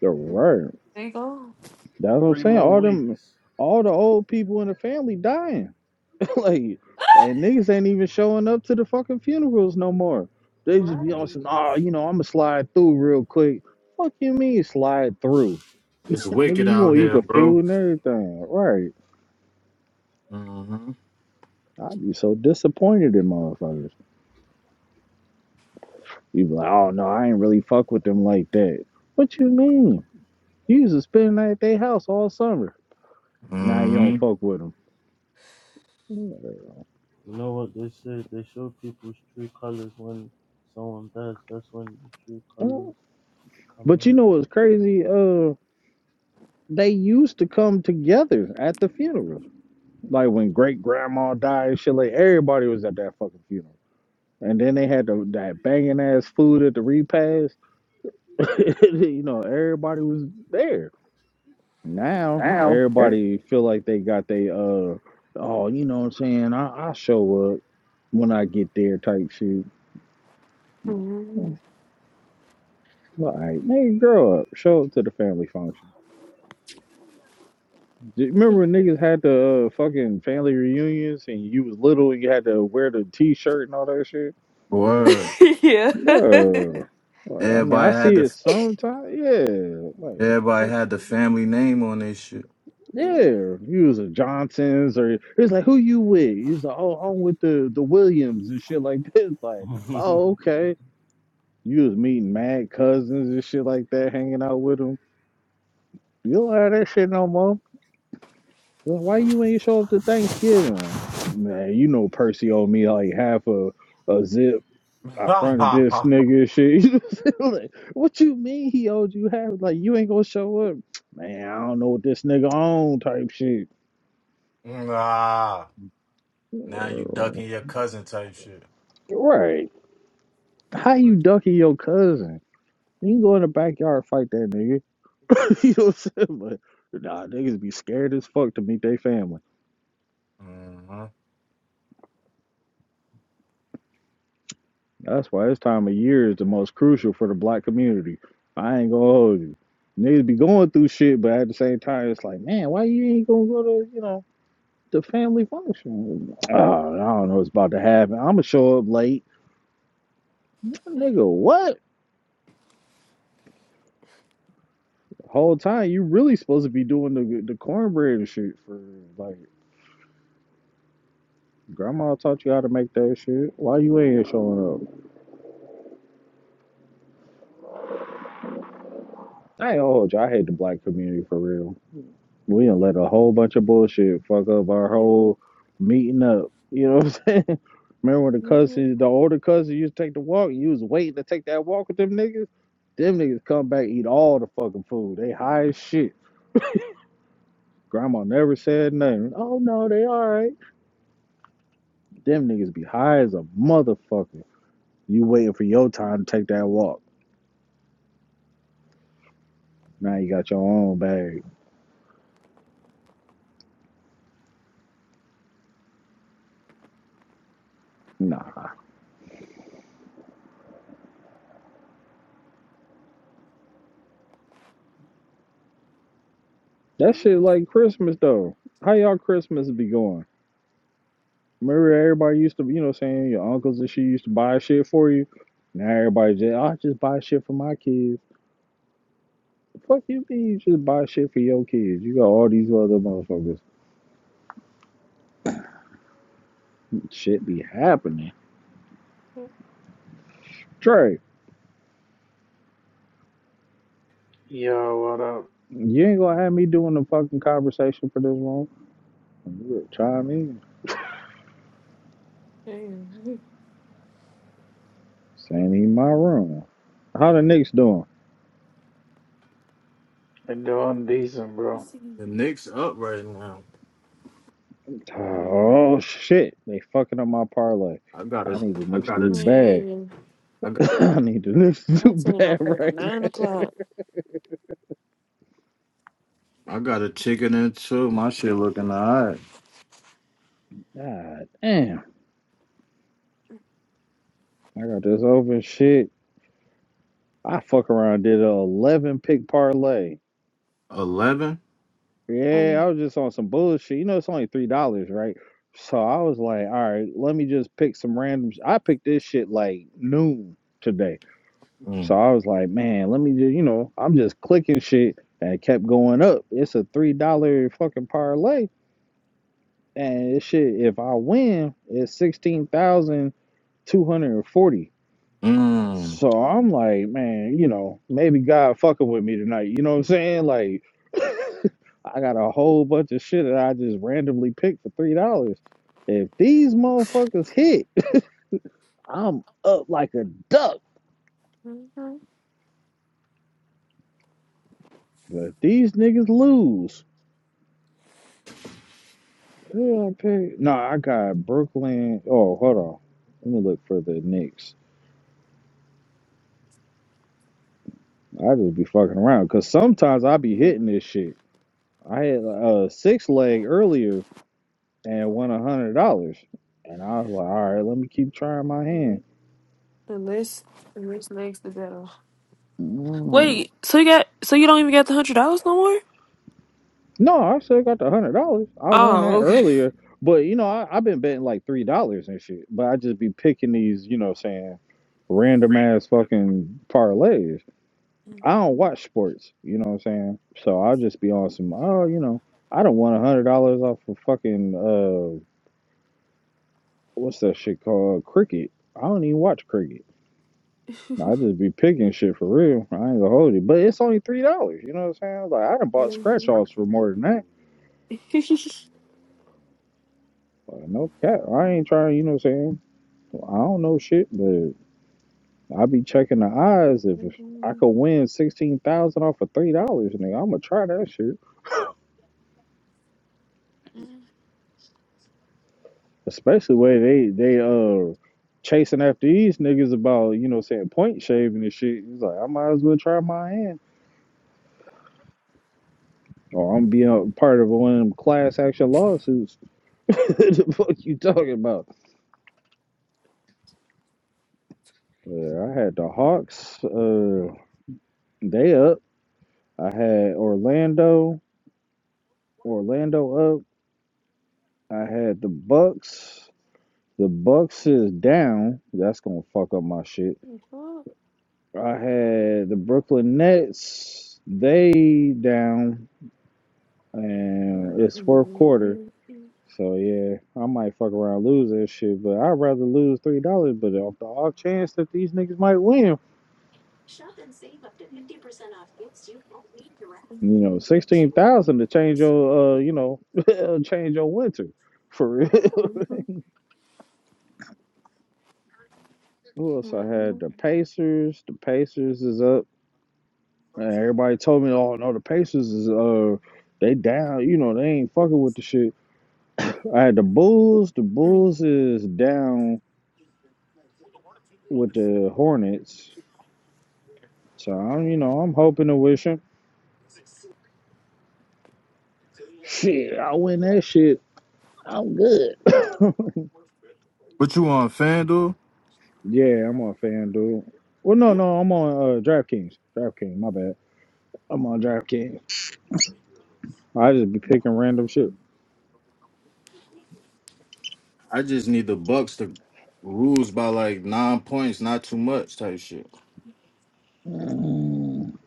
The Yeah. right. Thank God. That's what I'm Three saying. more All them, weeks. all the old people in the family dying, like, and niggas ain't even showing up to the fucking funerals no more. They just be on Right. some, oh, you know, I'ma slide through real quick. Fuck you mean slide through, It's nigga? Right. wicked You gonna out eat here, the bro. food and everything, right? Mm-hmm. I'd be so disappointed in motherfuckers. You be like, oh no, I ain't really fuck with them like that. What you mean? You used to spend the night at their house all summer. Now you Mm-hmm. don't fuck with 'em. But You know what they say? They show people's true colors when someone dies. That's when the true colors come you out. know what's crazy? Uh, they used to come together at the funeral. Like when great grandma died and shit, like everybody was at that fucking funeral. And then they had the, that banging ass food at the repast. you know, everybody was there. Now everybody feel like they got they uh, oh, you know what I'm saying? I I show up when I get there type shit. Mhm. Well, all right, nigga, grow up. Show up to the family function. Do you Remember when niggas had the uh, fucking family reunions and you was little and you had to wear the t-shirt and all that shit? Yeah. Word. yeah. No. Well, I mean, I Everybody see had to it sometimes. Yeah. Like, Everybody that's, had the family name on this shit. yeah. yeah. You was a Johnson's or it's like, who you with? You was like, oh, I'm with the, the Williams and shit like this. Like, oh, okay. You was meeting mad cousins and shit like that, hanging out with them. You don't have that shit no more. Why you ain't show up to Thanksgiving? Man, you know Percy owed me like half a, a zip. I nah. fronted this nigga and shit. like, what you mean he owed you half? Like you ain't gonna show up? Man, I don't know what this nigga on type shit. Now you ducking your cousin type shit. Right. How What you the- ducking your cousin? You can go in the backyard and fight that nigga. you know what I'm saying? But nah, niggas be scared as fuck to meet their family. Mhm. That's why this time of year is the most crucial for the black community. I ain't gonna hold you. Niggas be going through shit, but at the same time, it's like, man, why you ain't gonna go to, you know, the family function? Oh, I don't know what's about to happen. I'm gonna show up late. Nigga, what? The whole time, you really supposed to be doing the the cornbread and shit for, like, grandma taught you how to make that shit. Why you ain't showing up? I ain't gonna hold you. I hate the black community for real. We done let a whole bunch of bullshit fuck up our Yeah. whole meeting up. You know what I'm saying? Remember when the Mhm. cousins, the older cousins used to take the walk? You was waiting to take that walk with them niggas? Them niggas come back, eat all the fucking food. They high as shit. Grandma never said nothing. Oh no, they alright. Them niggas be high as a motherfucker. You waiting for your time to take that walk. Now you got your own bag. Nah. That shit like Christmas though. How y'all Christmas be going? Remember, everybody used to, you know, saying your uncles and shit used to buy shit for you. Now everybody just, "Oh, I just buy shit for my kids. The fuck you mean you just buy shit for your kids? You got all these other motherfuckers. Shit be happening. Trey, Yo, what up? you ain't gonna have me doing the fucking conversation for this long. You chime in. Same in my room. How the Knicks doing? I'm doing decent, bro. The Damn. Knicks up right now. Mm, Oh shit, they fucking up my parlay. I got I a, need the I Knicks to got a, do Man, bad. I I got, I need the Knicks to do ain't bad up until right. nine o'clock. I got a chicken and two. My shit looking alright. now. God damn. I got this open shit. I fuck around did a eleven pick parlay. Eleven. Yeah, Mm, I was just on some bullshit. You know, it's only three dollars, right? So I was like, all right, let me just pick some random. Sh-. I picked this shit like noon today. So Mm. I was like, man, let me just, you know, I'm just clicking shit and it kept going up. It's a three dollar fucking parlay, and this shit, if I win, it's sixteen thousand two hundred and forty. mm, Mm. So I'm mm, like, man, you know, maybe God fucking with me tonight. You know what I'm saying? Like, I got a whole bunch of shit that I just randomly picked for three dollars. If these motherfuckers hit, I'm up like a duck. mm, But if these niggas lose, who I pick? No, I got Brooklyn. Oh, hold on. Let me look for the Knicks. I just be fucking around because sometimes I be mm, hitting this shit. I had a six leg earlier and won a hundred dollars. And I was like, all right, let me keep trying my hand. mm. The list, the list next to that. Mm. Wait, so you got, so you don't even got the hundred dollars no more? No, I still got the hundred dollars. I won Oh, that okay. earlier, but you know, I, I've been betting like three dollars and shit. But I just be picking these, you know, what I'm saying random ass fucking parlays. I don't watch sports, you know what I'm saying? So I'll just be on some, oh, you know, I don't want a hundred dollars off of fucking uh, what's that shit called? Cricket. I don't even watch cricket. I just be picking shit for real. I ain't gonna hold you. But it's only three dollars, you know what I'm saying? Like I done bought scratch offs for more than that. Like, no cap. I ain't trying, you know what I'm saying? Well, I don't know shit, but I be checking the odds if, Mm, I mm, could win sixteen thousand off of three dollars, nigga. I'ma try that shit. mm, Especially where they they uh chasing after these niggas about, you know what I'm saying, point shaving and shit. It's like I might as well try my hand. Or I'm being a part of one of them class action lawsuits. the fuck you talking about? Yeah, I had the Hawks. Uh, they up. I had Orlando. Orlando up. I had the Bucks. The Bucks is down. That's gonna fuck up my shit. I had the Brooklyn Nets. They down, and it's fourth quarter. mm, So yeah, I might fuck around and lose that shit, but I'd rather lose three dollars. But off the off chance that these niggas might win, You know, sixteen thousand to change your, uh, you know, change your winter for real. Who else? I had the Pacers. The Pacers is up. And everybody told me, oh no, the Pacers is uh, they down. You know, they ain't fucking with the shit. I had the Bulls. The Bulls is down with the Hornets. So I'm, you know, I'm hoping and wishing. Shit, I win that shit. I'm good. What you on FanDuel? yeah, I'm on FanDuel. Well, no, no, I'm on uh, DraftKings. DraftKings, my bad. I'm on DraftKings. I just be picking random shit. I just need the Bucks to lose by like nine points, not too much type shit. Mm.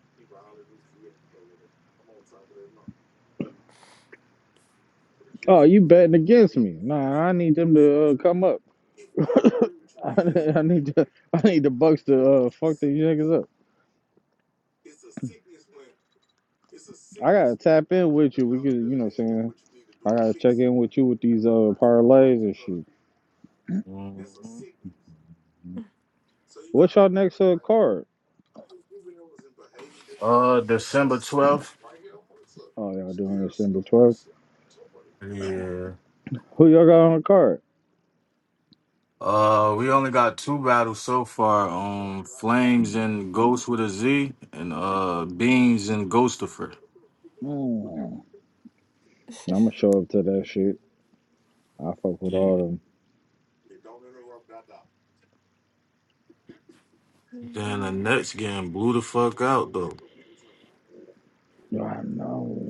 Oh, you betting against me? Nah, I need them to uh, come up. I I need to, I need the Bucks to uh, fuck these niggas up. I gotta tap in with you. We could, you know, what I'm saying I gotta check in with you with these uh parlays and shit. hmm What's y'all next uh, card? Uh, December 12th? Oh, y'all doing December 12th? Yeah. Who y'all got on the card? Uh, we only got two battles so far. Um, Flames and Ghost with a Z, and uh, Beans and Ghostifer. Mm. I'm gonna show up to that shit. I fuck with Yeah. all Then the next game blew the fuck out though. them. I know.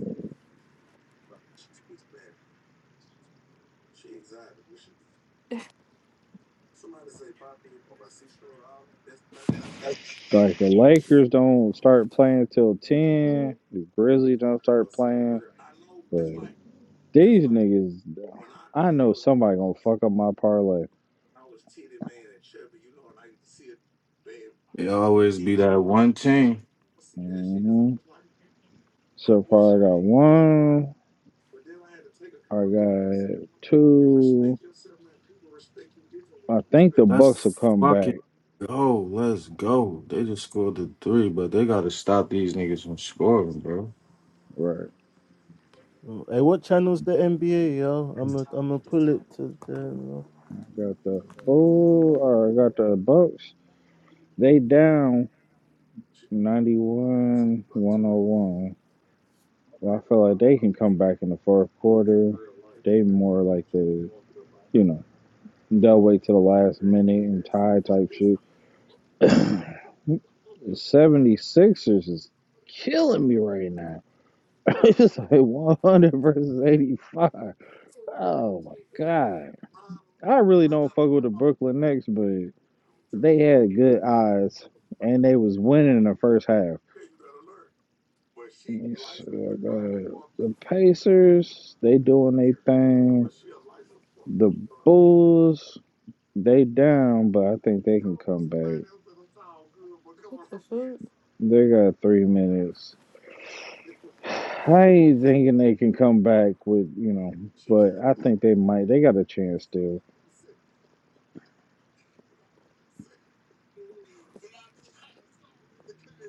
Like the Lakers don't start playing till ten. mm. The Grizzlies don't start playing. But these niggas, I know somebody gonna fuck up my parlay. It always be that one team. hmm So far, I got one. I got two. I think the Let's Bucks will come back. fucking go. Let's go. They just scored the three, but they gotta stop these niggas from scoring, bro. Right. Mm. Hey, what channel's the NBA, yo? I'm gonna I'm gonna pull it to the. I got the Bulls Or I got the Bucks. They down 91 101. Well, I feel like they can come back in the fourth quarter. They more like the you know They'll wait to the last minute and tie type shit. The 76ers is killing me right now. it's like 100 versus 85. Oh my God. I really don't fuck with the Brooklyn Nets, but they had good eyes and they was winning in the first half. Let me see. the Pacers, they doing their thing. The Bulls, they down, but I think they can come back. What the fuck? They got three minutes. I ain't thinking they can come back with, you know, but I think they might. They got a chance still.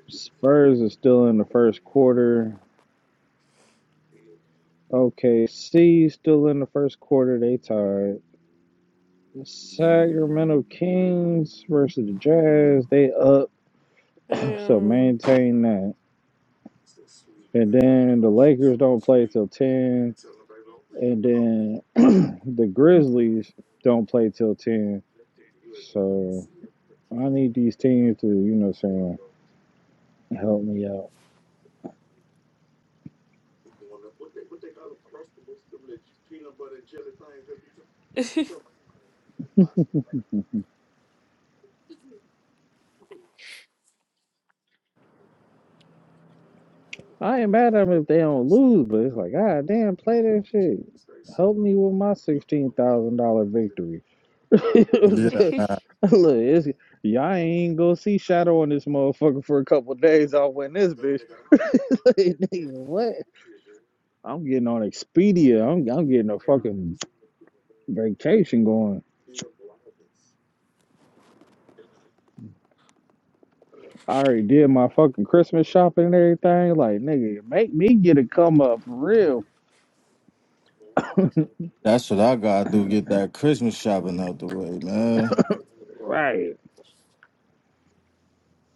Spurs are still in the first quarter. OKC still in the first quarter. They tied. Sacramento Kings versus the Jazz. They up, so Damn. maintain that. And then the Lakers don't play till ten. And then the Grizzlies don't play till ten. So I need these teams to, you know, what I'm saying help me out. What I ain't mad at them if they don't lose, but it's like, God damn, play that shit. Help me with my sixteen thousand dollar victory. You know what I'm Yeah, saying? man. Look, it's, y'all ain't gonna see shadow on this motherfucker for a couple days. I'll win this bitch. Like, Nigga, what? I'm getting on Expedia. I'm I'm getting a fucking vacation going. I already did my fucking Christmas shopping and everything. Like, nigga, make me get a come up for real. that's what I gotta do. Get that Christmas shopping out the way, man. Right.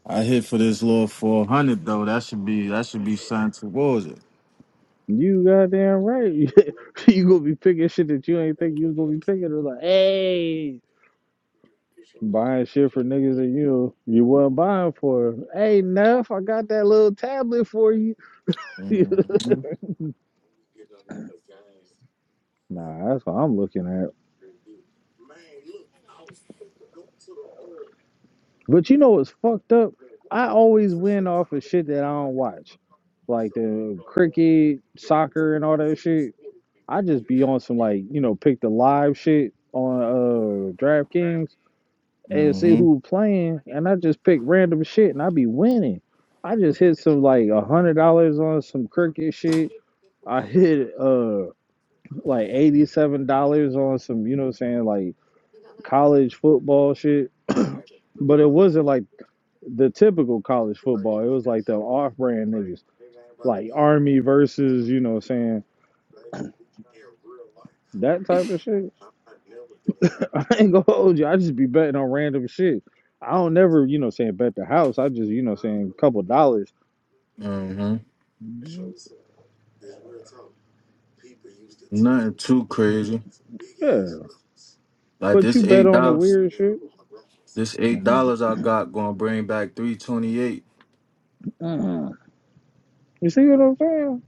I hit for this little four hundred though. That should be that should be signed towards it. You goddamn right. you gonna be picking shit that you ain't think you was gonna be picking. It was like, hey, buying shit for niggas that you you wasn't buying for. Hey, Neff, I got that little tablet for you. nah, Mm-hmm. that's what I'm looking at. But you know what's fucked up? I always win off of shit that I don't watch, like the cricket, soccer, and all that shit. I just be on some like you know, pick the live shit on uh DraftKings. and see Mm-hmm. who playing, and I just pick random shit, and I be winning. I just hit some like a hundred dollars on some cricket shit. I hit uh like eighty seven dollars on some, you know, what I'm saying like college football shit. But it wasn't like the typical college football. It was like the off brand niggas, like Army versus, you know, what I'm saying that type of shit. I ain't gonna hold you. I just be betting on random shit. I don't never, you know, what I'm saying bet the house. I just, you know, what I'm saying couple dollars. Mm-hmm. Nothing too crazy. Yeah, Like but you this bet eight on the dollars, weird shit. this eight uh dollars I got gonna bring back three twenty eight. Uh-uh. You see what I'm saying?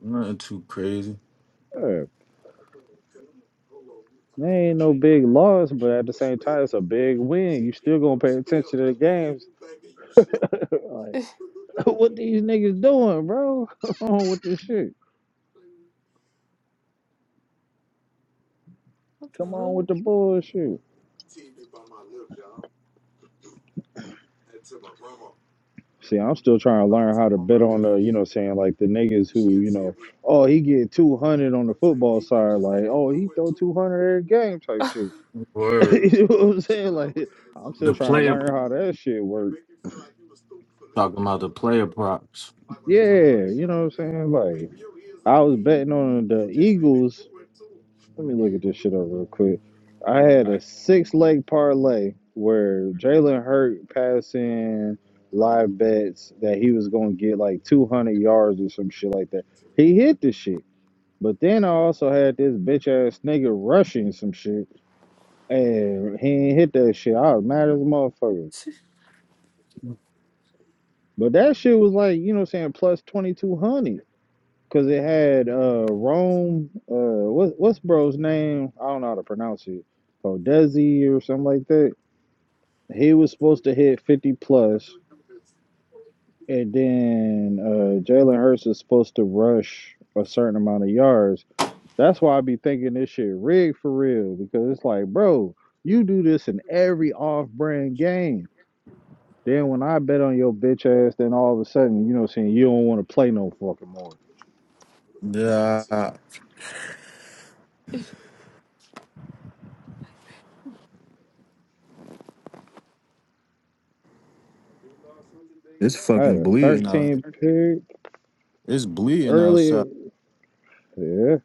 Nothing too crazy. Yeah. There ain't no big loss, but at the same time, it's a big win. You still gonna pay attention to the games. like, what these niggas doing, bro? Come on with this shit. Come on the with the bullshit. See, I'm still trying to learn how to bet on the, you know, what I'm saying like the niggas who, you know, oh he get 200 on the football side, like oh he throw 200 every game type fuck? shit. Word. you know what I'm saying? Like, I'm The still trying to player learn prop- how that shit works. talking about the player props. Yeah, you know what I'm saying? Like I was betting on the Eagles. Let me look at this shit up real quick. I had a six leg parlay where Jalen Hurt passing live bets that he was gonna get like two hundred yards or some shit like that. He hit the shit. But then I also had this bitch ass nigga rushing some shit and he ain't hit that shit. I was mad as a motherfucker. But that shit was like, you know what I'm saying, plus twenty two hundred. Cause it had uh Rome, uh what what's bro's name? I don't know how to pronounce it. Odesi or something like that. He was supposed to hit fifty plus, and then uh Jalen Hurts is supposed to rush a certain amount of yards. That's why I be thinking this shit rigged for real, because it's like, bro, you do this in every off brand game. Then when I bet on your bitch ass, then all of a sudden, you know what I'm saying, you don't want to play no fucking more. Yeah, it's I had fucking a bleeding out. 13 pick It's bleeding earlier outside. Yeah.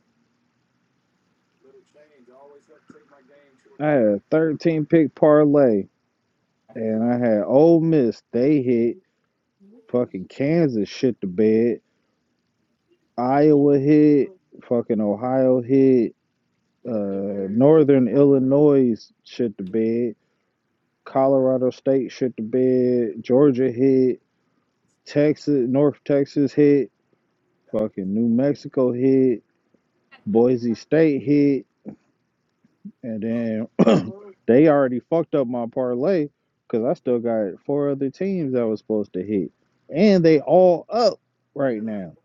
I had a 13 pick parlay and I had Ole Miss. They hit fucking Kansas shit to bed. Iowa hit, fucking Ohio hit, uh, Northern Illinois shit to bed. Colorado State shit to bed. Georgia hit. Texas, North Texas hit. Fucking New Mexico hit. Boise State hit. And then they already fucked up my parlay because I still got four other teams that was supposed to hit. And they all up right now.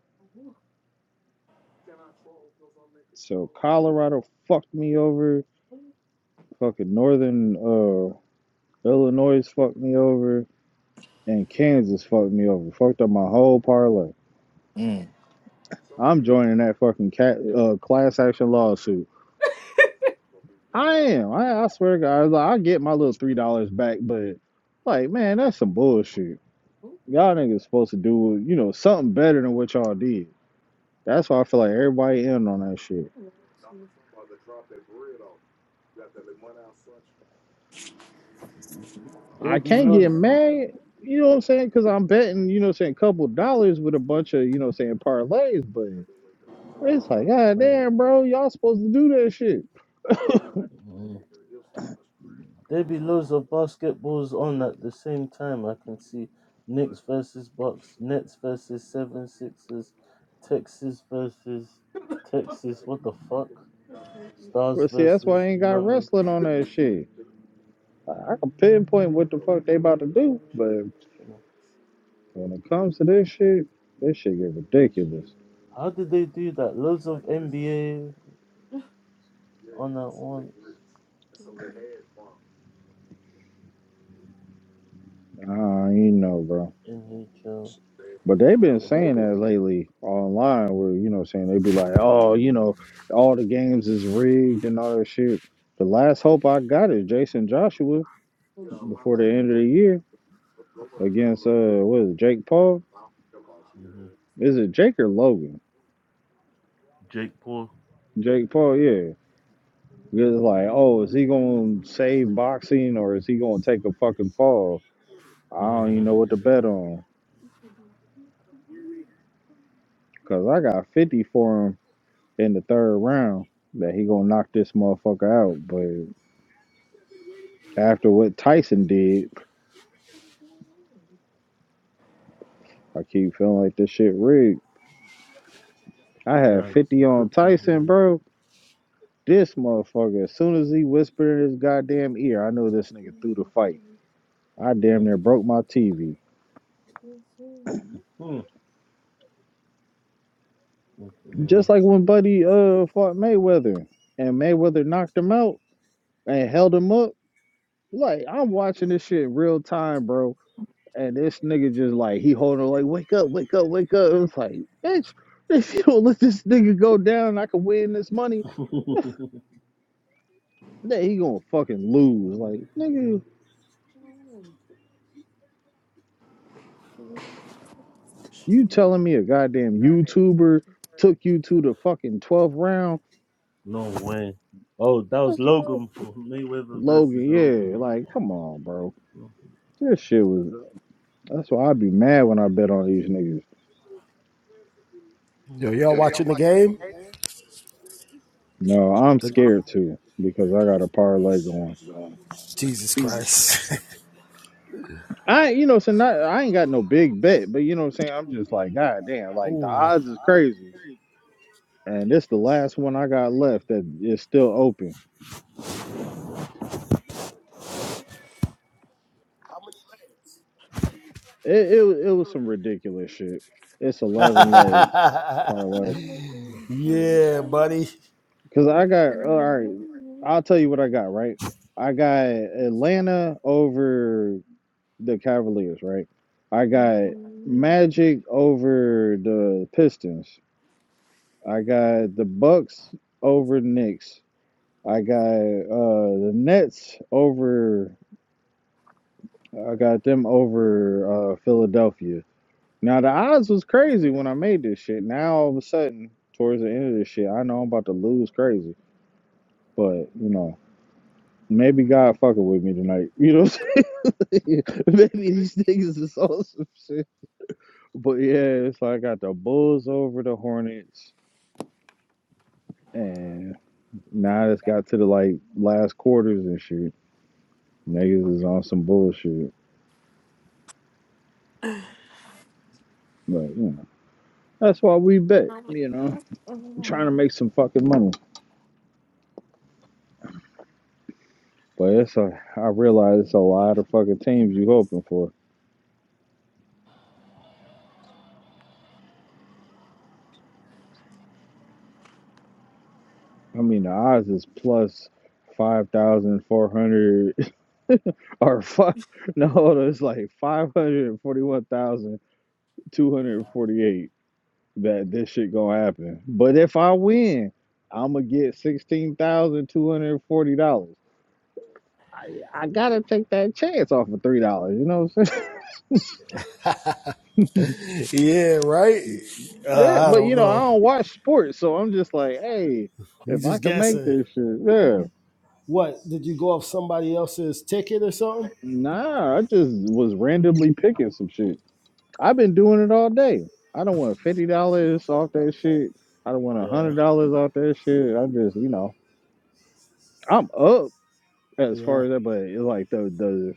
So Colorado fucked me over. Fucking Northern uh, Illinois fucked me over. And Kansas fucked me over. Fucked up my whole parlay. Mm. I'm joining that fucking cat, uh, class action lawsuit. I am. I, I swear to God, I, I get my little $3 back, but like, man, that's some bullshit. Y'all niggas supposed to do, you know, something better than what y'all did. That's why I feel like everybody in on that shit. There I be can't loads get of mad, you know what I'm saying? Because I'm betting, you know what I'm saying, a couple dollars with a bunch of, you know what I'm saying, parlays, but it's like, god uh, damn, bro, y'all supposed to do that shit. mm, there be loads of basketballs on at the same time. I can see Knicks versus Bucks, Nets versus Seven Sixers, Texas versus Texas. What the fuck? Well, Stars see, that's why I versus ain't got Mammoth. wrestling on that shit. I I can pinpoint what the fuck they about to do, but when it comes to this shit, this shit get ridiculous. How did they do that? Loads of NBA on that one. Nah, I don't even know, bro. NHL. But they've been There's saying that lately online, where you know, saying they'd be like, "Oh, you know, all the games is rigged and all that shit." The last hope I got is Jason Joshua before the end of the year against uh, what is it, Jake Paul? hmm Is it Jake or Logan? Jake Paul. Jake Paul, yeah. Because it's like, oh, is he gonna save boxing or is he gonna take a fucking fall? I don't even know what to bet on. Cause I got fifty for him in the third round that he gonna knock this motherfucker out, but. After what Tyson did, I keep feeling like this shit rigged. I had Facts. 50 It on could be Tyson, bro. This motherfucker, as soon as he whispered in his goddamn ear, I knew this nigga threw the fight. I damn right. near broke my TV. Mhm. Hmm. Just like Mhm. when Buddy uh fought Mayweather and Mayweather knocked him out and held him up. Like, I'm watching this shit real time, bro. And this nigga just like, he holding like, wake up, wake up, wake up. It was like, bitch, if you don't let this nigga go down, I can win this money. that he gonna fucking lose. Like, nigga, you telling me a goddamn YouTuber took you to the fucking 12th round? no way. Oh, that was That's what Logan Paul. Mayweather versus Logan, yeah. Logan Like, come on, bro. Paul. This shit was that's why I'd be mad when I bet on these niggas. Yo, y'all watching the game? No, I'm The scared too, because I got a parlay going. Jesus Christ. I you know, so not I ain't got no big bet, but you know what I'm saying? I'm just like, goddamn, like the Ooh. odds is crazy. And this the last one I got left that is still open. It it, wa- it was some ridiculous shit. It's eleven leg parlay. yeah, Yeah, man. buddy. Cause I got uh, all right. I'll tell you what I got. Right, I got Atlanta over the Cavaliers. Right, I got Magic over the Pistons. I got the Bucks over the Knicks. I got uh the Nets over. I got them over uh Philadelphia. Now the odds was crazy when I made this shit. Now all of a sudden, towards the end of this shit, I know I'm about to lose crazy. But you know, maybe God fucking with me tonight. You know, what I'm saying? maybe these niggas is on some shit. But yeah, it's like I got the Bulls over the Hornets, and now it's got to the like last quarters and shit. Niggas is on some bullshit. But you know, that's why we bet. You know, trying to make some fucking money. But it's a, I realize it's a lot of fucking teams you hoping for. I mean, the odds is plus 5,400 or five, no, it's like 541,248 that this shit gonna happen. But if I win, I'm gonna get $16,240. I, I gotta take that chance off of three dollars, you know what I'm saying? Yeah, right? yeah, Uh, I but don't you know, I know. don't watch sports, so I'm just like, hey, He's if I just can make guessing. this shit, yeah. What? Did you go off somebody else's ticket or something? Nah, I just was randomly picking some shit. I've been doing it all day. I don't want fifty dollars off that shit. I don't want a Yeah. hundred dollars off that shit. I'm just, you know, I'm up as Yeah. far as that, but it's like the the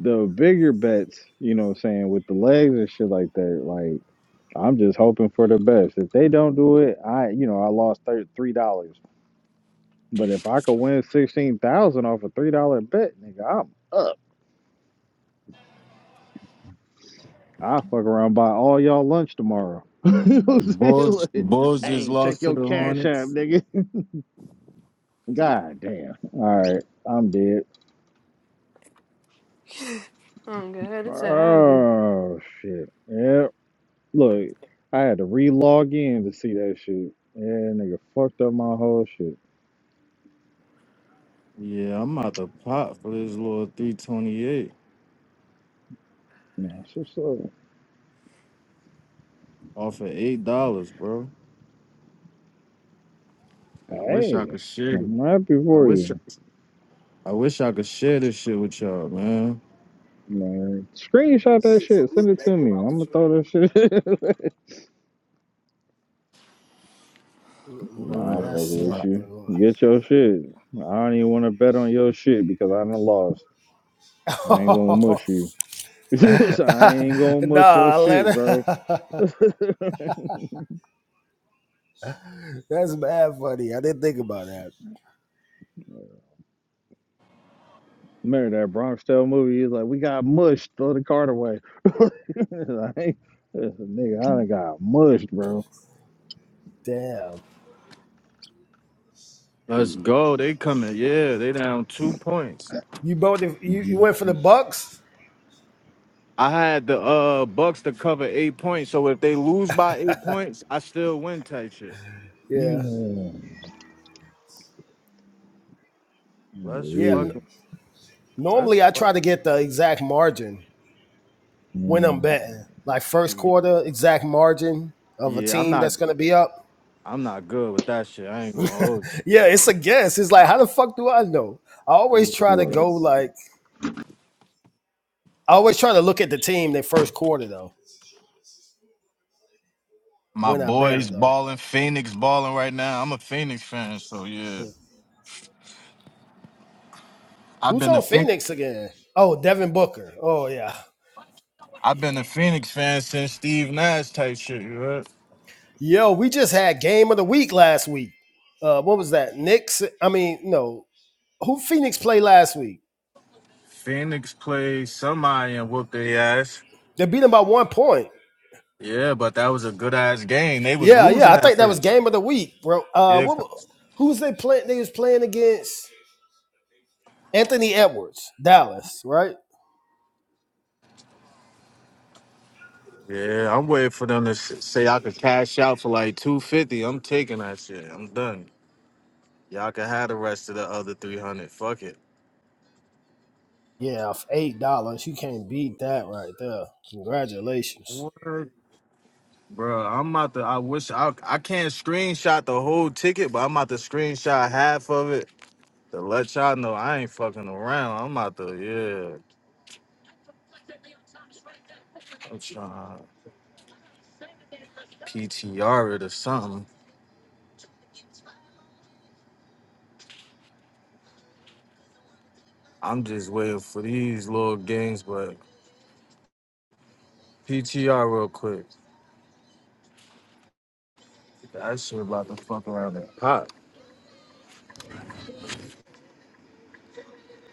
the bigger bets, you know what I'm saying, with the legs and shit like that. Like I'm just hoping for the best. If they don't do it, I, you know, I lost thir- three dollars. But if I could win sixteen thousand off a three dollar bet, nigga, I'm up. I fuck around buy all y'all lunch tomorrow. Bulls, Bulls just hey, check lost to your the cash app, Hornets. nigga. God damn. All right, I'm dead. I'm good, it's a hobby. Oh shit. Yeah. Look, I had to re-log in to see that shit. Yeah, nigga fucked up my whole shit. Yeah, I'm out the pot for this little three twenty eight Nah, so so. off of eight dollars, bro. I wish I Hey, could share it. I'm happy I for wish. you. I wish I could share this shit with y'all, man. Man, screenshot that shit. Send it to me. I'm gonna throw that shit. nah, I No, will fuck Word. that's it, with you. dude. Get your shit. I don't even want to bet on your shit because I done lost. I ain't gonna Oh, mush you. I ain't gonna mush your nah, shit, bro. Atlanta. That's mad funny. I didn't think about that. Remember that Bronx Tale movie? He's like, we got mushed. Throw the card away. like, this nigga, I done got mushed, bro. Damn. Let's go. They coming. Yeah, they down two points. You both you, you Mhm. went for the Bucks? I had the uh Bucks to cover eight points, so if they lose by eight points, I still win type shit. Yeah. Yeah, Let's Yeah. n- fucking let's normally I try to get the exact margin when yeah. I'm betting. Like first fucking quarter exact margin of a yeah. I'm team not that's gonna be up. I'm not good with that shit. I ain't gonna hold. Yeah, it's a guess. It's like how the fuck do I know? I always you. Yeah. try to yeah. yeah. go like I always try to look at the team their first quarter though My when I bet boys it though. balling, Phoenix balling right now. I'm a Phoenix fan, so yeah. Wait, I've who's been a on Phoenix. Phoenix again? Oh, Devin Booker. Oh yeah. I've been a Phoenix fan since Steve Nash type shit. You heard? Yo, we just had game of the week last week. Uh, what was that? Knicks. I mean, no, Who Phoenix played last week? Phoenix played somebody and whooped their ass. They beat them by one point. Yeah, but that was a good ass game. They was Yeah, yeah. losing I at think that was first. game of the week, bro. Uh, Yeah, what, who was they playing? They was playing against Anthony Edwards, Dallas, right? yeah. I'm waiting for them to s- say I could cash out for like two fifty. I'm taking that shit. I'm done. Y'all can have the rest of the other three hundred. Fuck it. Yeah, for eight dollars, you can't beat that right there. Congratulations. What, bro? I'm about to. I wish I I can't screenshot the whole ticket, but I'm about to screenshot half of it to let y'all know I ain't fucking around. I'm about to. Yeah, I'm trying to PTR it or something. I'm just waiting for these little games, but PTR real quick. That shit about to fuck around and pop.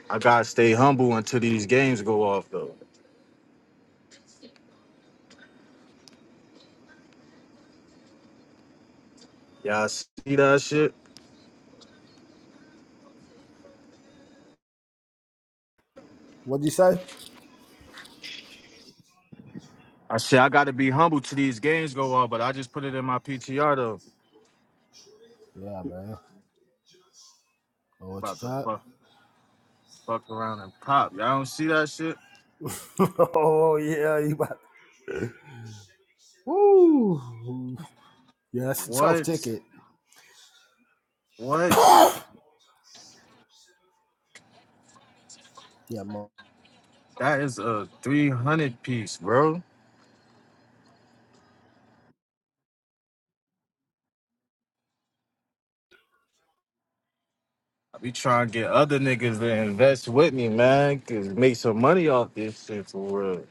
I gotta stay humble until these games go off though. Y'all see that shit? What'd you say? I said I gotta be humble till these games go off, but I just put it in my PTR though. Yeah, man. Oh, what About you to fuck fuck around and pop. Y'all don't see that shit? got? oh yeah, you about. Woo. Yeah, that's a tough What? ticket. What? Yeah, man. That is a 300 piece, bro. I be trying to get other niggas to invest with me, man, cause make some money off this shit for real.